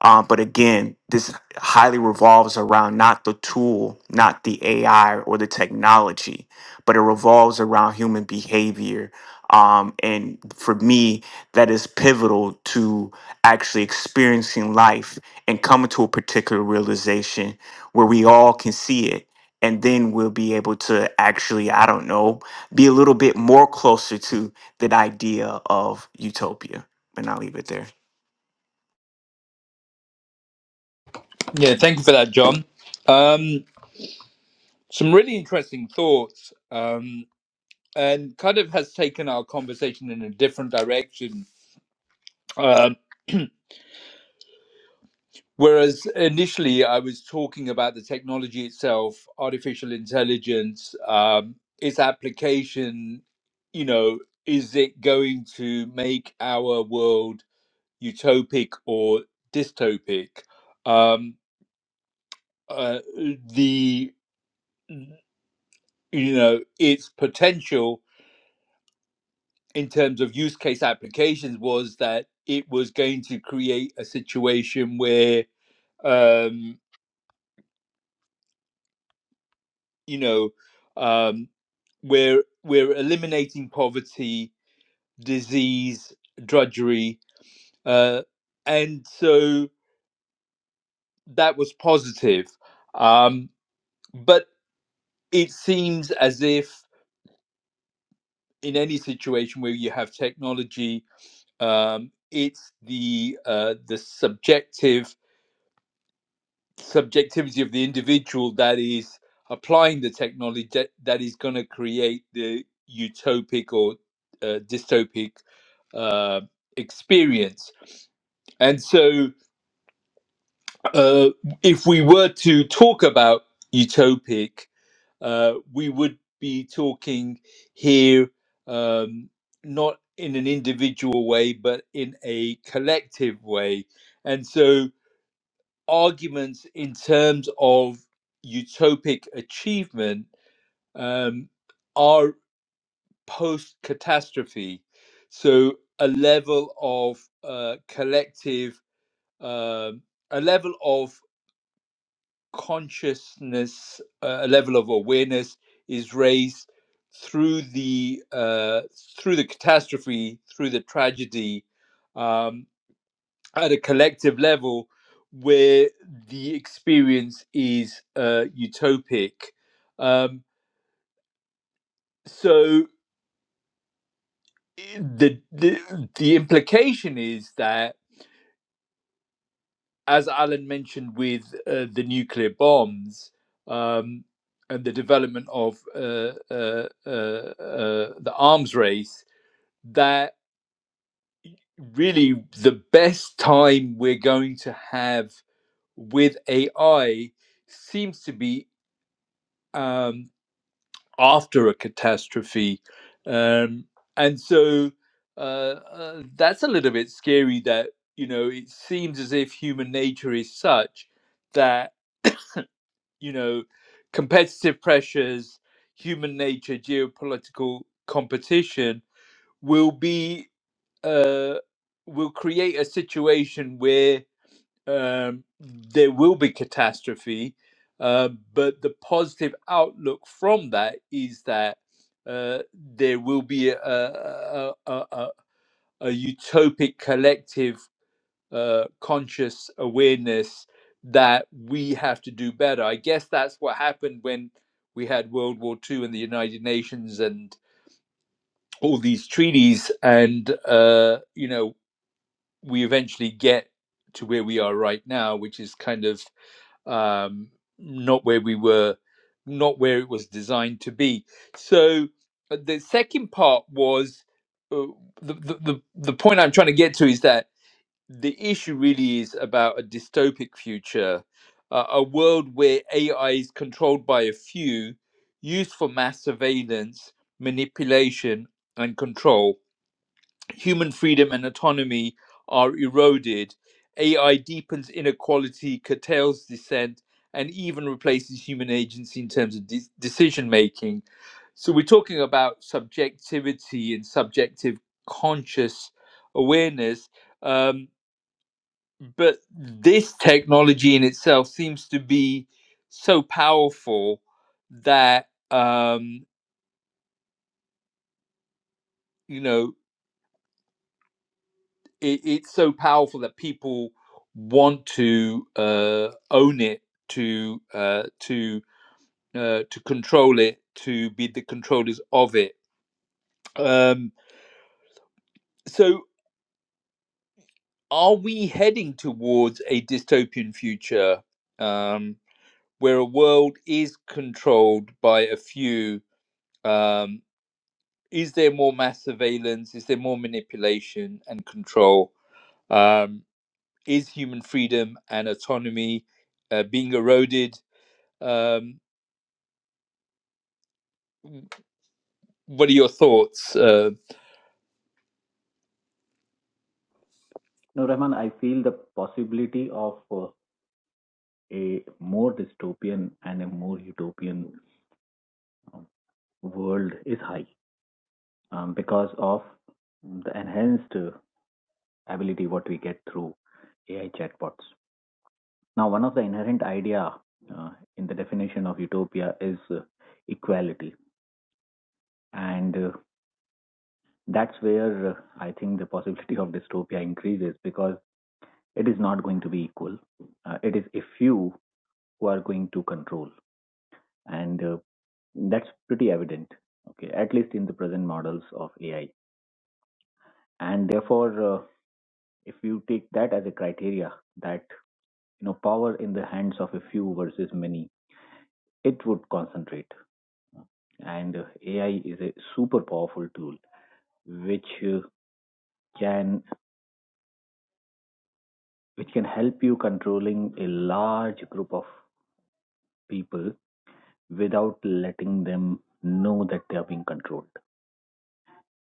S8: um, but again, this highly revolves around not the tool, not the AI or the technology, but it revolves around human behavior. Um, and for me, that is pivotal to actually experiencing life and coming to a particular realization where we all can see it. And then we'll be able to actually, I don't know, be a little bit more closer to that idea of utopia. And I'll leave it there.
S1: Yeah, thank you for that, John. Um, some really interesting thoughts um, and kind of has taken our conversation in a different direction. Um Whereas initially I was talking about the technology itself, artificial intelligence, um, its application, you know, is it going to make our world utopic or dystopic? Um, uh, the, you know, its potential in terms of use case applications was that it was going to create a situation where um, you know um, we're we're eliminating poverty disease drudgery uh, and so that was positive um, but it seems as if in any situation where you have technology um, it's the uh, the subjective subjectivity of the individual that is applying the technology that, that is going to create the utopic or uh, dystopic uh, experience. And so, uh, if we were to talk about utopic, uh, we would be talking here um, not in an individual way, but in a collective way. And so, arguments in terms of utopic achievement um, are post catastrophe. So, a level of uh, collective, um a level of consciousness, uh, a level of awareness is raised through the uh, through the catastrophe, through the tragedy, um, at a collective level where the experience is uh, utopic. Um, so the, the the implication is that, as Alan mentioned with uh, the nuclear bombs um, and the development of uh, uh, uh, uh, the arms race, that really the best time we're going to have with AI seems to be. Um, after a catastrophe. Um, and so uh, uh, that's a little bit scary that, you know, it seems as if human nature is such that, you know, competitive pressures, human nature, geopolitical competition will be, uh, will create a situation where um, there will be catastrophe, uh, but the positive outlook from that is that uh, there will be a, a, a, a, a utopic collective uh, conscious awareness that we have to do better. I guess that's what happened when we had World War Two and the United Nations and all these treaties, and uh, you know we eventually get to where we are right now, which is kind of um, not where we were, not where it was designed to be. So uh, the second part was uh, the, the the the point I'm trying to get to is that the issue really is about a dystopic future, uh, a world where AI is controlled by a few, used for mass surveillance, manipulation, and control human freedom and autonomy are eroded. AI deepens inequality, curtails dissent, and even replaces human agency in terms of de- decision making. So we're talking about subjectivity and subjective conscious awareness. Um, but this technology in itself seems to be so powerful that um, you know it, it's so powerful that people want to uh, own it, to uh, to uh, to control it, to be the controllers of it. Um, so, are we heading towards a dystopian future um, where a world is controlled by a few? Um, is there more mass surveillance? Is there more manipulation and control? Um, is human freedom and autonomy uh, being eroded? Um, what are your thoughts? Uh,
S7: No, Rahman, I feel the possibility of uh, a more dystopian and a more utopian um, world is high um, because of the enhanced uh, ability what we get through AI chatbots. Now, one of the inherent idea uh, in the definition of utopia is uh, equality, and uh, That's where uh, I think the possibility of dystopia increases because it is not going to be equal. Uh, it is a few who are going to control, and uh, that's pretty evident. Okay, at least in the present models of AI, and therefore, uh, if you take that as a criteria, that you know power in the hands of a few versus many, it would concentrate. And uh, AI is a super powerful tool which uh, can which can help you controlling a large group of people without letting them know that they are being controlled.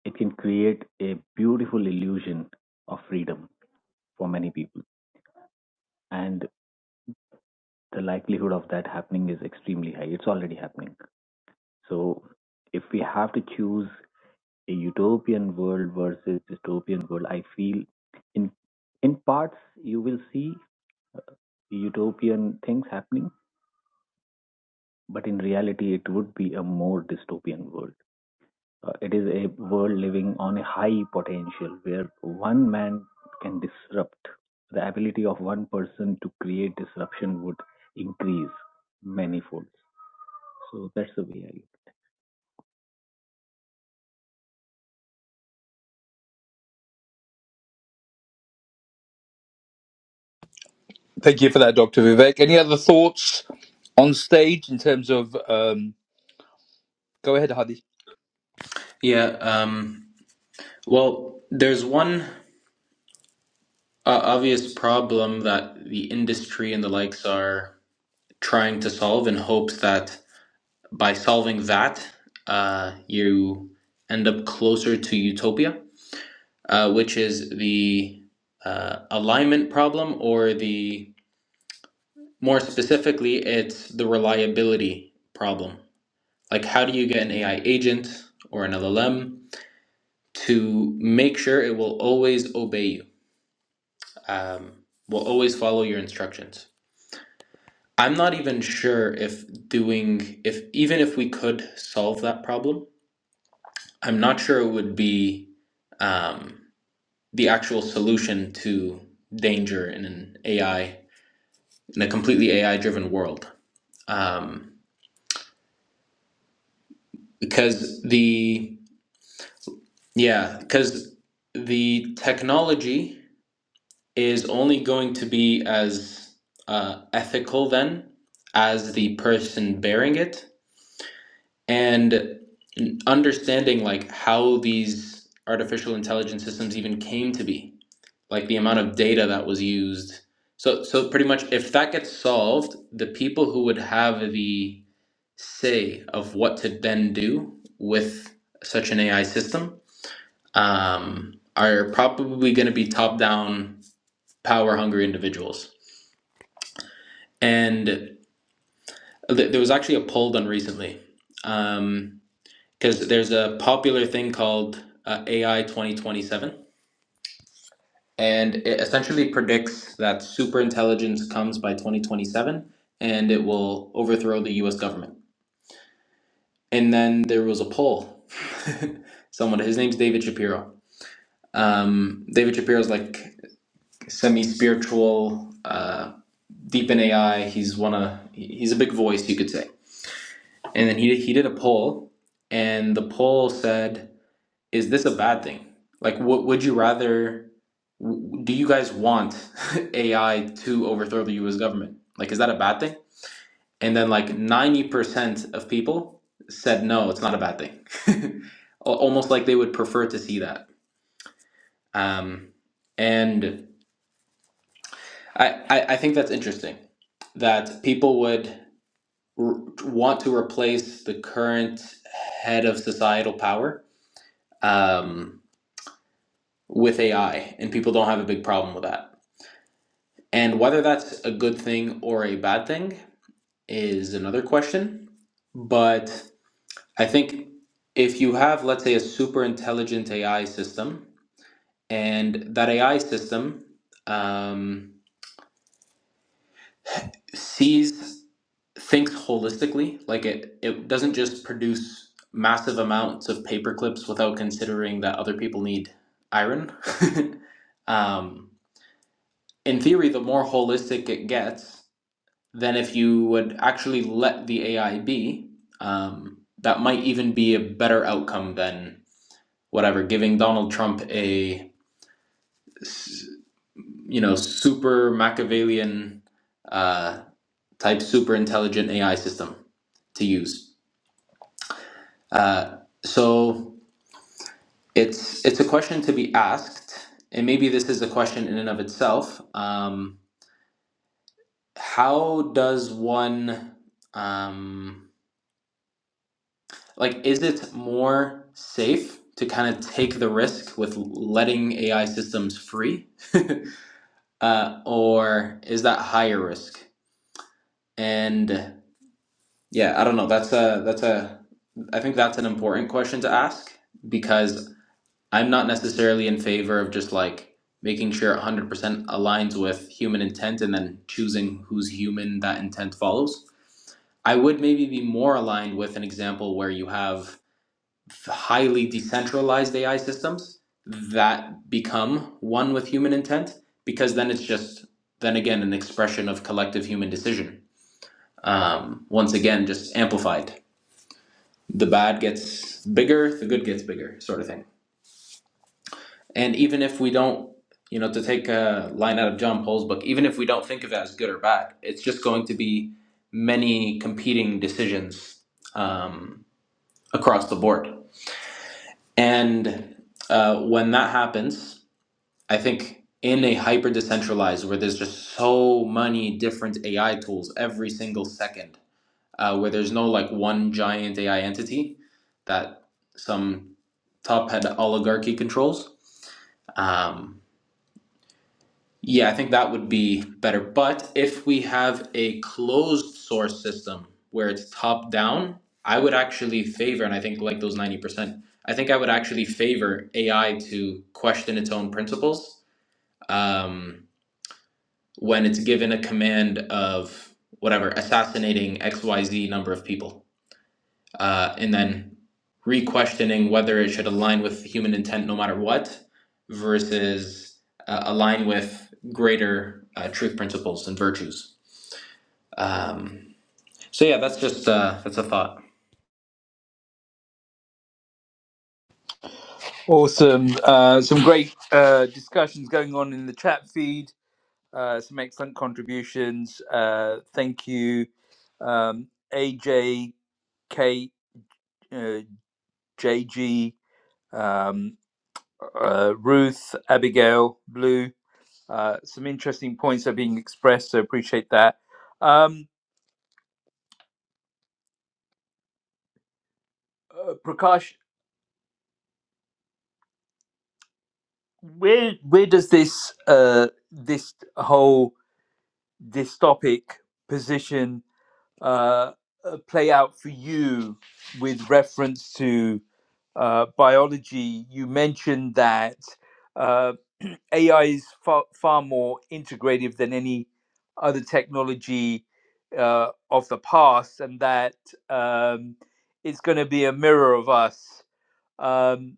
S7: It can create a beautiful illusion of freedom for many people. And the likelihood of that happening is extremely high. It's already happening. So if we have to choose a utopian world versus dystopian world, I feel in in parts you will see utopian things happening, but in reality it would be a more dystopian world Uh, it is a world living on a high potential where one man can disrupt. The ability of one person to create disruption would increase manifolds. So that's the way I
S1: thank you for that, Dr. Vivek. Any other thoughts on stage in terms of? Um, go ahead, Hadi.
S6: Yeah, um, well, there's one. Uh, obvious problem that the industry and the likes are trying to solve in hopes that by solving that, uh, you end up closer to utopia, uh, which is the uh, alignment problem, or the more specifically, it's the reliability problem. Like, how do you get an AI agent or an LLM to make sure it will always obey you, um, will always follow your instructions? I'm not even sure if doing if even if we could solve that problem, I'm not sure it would be um, the actual solution to danger in an AI in a completely AI driven world. Um, because the yeah, because the technology is only going to be as uh, ethical then as the person bearing it and understanding like how these artificial intelligence systems even came to be like the amount of data that was used so so pretty much if that gets solved the people who would have the say of what to then do with such an ai system um, are probably going to be top down power hungry individuals and th- there was actually a poll done recently Um, because there's a popular thing called uh, AI 2027, and it essentially predicts that superintelligence comes by 2027 and it will overthrow the US government. And then there was a poll. Someone, his name's David Shapiro. Um, David Shapiro's like semi spiritual, uh, deep in AI. He's one of, he's a big voice, you could say. And then he, he did a poll, and the poll said, Is this a bad thing? Like, what would you rather w- do you guys want AI to overthrow the US government? Like, is that a bad thing? And then, like, 90% of people said no, it's not a bad thing. Al- Almost like they would prefer to see that. Um, and I, I, I think that's interesting that people would r want to replace the current head of societal power um, with AI, and people don't have a big problem with that. And whether that's a good thing or a bad thing, is another question. But I think if you have, let's say, a super intelligent AI system, and that AI system um, sees, thinks holistically, like it, it doesn't just produce massive amounts of paper clips without considering that other people need iron. um, in theory, the more holistic it gets, than if you would actually let the AI be. Um, that might even be a better outcome than whatever giving Donald Trump a you know super Machiavellian uh, type super intelligent AI system to use. Uh, so it's it's a question to be asked, and maybe this is a question in and of itself. Um, how does one um, like is it more safe to kind of take the risk with letting AI systems free, uh, or is that higher risk? And yeah, I don't know. That's a that's a I think that's an important question to ask because I'm not necessarily in favor of just like making sure 100% aligns with human intent and then choosing whose human that intent follows. I would maybe be more aligned with an example where you have highly decentralized AI systems that become one with human intent, because then it's just then again an expression of collective human decision. Um, once again, just amplified. The bad gets bigger, the good gets bigger, sort of thing. And even if we don't, you know, to take a line out of John Paul's book, even if we don't think of it as good or bad, it's just going to be many competing decisions um, across the board. And uh, when that happens, I think in a hyper decentralized where there's just so many different AI tools every single second, uh, where there's no like one giant AI entity that some top head oligarchy controls. Um, yeah, I think that would be better. But if we have a closed source system where it's top down, I would actually favor, and I think like those 90%, I think I would actually favor AI to question its own principles. Um, when it's given a command of whatever assassinating xyz number of people uh, and then re-questioning whether it should align with human intent no matter what versus uh, align with greater uh, truth principles and virtues um, so yeah that's just uh, that's a thought
S1: Awesome. Uh, some great uh, discussions going on in the chat feed. Uh, some excellent contributions. Uh, thank you, um, AJ, Kate, uh, JG, um, uh, Ruth, Abigail, Blue. Uh, some interesting points are being expressed, so appreciate that. Um, Uh, Prakash, where where does this uh, this whole dystopic position uh, uh, play out for you with reference to uh, biology? You mentioned that uh, AI is far, far more integrative than any other technology uh, of the past, and that um, it's going to be a mirror of us. Um,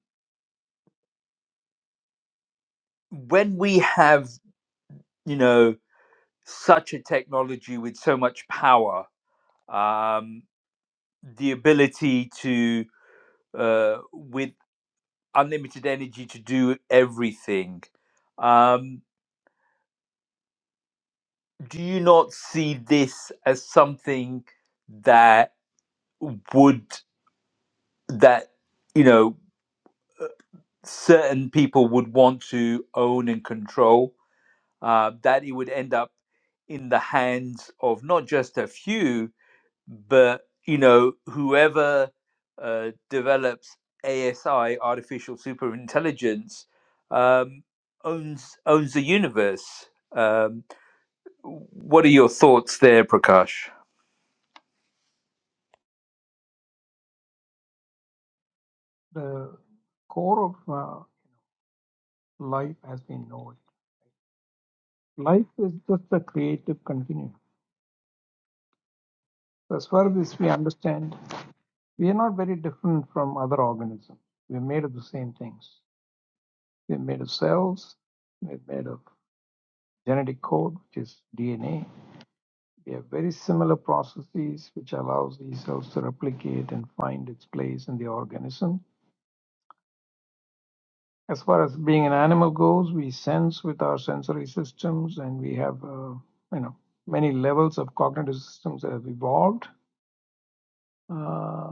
S1: when we have, you know, such a technology with so much power, um, the ability to, uh, with unlimited energy, to do everything. Um, do you not see this as something that would that you know certain people would want to own and control? Uh, that it would end up in the hands of not just a few, but you know whoever uh, develops ASI artificial super intelligence um, owns owns the universe. Um, what are your thoughts there, Prakash?
S5: The core of uh, life has been known. Life is just a creative continuum. As far as we understand, we are not very different from other organisms. We're made of the same things. We're made of cells. We're made of genetic code, which is DNA. We have very similar processes which allows these cells to replicate and find its place in the organism. As far as being an animal goes, we sense with our sensory systems, and we have uh, you know many levels of cognitive systems that have evolved. Uh,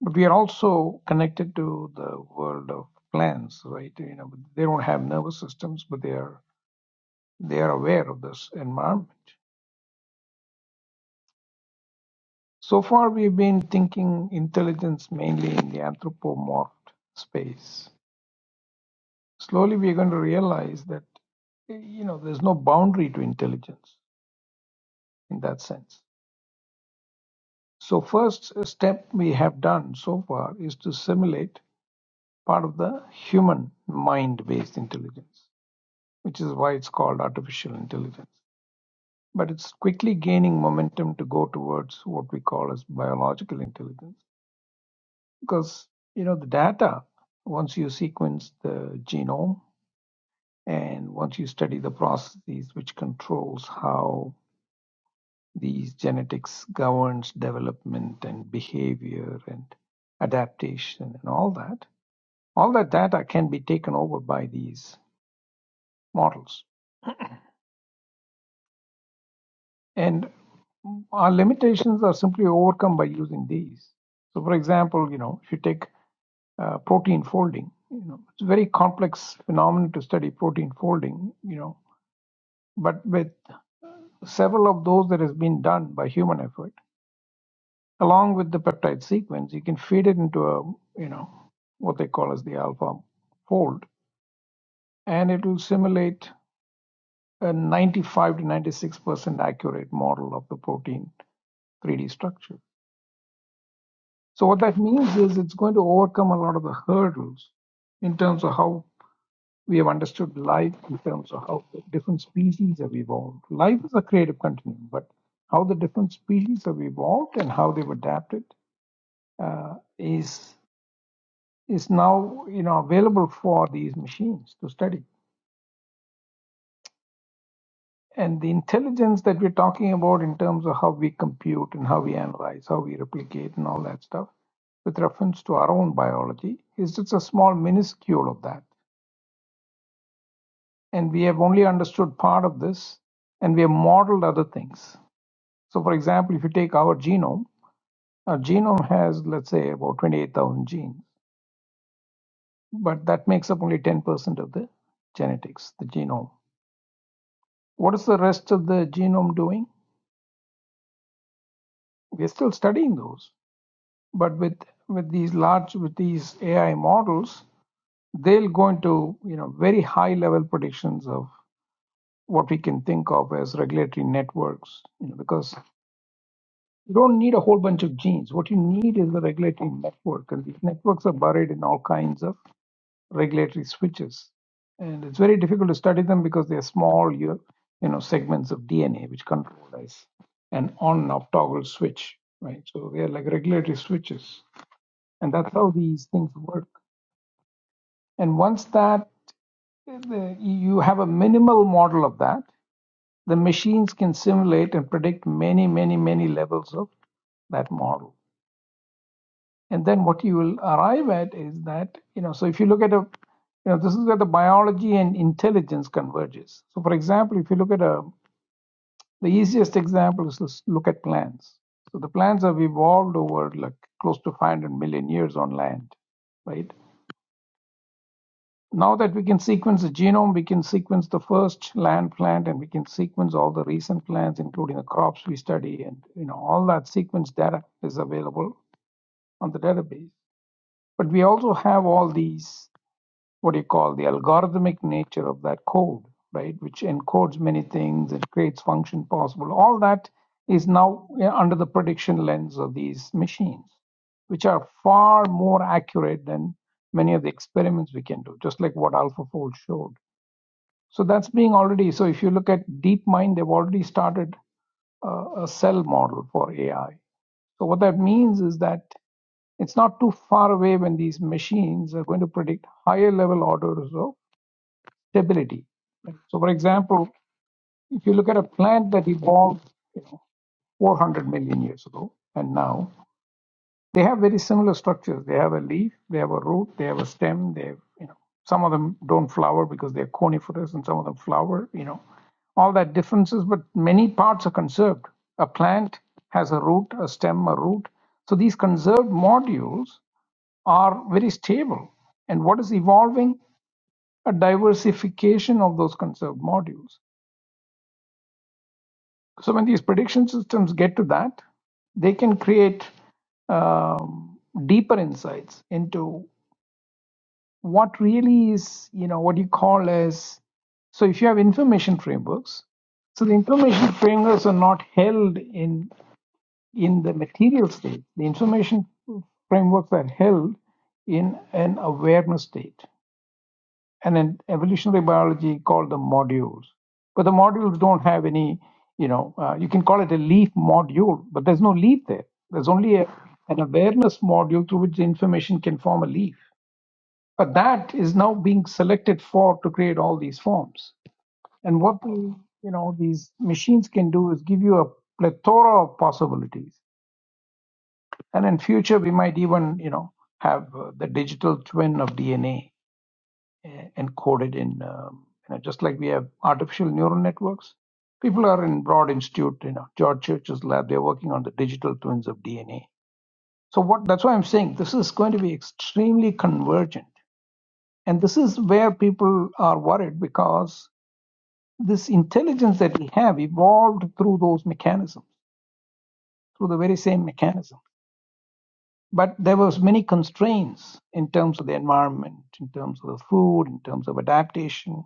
S5: but we are also connected to the world of plants, right? You know, they don't have nervous systems, but they are they are aware of this environment. So far we've been thinking intelligence mainly in the anthropomorphed space. Slowly we're going to realize that you know there's no boundary to intelligence in that sense. So first step we have done so far is to simulate part of the human mind-based intelligence, which is why it's called artificial intelligence. But it's quickly gaining momentum to go towards what we call as biological intelligence because you know the data once you sequence the genome and once you study the processes which controls how these genetics governs development and behavior and adaptation and all that all that data can be taken over by these models and our limitations are simply overcome by using these so for example you know if you take uh, protein folding. You know, it's a very complex phenomenon to study protein folding. You know, but with several of those that has been done by human effort, along with the peptide sequence, you can feed it into a you know what they call as the alpha fold, and it will simulate a 95 to 96 percent accurate model of the protein 3D structure. So what that means is it's going to overcome a lot of the hurdles in terms of how We have understood life in terms of how the different species have evolved. Life is a creative continuum, but how the different species have evolved and how they've adapted uh, is is now you know available for these machines to study. And the intelligence that we're talking about in terms of how we compute and how we analyze, how we replicate, and all that stuff, with reference to our own biology, is just a small minuscule of that. And we have only understood part of this, and we have modeled other things So, for example, if you take our genome, our genome has, let's say, about 28,000 genes, but that makes up only 10% of the genetics, the genome. What is the rest of the genome doing? We're still studying those, but with with these large with these AI models, they'll go into you know very high level predictions of what we can think of as regulatory networks, you know, because you don't need a whole bunch of genes. What you need is a regulatory network, and these networks are buried in all kinds of regulatory switches. And it's very difficult to study them because they're small, you, you know, segments of DNA which control as an on and off toggle switch, right? So they're like regulatory switches, and that's how these things work. And once that the, you have a minimal model of that, the machines can simulate and predict many, many, many levels of that model. and then what you will arrive at is that you know so if you look at a you know this is where the biology and intelligence converges so for example if you look at a the easiest example is let's look at plants so the plants have evolved over like close to 500 million years on land right now that we can sequence the genome we can sequence the first land plant and we can sequence all the recent plants including the crops we study and you know all that sequence data is available on the database but we also have all these what do you call the algorithmic nature of that code, right? Which encodes many things and creates function possible. All that is now under the prediction lens of these machines, which are far more accurate than many of the experiments we can do, just like what AlphaFold showed. So that's being already. So if you look at DeepMind, they've already started a, a cell model for AI. So what that means is that it's not too far away when these machines are going to predict higher level orders of stability. So, for example, if you look at a plant that evolved you know, 400 million years ago and now, they have very similar structures. They have a leaf, they have a root, they have a stem. They, have, you know, some of them don't flower because they're coniferous, and some of them flower. You know, all that differences, but many parts are conserved. A plant has a root, a stem, a root. So these conserved modules are very stable. And what is evolving? A diversification of those conserved modules. So when these prediction systems get to that, they can create um, deeper insights into what really is, you know, what you call as. So if you have information frameworks, so the information frameworks are not held in in the material state. The information frameworks are held in an awareness state and in evolutionary biology called them modules. But the modules don't have any, you know, uh, you can call it a leaf module, but there's no leaf there. There's only a, an awareness module through which the information can form a leaf. But that is now being selected for to create all these forms. And what the, you know these machines can do is give you a plethora of possibilities. And in future, we might even you know have uh, the digital twin of DNA e- encoded in, um, you know, just like we have artificial neural networks. People are in Broad Institute, you know, George Church's lab. They're working on the digital twins of DNA. So what? That's why I'm saying this is going to be extremely convergent, and this is where people are worried because this intelligence that we have evolved through those mechanisms, through the very same mechanism. But there was many constraints in terms of the environment, in terms of the food, in terms of adaptation,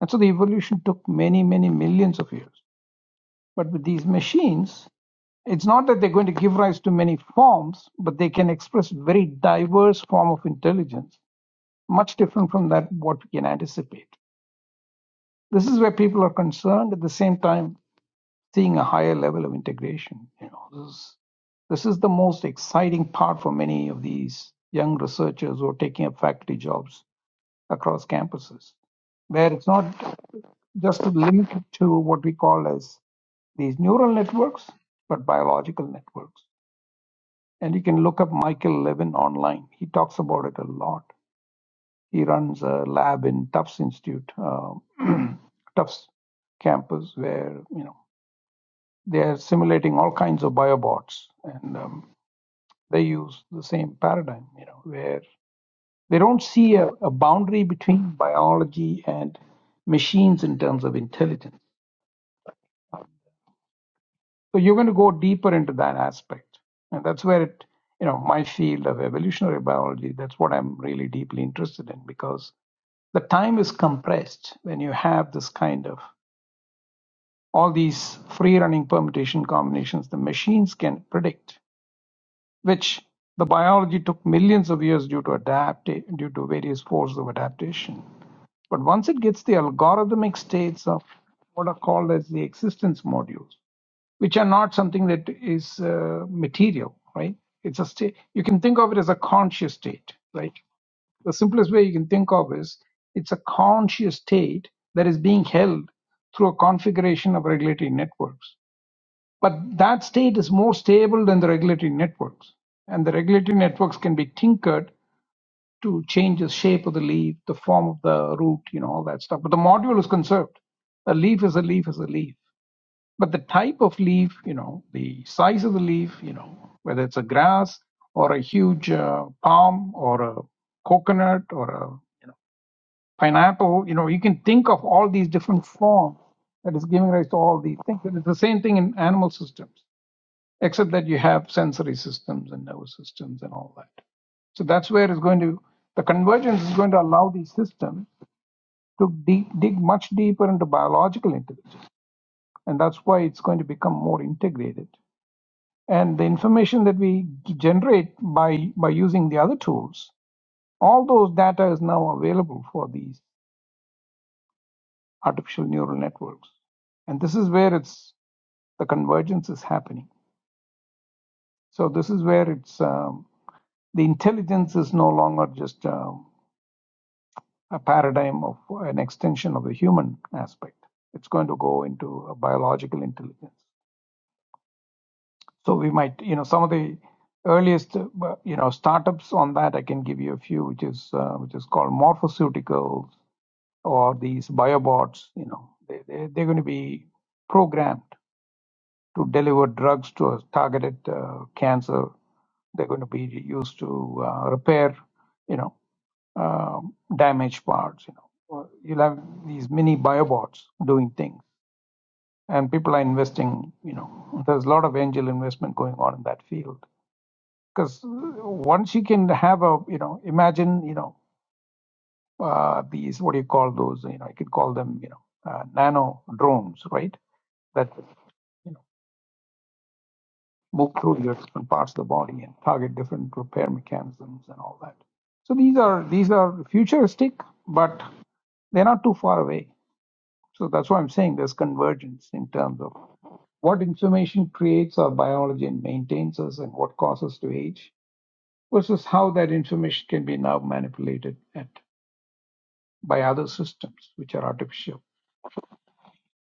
S5: And so the evolution took many, many millions of years. But with these machines, it's not that they're going to give rise to many forms, but they can express very diverse form of intelligence, much different from that what we can anticipate. This is where people are concerned at the same time seeing a higher level of integration. You know, this is, this is the most exciting part for many of these young researchers who are taking up faculty jobs across campuses, where it's not just limited to what we call as these neural networks, but biological networks. And you can look up Michael Levin online. He talks about it a lot. He runs a lab in Tufts Institute, uh, Tufts campus, where you know they are simulating all kinds of biobots, and um, they use the same paradigm. You know, where They don't see a, a boundary between biology and machines in terms of intelligence. So you're going to go deeper into that aspect. And that's where it, you know, my field of evolutionary biology, that's what I'm really deeply interested in because the time is compressed when you have this kind of all these free running permutation combinations the machines can predict which the biology took millions of years due to adapt due to various forces of adaptation. But once it gets the algorithmic states of what are called as the existence modules, which are not something that is uh, material, right? It's a state. You can think of it as a conscious state, right? The simplest way you can think of is it's a conscious state that is being held through a configuration of regulatory networks but that state is more stable than the regulatory networks. And the regulatory networks can be tinkered to change the shape of the leaf, the form of the root, you know, all that stuff. But the module is conserved. A leaf is a leaf is a leaf. But the type of leaf, you know, the size of the leaf, you know, whether it's a grass or a huge uh, palm or a coconut or a you know, pineapple, you know, you can think of all these different forms that is giving rise to all these things. And it's the same thing in animal systems except that you have sensory systems and nervous systems and all that. So that's where it's going to, the convergence is going to allow these systems to deep, dig much deeper into biological intelligence. And that's why it's going to become more integrated. And the information that we generate by, by using the other tools, all those data is now available for these artificial neural networks. And this is where it's, the convergence is happening. So this is where it's, um, the intelligence is no longer just uh, a paradigm of an extension of the human aspect. It's going to go into a biological intelligence. So we might, you know, some of the earliest, uh, you know, startups on that. I can give you a few, which is uh, which is called Morphoceuticals or these biobots. You know, they, they they're going to be programmed to deliver drugs to a targeted uh, cancer. They're going to be used to uh, repair, you know, um, damaged parts. You know, Or you'll have these mini biobots doing things, and people are investing. You know, there's a lot of angel investment going on in that field because once you can have a, you know, imagine, you know, uh, these what do you call those? You know, you could call them, you know, uh, nano drones, right? That move through your different parts of the body and target different repair mechanisms and all that. So these are these are futuristic, but they're not too far away. So that's why I'm saying there's convergence in terms of what information creates our biology and maintains us and what causes to age versus how that information can be now manipulated at, by other systems which are artificial.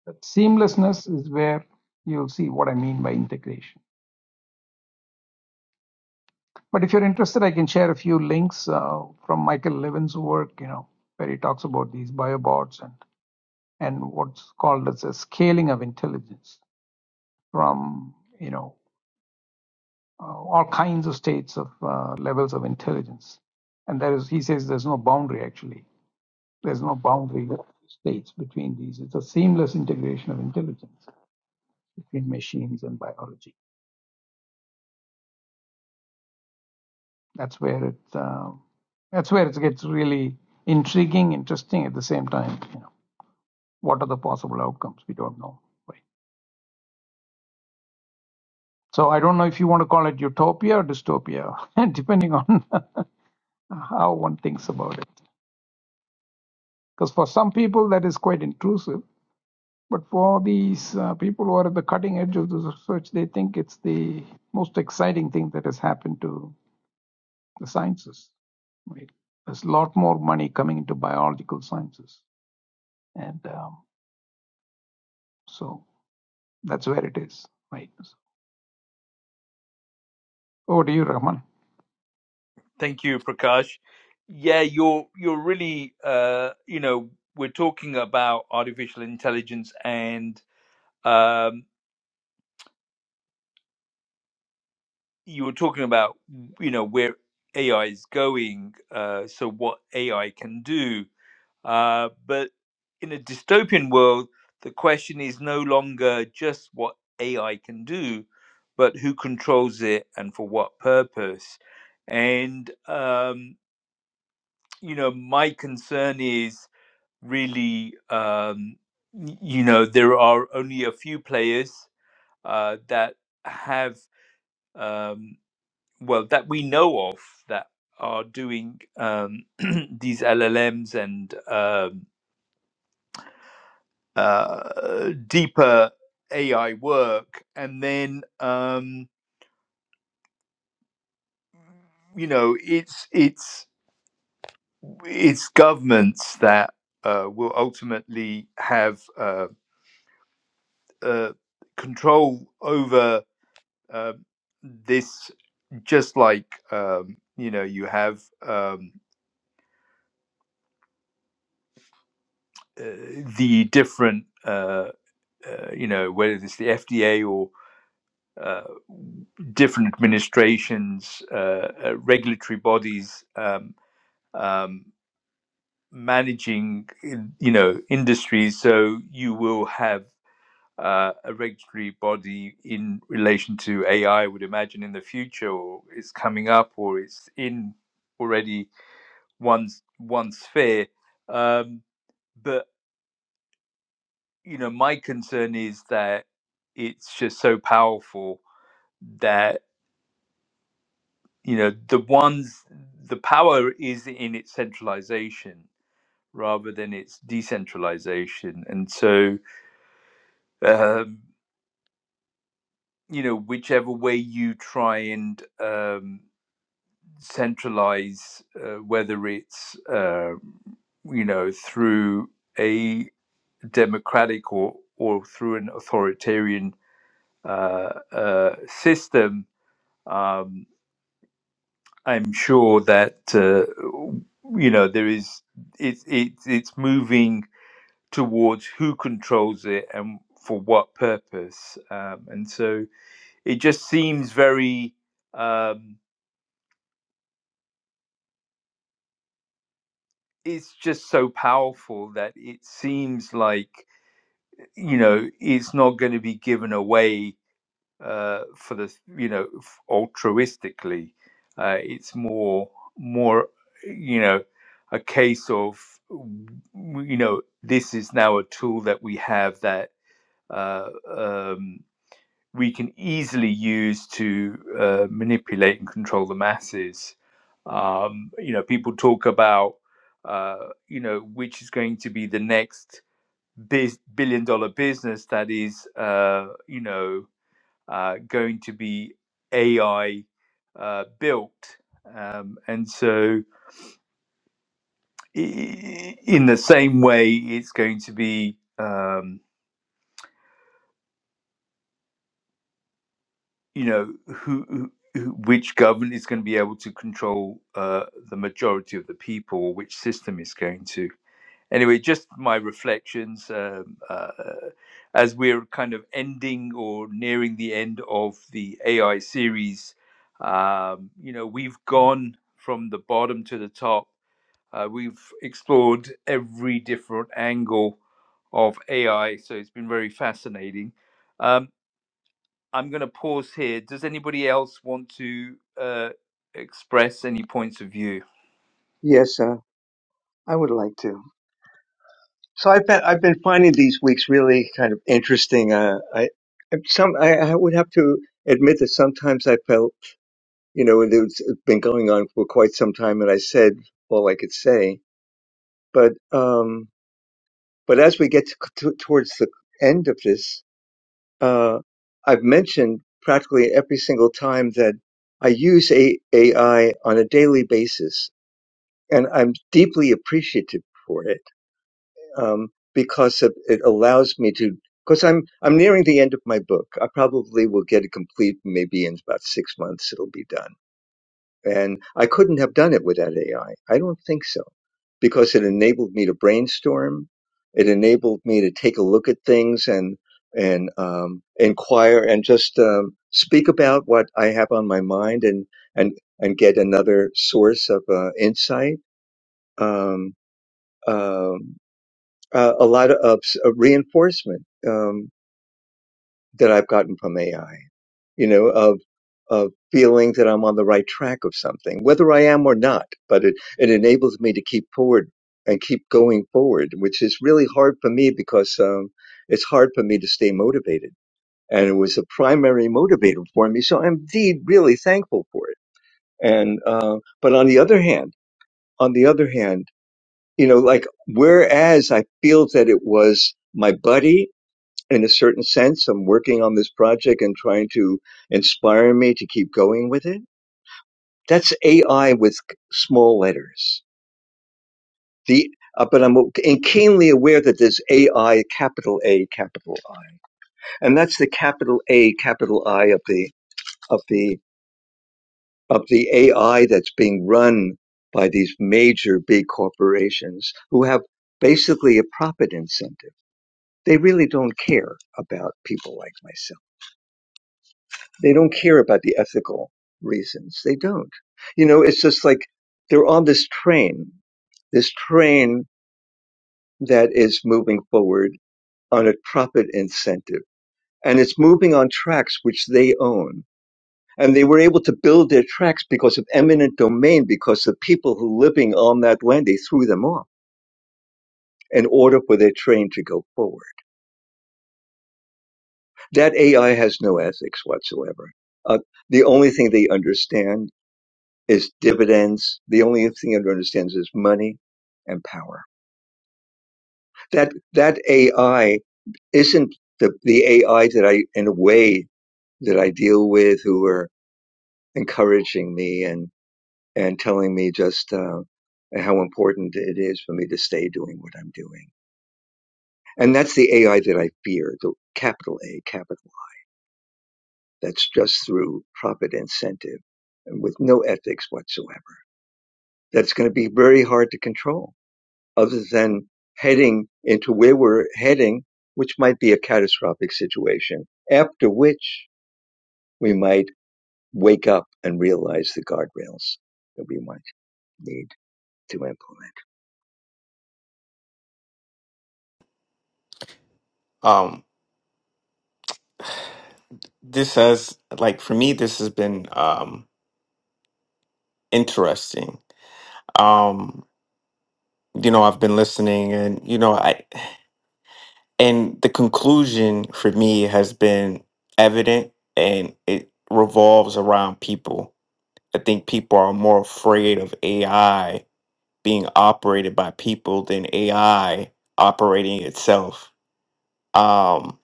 S5: That seamlessness is where you'll see what I mean by integration. But if you're interested, I can share a few links uh, from Michael Levin's work, you know, where he talks about these biobots and and what's called as a scaling of intelligence from you know uh, all kinds of states of uh, levels of intelligence. And there is, he says, there's no boundary actually. There's no boundary states between these. It's a seamless integration of intelligence between machines and biology. That's where it uh, that's where it gets really intriguing, interesting at the same time. You know. what are the possible outcomes? We don't know. Right. So I don't know if you want to call it utopia or dystopia, depending on how one thinks about it. Because for some people that is quite intrusive, but for these uh, people who are at the cutting edge of the research, they think it's the most exciting thing that has happened to the sciences. Right. There's a lot more money coming into biological sciences, and um, so that's where it is. Right. So over to you, Rahman.
S1: Thank you, Prakash. Yeah, you're you're really uh, you know we're talking about artificial intelligence and um, you were talking about you know where AI is going, uh, so what AI can do. Uh, but in a dystopian world, the question is no longer just what AI can do, but who controls it and for what purpose. And um, you know, my concern is really, um, y- you know, there are only a few players uh, that have. Um, well that we know of that are doing um, these LLMs and um, uh, deeper AI work, and then um, you know it's it's it's governments that uh, will ultimately have uh, uh, control over uh, this, just like um, you know you have um, uh, the different. uh, uh, you know, whether it's the FDA or uh, different administrations, uh, uh, regulatory bodies um, um, managing, you know, industries. So you will have uh, a regulatory body in relation to AI, I I would imagine, in the future, or it's coming up, or it's in already one one sphere. Um, but you know, my concern is that it's just so powerful that. you know the ones the power is in its centralization rather than its decentralization and so um, you know whichever way you try and um, centralize uh, whether it's uh, you know through a democratic or or through an authoritarian uh, uh, system um, I'm sure that uh, you know there is it's it's it's moving towards who controls it and for what purpose, um, and so it just seems very. Um, it's just so powerful that it seems like you know it's not going to be given away uh, for the you know f- altruistically uh, it's more more you know a case of w- you know this is now a tool that we have that uh, um, we can easily use to uh, manipulate and control the masses um, you know people talk about uh, you know which is going to be the next biz- billion dollar business that is uh, you know uh, going to be AI uh, built. Um, and so, in the same way, it's going to be, um, you know, who, who who- which government is going to be able to control uh, the majority of the people, which system is going to. anyway, just my reflections um, uh, uh, as we're kind of ending or nearing the end of the AI series. Um, you know, we've gone from the bottom to the top. Uh, we've explored every different angle of AI, so it's been very fascinating. Um, I'm going to pause here. Does anybody else want to uh, express any points of view?
S2: Yes, uh, I would like to. So I've been I've been finding these weeks really kind of interesting. Uh, I I- some I, I would have to admit that sometimes I felt you know it was it's been going on for quite some time, and I said all I could say. But um, but as we get to, to, towards the end of this, uh, I've mentioned practically every single time that I use a, AI on a daily basis, and I'm deeply appreciative for it um, because it, it allows me to. Because I'm I'm nearing the end of my book. I probably will get it complete. Maybe in about six months, it'll be done. And I couldn't have done it without AI. I I don't think so, because it enabled me to brainstorm. It enabled me to take a look at things and and um, inquire and just um, speak about what I have on my mind and and and get another source of uh, insight. Um, um, uh, a lot of of reinforcement um, that I've gotten from AI. You know, of of feeling that I'm on the right track of something, whether I am or not. But it it enables me to keep forward and keep going forward, which is really hard for me because um, it's hard for me to stay motivated. And it was a primary motivator for me, so I'm indeed really thankful for it. And uh, but on the other hand, on the other hand, you know, like whereas I feel that it was my buddy in a certain sense. I'm working on this project and trying to inspire me to keep going with it. That's AI with small letters. The uh, but I'm keenly aware that there's AI, capital A, capital I, and that's the capital A, capital I of the of the of the AI that's being run by these major big corporations who have basically a profit incentive. They really don't care about people like myself. They don't care about the ethical reasons. They don't. You know, it's just like they're on this train, this train that is moving forward on a profit incentive. And it's moving on tracks which they own. And they were able to build their tracks because of eminent domain, because the people who living on that land, they threw them off in order for their train to go forward. That AI has no ethics whatsoever. Uh, the only thing they understand is dividends. The only thing it understands is money and power. That that AI isn't the the AI that I in a way that I deal with who are encouraging me and and telling me just uh, how important it is for me to stay doing what I'm doing. And that's the AI that I fear, the capital A, capital I. That's just through profit incentive and with no ethics whatsoever. That's going to be very hard to control other than heading into where we're heading, which might be a catastrophic situation, after which we might wake up and realize the guardrails that we might need to implement.
S8: this has like for me this has been um interesting um you know i've been listening and you know i and the conclusion for me has been evident and it revolves around people i think people are more afraid of ai being operated by people than ai operating itself um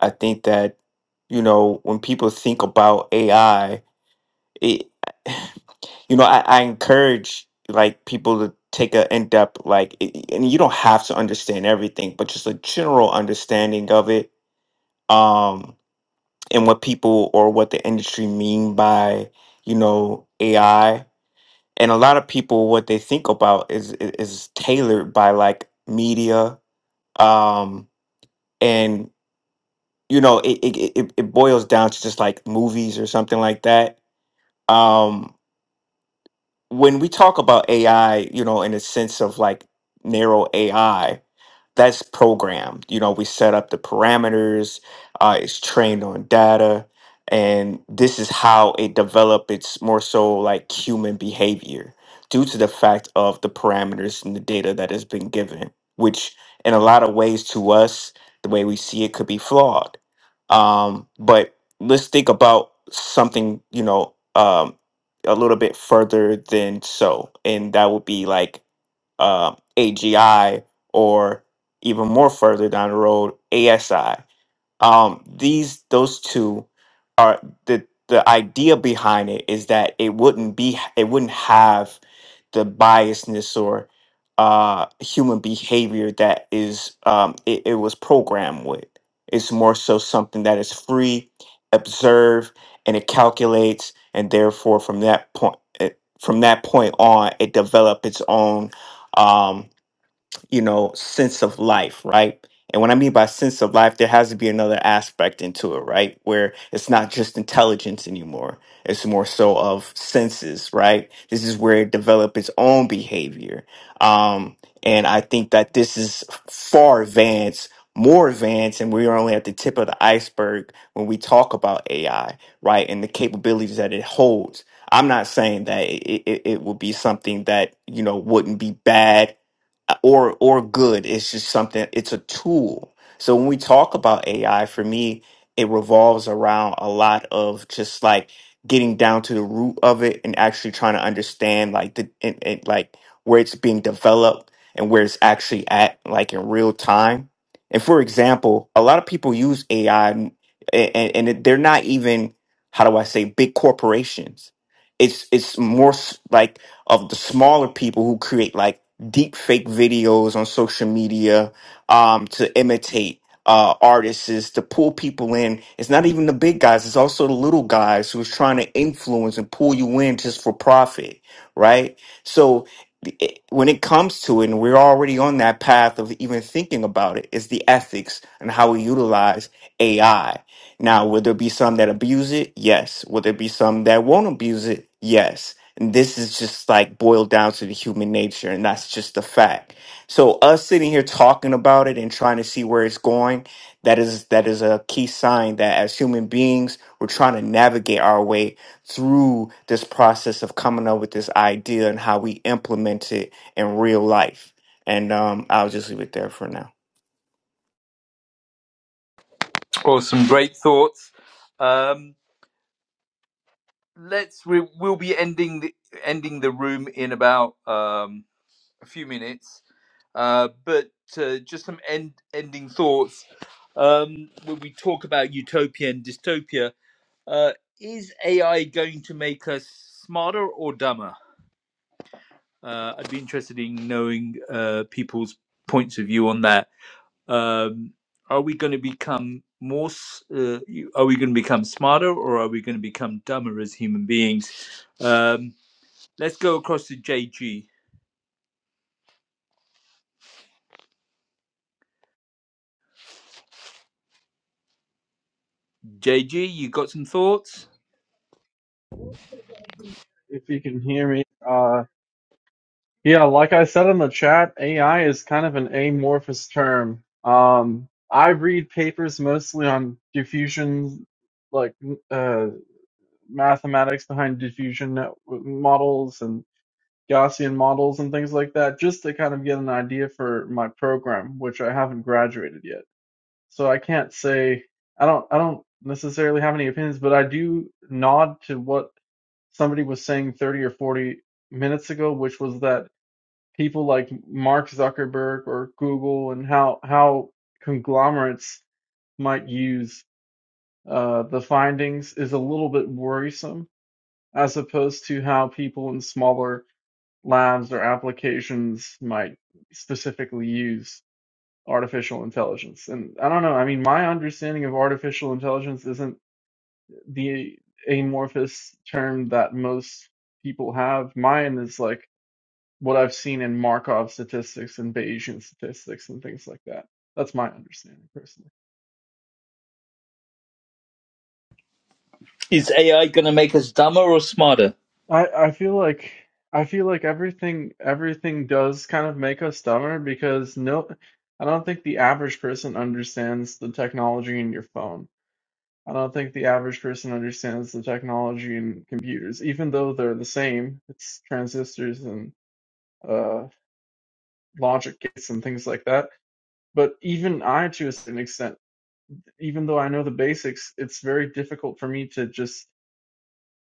S8: i think that you know when people think about ai it you know, I, I encourage like people to take a in depth like, i- i- and you don't have to understand everything, but just a general understanding of it, um, and what people or what the industry mean by you know AI. And a lot of people, what they think about is i- is tailored by like media, um, and you know, it it it it boils down to just like movies or something like that. Um, when we talk about AI, you know, in a sense of like narrow AI, that's programmed. You know, we set up the parameters, uh, it's trained on data, and this is how it developed. It's more so like human behavior due to the fact of the parameters and the data that has been given, which in a lot of ways to us, the way we see it could be flawed. Um, but let's think about something, you know, um, a little bit further than so, and that would be like uh, AGI or even more further down the road, ASI um these those two are the the idea behind it is that it wouldn't be it wouldn't have the biasness or uh human behavior that is um it, it was programmed with it's more so something that is free observe and it calculates and therefore from that point eh, from that point on it developed its own um, you know, sense of life, right? And what I mean by sense of life, there has to be another aspect into it, right? Where it's not just intelligence anymore. It's more so of senses, right? This is where it developed its own behavior. Um, and I think that this is far advanced, more advanced, and we're only at the tip of the iceberg when we talk about AI, right? And the capabilities that it holds. I'm not saying that it, it, it would be something that, you know, wouldn't be bad or or good. It's just something. It's a tool. So when we talk about AI, for me, it revolves around a lot of just like getting down to the root of it and actually trying to understand like the and, and like where it's being developed and where it's actually at like in real time. And for example, a lot of people use AI and and, and they're not even how do I say big corporations. It's it's more s- like of the smaller people who create like deep fake videos on social media um, to imitate uh, artists is to pull people in. It's not even the big guys; it's also the little guys who's trying to influence and pull you in just for profit, right? So it, when it comes to it, and we're already on that path of even thinking about it, is the ethics and how we utilize AI. Now, will there be some that abuse it? Yes. Will there be some that won't abuse it? Yes and this is just like boiled down to the human nature, and that's just a fact. So us sitting here talking about it and trying to see where it's going, that is that is a key sign that as human beings, we're trying to navigate our way through this process of coming up with this idea and how we implement it in real life. And um, I'll just leave it there for now.
S1: Awesome, great thoughts. Um, let's we, we'll be ending the, ending the room in about um, a few minutes, uh, but uh, just some end ending thoughts. Um, when we talk about utopia and dystopia, Uh, is AI going to make us smarter or dumber? Uh, I'd be interested in knowing uh, people's points of view on that. Um, are we going to become more? Uh, are we going to become smarter or are we going to become dumber as human beings? Um, let's go across to JG. JG, you got some thoughts?
S9: if you can hear me. Uh, yeah, like I said in the chat, AI is kind of an amorphous term. Um, I read papers mostly on diffusion, like uh, mathematics behind diffusion net- models and Gaussian models and things like that, just to kind of get an idea for my program, which I haven't graduated yet. So I can't say I don't I don't necessarily have any opinions, but I do nod to what somebody was saying 30 or 40 minutes ago, which was that people like Mark Zuckerberg or Google and how how conglomerates might use uh, the findings is a little bit worrisome as opposed to how people in smaller labs or applications might specifically use artificial intelligence. And I don't know, I mean, my understanding of artificial intelligence isn't the amorphous term that most people have. Mine is like what I've seen in Markov statistics and Bayesian statistics and things like that. That's my understanding personally.
S1: Is AI going to make us dumber or smarter?
S9: I, I feel like I feel like everything everything does kind of make us dumber because no I don't think the average person understands the technology in your phone. I don't think the average person understands the technology in computers, even though they're the same. It's transistors and uh, logic gates and things like that. But even I, to a certain extent, even though I know the basics, it's very difficult for me to just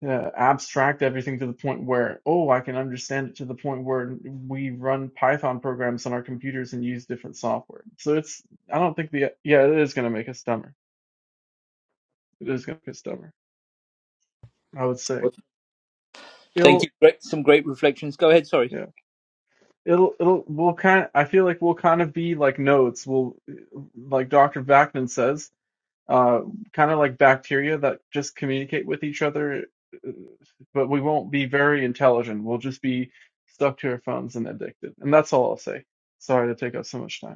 S9: uh, abstract everything to the point where, oh, I can understand it to the point where we run Python programs on our computers and use different software. So it's, I don't think the, yeah, it is going to make us dumber. It is going to make us dumber, I would say.
S1: Thank
S9: It'll,
S1: you. Great, some great reflections. Go ahead. Sorry,
S9: yeah, it'll, it'll, we'll kind of, I feel like we'll kind of be like nodes. We'll, like Dr. Vakman says, uh, kind of like bacteria that just communicate with each other, uh, but we won't be very intelligent. We'll just be stuck to our phones and addicted. And that's all I'll say. Sorry to take up so much time.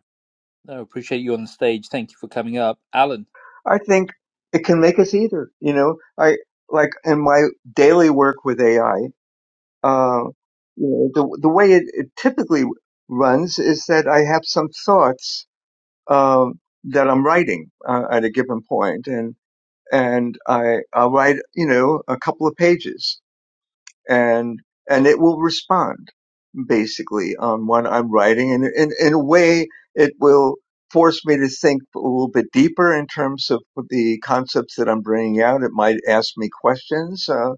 S1: I appreciate you on the stage. Thank you for coming up, Alan.
S2: I think it can make us either. You know, I like in my daily work with AI, uh, you know, the the way it, it typically runs is that I have some thoughts um, that I'm writing uh, at a given point, and. and I I'll write you know a couple of pages and and it will respond basically on what I'm writing and in in a way it will force me to think a little bit deeper in terms of the concepts that I'm bringing out. It might ask me questions. Uh,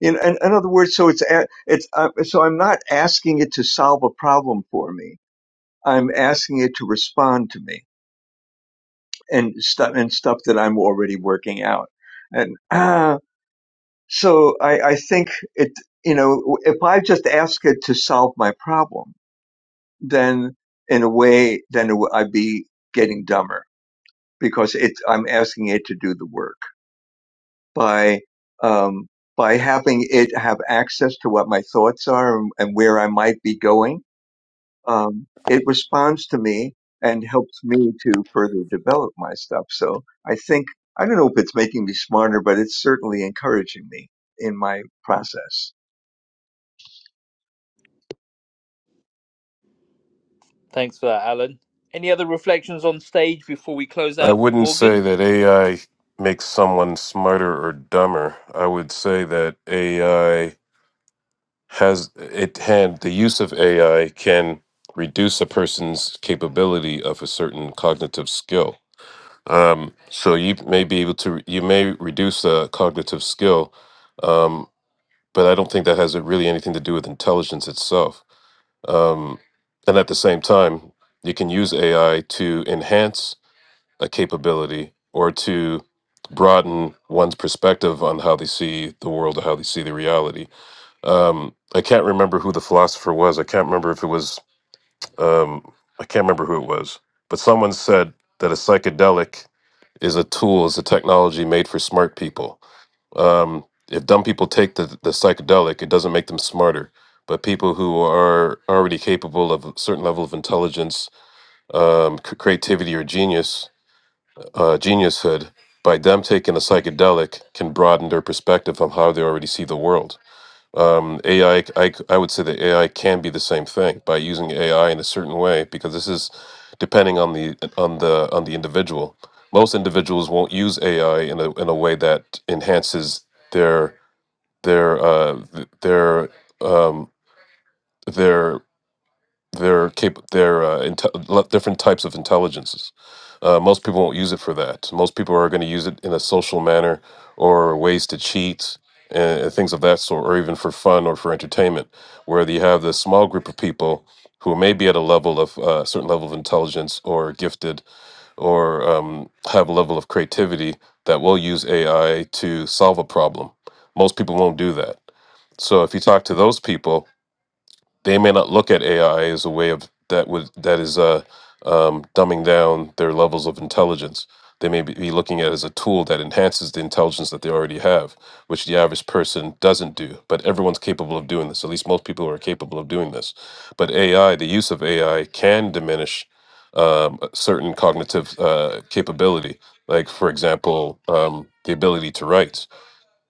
S2: in, in, in other words, so it's a- it's uh, so I'm not asking it to solve a problem for me. I'm asking it to respond to me and stuff and stuff that I'm already working out. And So I, I think it, you know, if I just ask it to solve my problem, then in a way, then it, I'd be getting dumber because it, I'm asking it to do the work by, um, by having it have access to what my thoughts are and, and where I might be going. Um, it responds to me and helps me to further develop my stuff. So I think, I don't know if it's making me smarter, but it's certainly encouraging me in my process.
S1: Thanks for that, Alan. Any other reflections on stage before we close
S4: I
S1: out,
S4: wouldn't say
S1: Morgan?
S4: that AI makes someone smarter or dumber. I would say that AI has it hand the use of AI can reduce a person's capability of a certain cognitive skill. Um, so you may be able to you may reduce a cognitive skill, um, but I don't think that has really anything to do with intelligence itself. Um, and at the same time, you can use AI to enhance a capability or to broaden one's perspective on how they see the world or how they see the reality um, I can't remember who the philosopher was. I can't remember if it was. Um, I can't remember who it was. But someone said that a psychedelic is a tool, is a technology made for smart people. Um, if dumb people take the, the psychedelic, it doesn't make them smarter. But people who are already capable of a certain level of intelligence, um, c- creativity, or genius, uh, geniushood, by them taking a psychedelic, can broaden their perspective on how they already see the world um, AI, c- I, c- I would say that AI can be the same thing by using AI in a certain way because this is depending on the on the on the individual. Most individuals won't use AI in a in a way that enhances their their uh, th- their um, their their cap- their uh, inte- lo- different types of intelligences. Uh, most people won't use it for that. Most people are going to use it in a social manner or ways to cheat and, and things of that sort, or even for fun or for entertainment. Where you have this small group of people who may be at a level of uh, certain level of intelligence or gifted or um, have a level of creativity that will use AI to solve a problem. Most people won't do that. So if you talk to those people, they may not look at AI as a way of that would that is uh, um, dumbing down their levels of intelligence. They may be be looking at it as a tool that enhances the intelligence that they already have, which the average person doesn't do. But everyone's capable of doing this. At least most people are capable of doing this. But AI, the use of AI, can diminish um, a certain cognitive uh, capability, like for example, um, the ability to write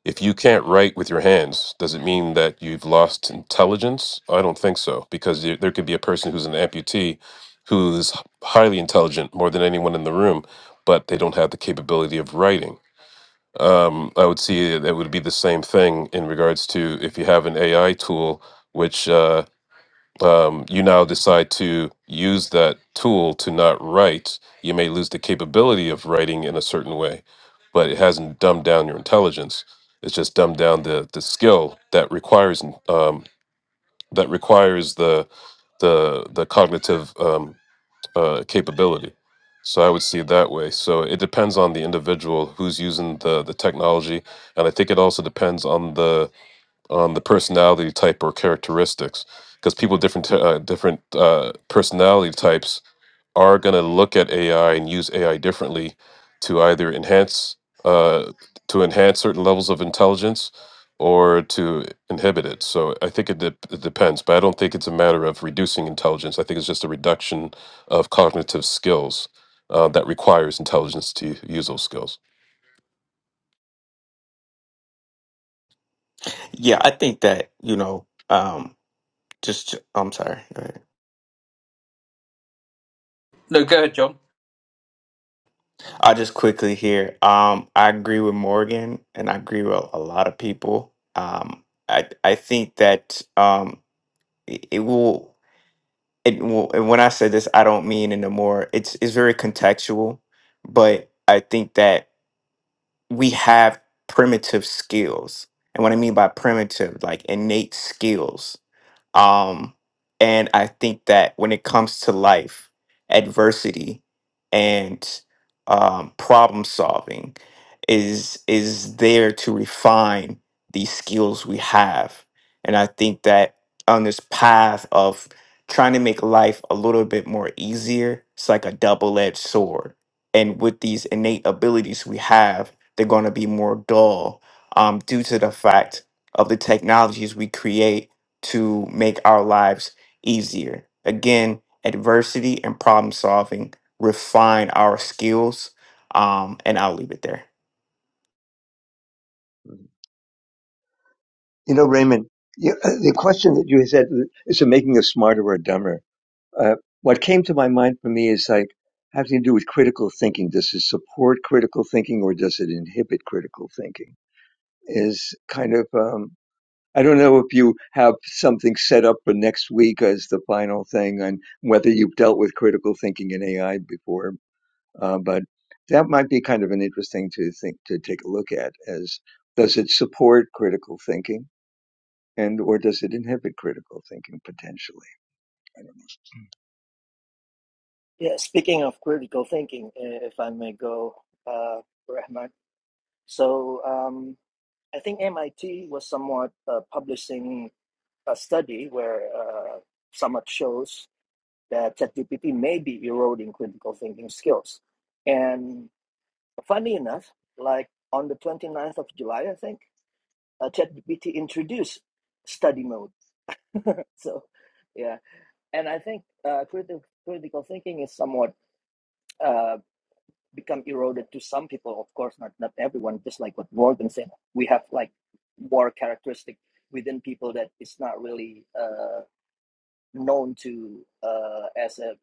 S4: if you can't write with your hands, does it mean that you've lost intelligence? I don't think so, because there there could be a person who's an amputee who's h- highly intelligent, more than anyone in the room, but they don't have the capability of writing. Um, I would see that it would be the same thing in regards to if you have an AI tool, which uh, um, you now decide to use that tool to not write, you may lose the capability of writing in a certain way, but it hasn't dumbed down your intelligence. It's just dumbed down the the skill that requires um, that requires the the the cognitive um, uh, capability. So I would see it that way. So it depends on the individual who's using the the technology, and I think it also depends on the on the personality type or characteristics because people with different t- uh, different uh, personality types are going to look at AI and use AI differently to either enhance uh, to enhance certain levels of intelligence or to inhibit it. So I think it, dep it depends, but I don't think it's a matter of reducing intelligence. I think it's just a reduction of cognitive skills uh, that requires intelligence to use those skills.
S8: Yeah, I think that, you know, um, just I'm sorry. Go ahead.
S1: No, go ahead, John.
S8: I'll just quickly here. Um, I agree with Morgan, and I agree with a lot of people. Um, I I think that um, it, it will it will. And when I say this, I don't mean in a more. It's it's very contextual, but I think that we have primitive skills, and what I mean by primitive, like innate skills um, and I think that when it comes to life, adversity and um, problem solving is is there to refine these skills we have. And I think that on this path of trying to make life a little bit more easier, it's like a double-edged sword. And with these innate abilities we have, they're going to be more dull um, due to the fact of the technologies we create to make our lives easier. Again, adversity and problem solving refine our skills. Um, and I'll leave it there.
S2: You know, Raymond, you, uh, the question that you said is it making us smarter or dumber? Uh, what came to my mind for me is like having to do with critical thinking. Does it support critical thinking or does it inhibit critical thinking? Is kind of um, I don't know if you have something set up for next week as the final thing on whether you've dealt with critical thinking in AI before, uh, but that might be kind of an interesting to think to take a look at. As does it support critical thinking? and or does it inhibit critical thinking potentially? I don't know.
S10: Yeah, speaking of critical thinking, eh, if I may go, uh, Rahman. So um, I think MIT was somewhat uh, publishing a study where uh, somewhat shows that ChatGPT may be eroding critical thinking skills. And funny enough, like on the 29th of July, I think, uh, ChatGPT introduced study mode. So, yeah. And I think uh, critical, critical thinking is somewhat. uh, become eroded to some people, of course, not not everyone. Just like what Morgan said, we have like more characteristic within people that is not really uh, known to uh, as a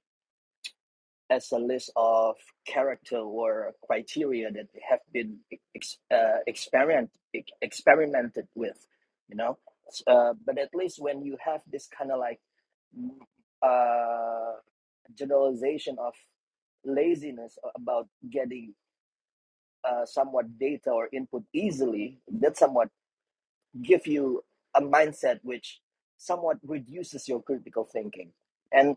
S10: as a list of character or criteria that have been ex- uh, experiment ex- experimented with, you know. Uh, but at least when you have this kind of like mm, uh, generalization of laziness about getting uh, somewhat data or input easily, that somewhat give you a mindset which somewhat reduces your critical thinking. And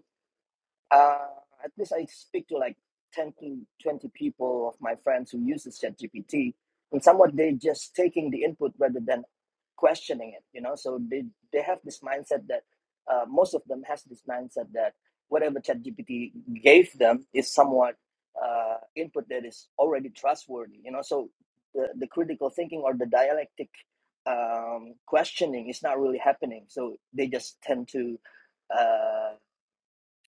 S10: uh, at least I speak to like 10 to 20 people of my friends who uses ChatGPT, and somewhat they just taking the input rather than questioning it you know so they they have this mindset that uh, most of them has this mindset that whatever ChatGPT gave them is somewhat uh, input that is already trustworthy you know so the, the critical thinking or the dialectic um, questioning is not really happening so they just tend to uh,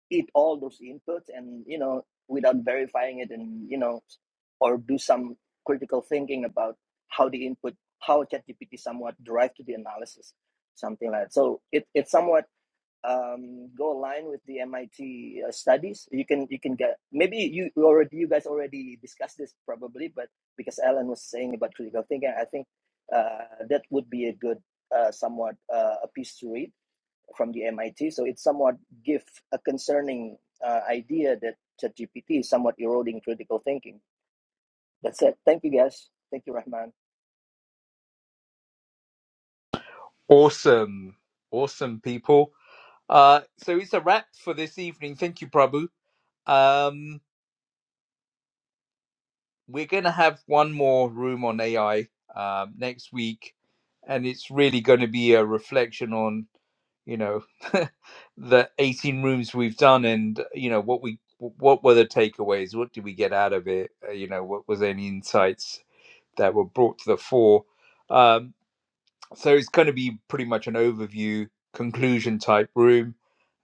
S10: eat all those inputs and you know without verifying it and you know or do some critical thinking about how the input how ChatGPT somewhat drive to the analysis something like that. so it it somewhat um go align with the MIT uh, studies you can you can get maybe you you already you guys already discussed this probably but because Alan was saying about critical thinking I think uh, that would be a good uh, somewhat uh, a piece to read from the MIT. So it somewhat gives a concerning uh, idea that ChatGPT is somewhat eroding critical thinking. That's it. Thank you, guys. Thank you, Rahman.
S1: Awesome. Awesome, people. Uh, so it's a wrap for this evening. Thank you, Prabhu. Um, we're going to have one more room on AI um, next week, and it's really going to be a reflection on, you know, the 18 rooms we've done and, you know, what we what were the takeaways? What did we get out of it? Uh, you know, what was any insights? that were brought to the fore. Um, so it's going to be pretty much an overview conclusion type room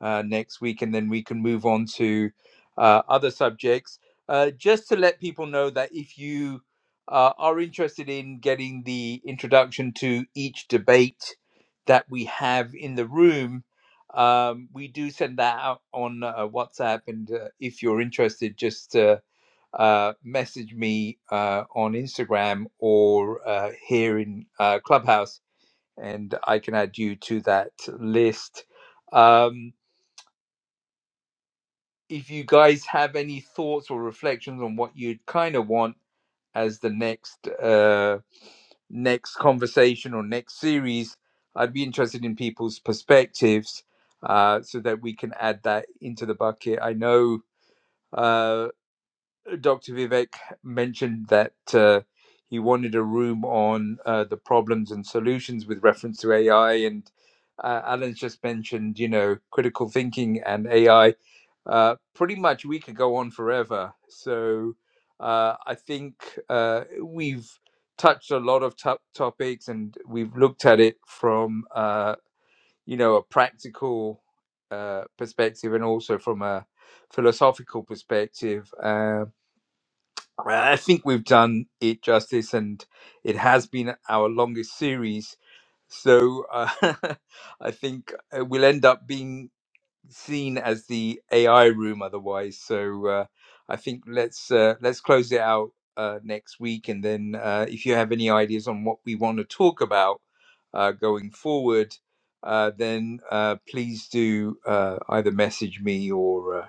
S1: uh, next week, and then we can move on to uh, other subjects. Uh, just to let people know that if you uh, are interested in getting the introduction to each debate that we have in the room, um, we do send that out on uh, WhatsApp. And uh, if you're interested, just uh, uh, message me uh, on Instagram or uh, here in uh, Clubhouse, and I can add you to that list. Um, if you guys have any thoughts or reflections on what you'd kind of want as the next uh, next conversation or next series, I'd be interested in people's perspectives uh, so that we can add that into the bucket. I know. uh. Dr. Vivek mentioned that uh, he wanted a room on uh, the problems and solutions with reference to AI. And uh, Alan's just mentioned, you know, critical thinking and AI. Uh, pretty much we could go on forever. So uh, I think uh, we've touched a lot of top topics and we've looked at it from, uh, you know, a practical uh, perspective and also from a philosophical perspective. Um, I think we've done it justice, and it has been our longest series. So uh, I think uh, we'll end up being seen as the AI room otherwise. So uh, I think let's uh, let's close it out uh, next week, and then uh, if you have any ideas on what we want to talk about uh, going forward, uh, then uh, please do uh, either message me or. Uh,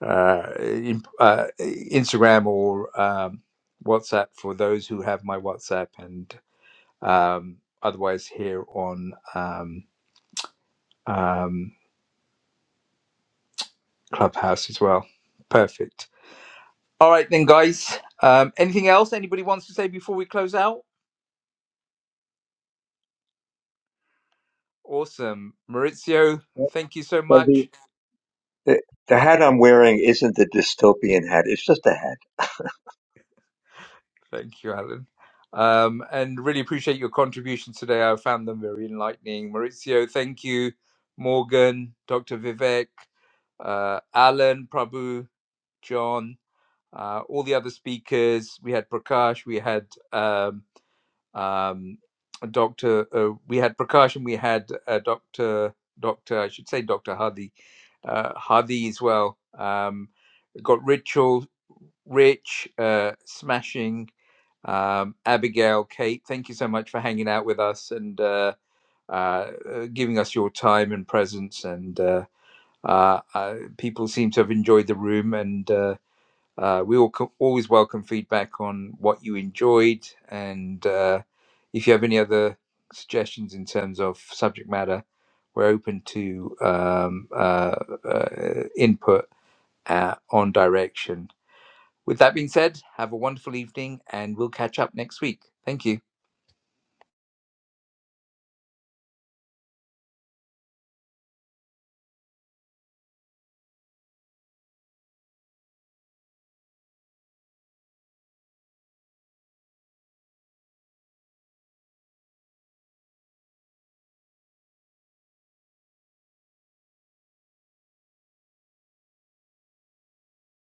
S1: uh, in, uh, Instagram or um, WhatsApp for those who have my WhatsApp, and um, otherwise here on um, um, Clubhouse as well. Perfect. All right, then, guys. Um, anything else anybody wants to say before we close out? Awesome. Maurizio,
S2: Well,
S1: thank you so
S2: so the
S1: much.
S2: The, the hat I'm wearing isn't the dystopian hat; it's just a hat.
S1: Thank you, Alan. Um, and really appreciate your contributions today. I found them very enlightening. Maurizio, thank you. Morgan, Dr. Vivek, uh, Alan, Prabhu, John, uh, all the other speakers. We had Prakash, we had um, um, Dr. Uh, we had Prakash and we had uh, Dr. Dr. I should say Dr. Hadi, uh, Hadi as well. Um, we got Ritual, Rich, uh, Smashing, um, Abigail, Kate. Thank you so much for hanging out with us and uh, uh, uh, giving us your time and presence and. Uh, uh, uh, people seem to have enjoyed the room, and uh, uh, we all co- always welcome feedback on what you enjoyed, and uh, if you have any other suggestions in terms of subject matter, we're open to um, uh, uh, input uh, on direction. With that being said, have a wonderful evening, and we'll catch up next week. Thank you.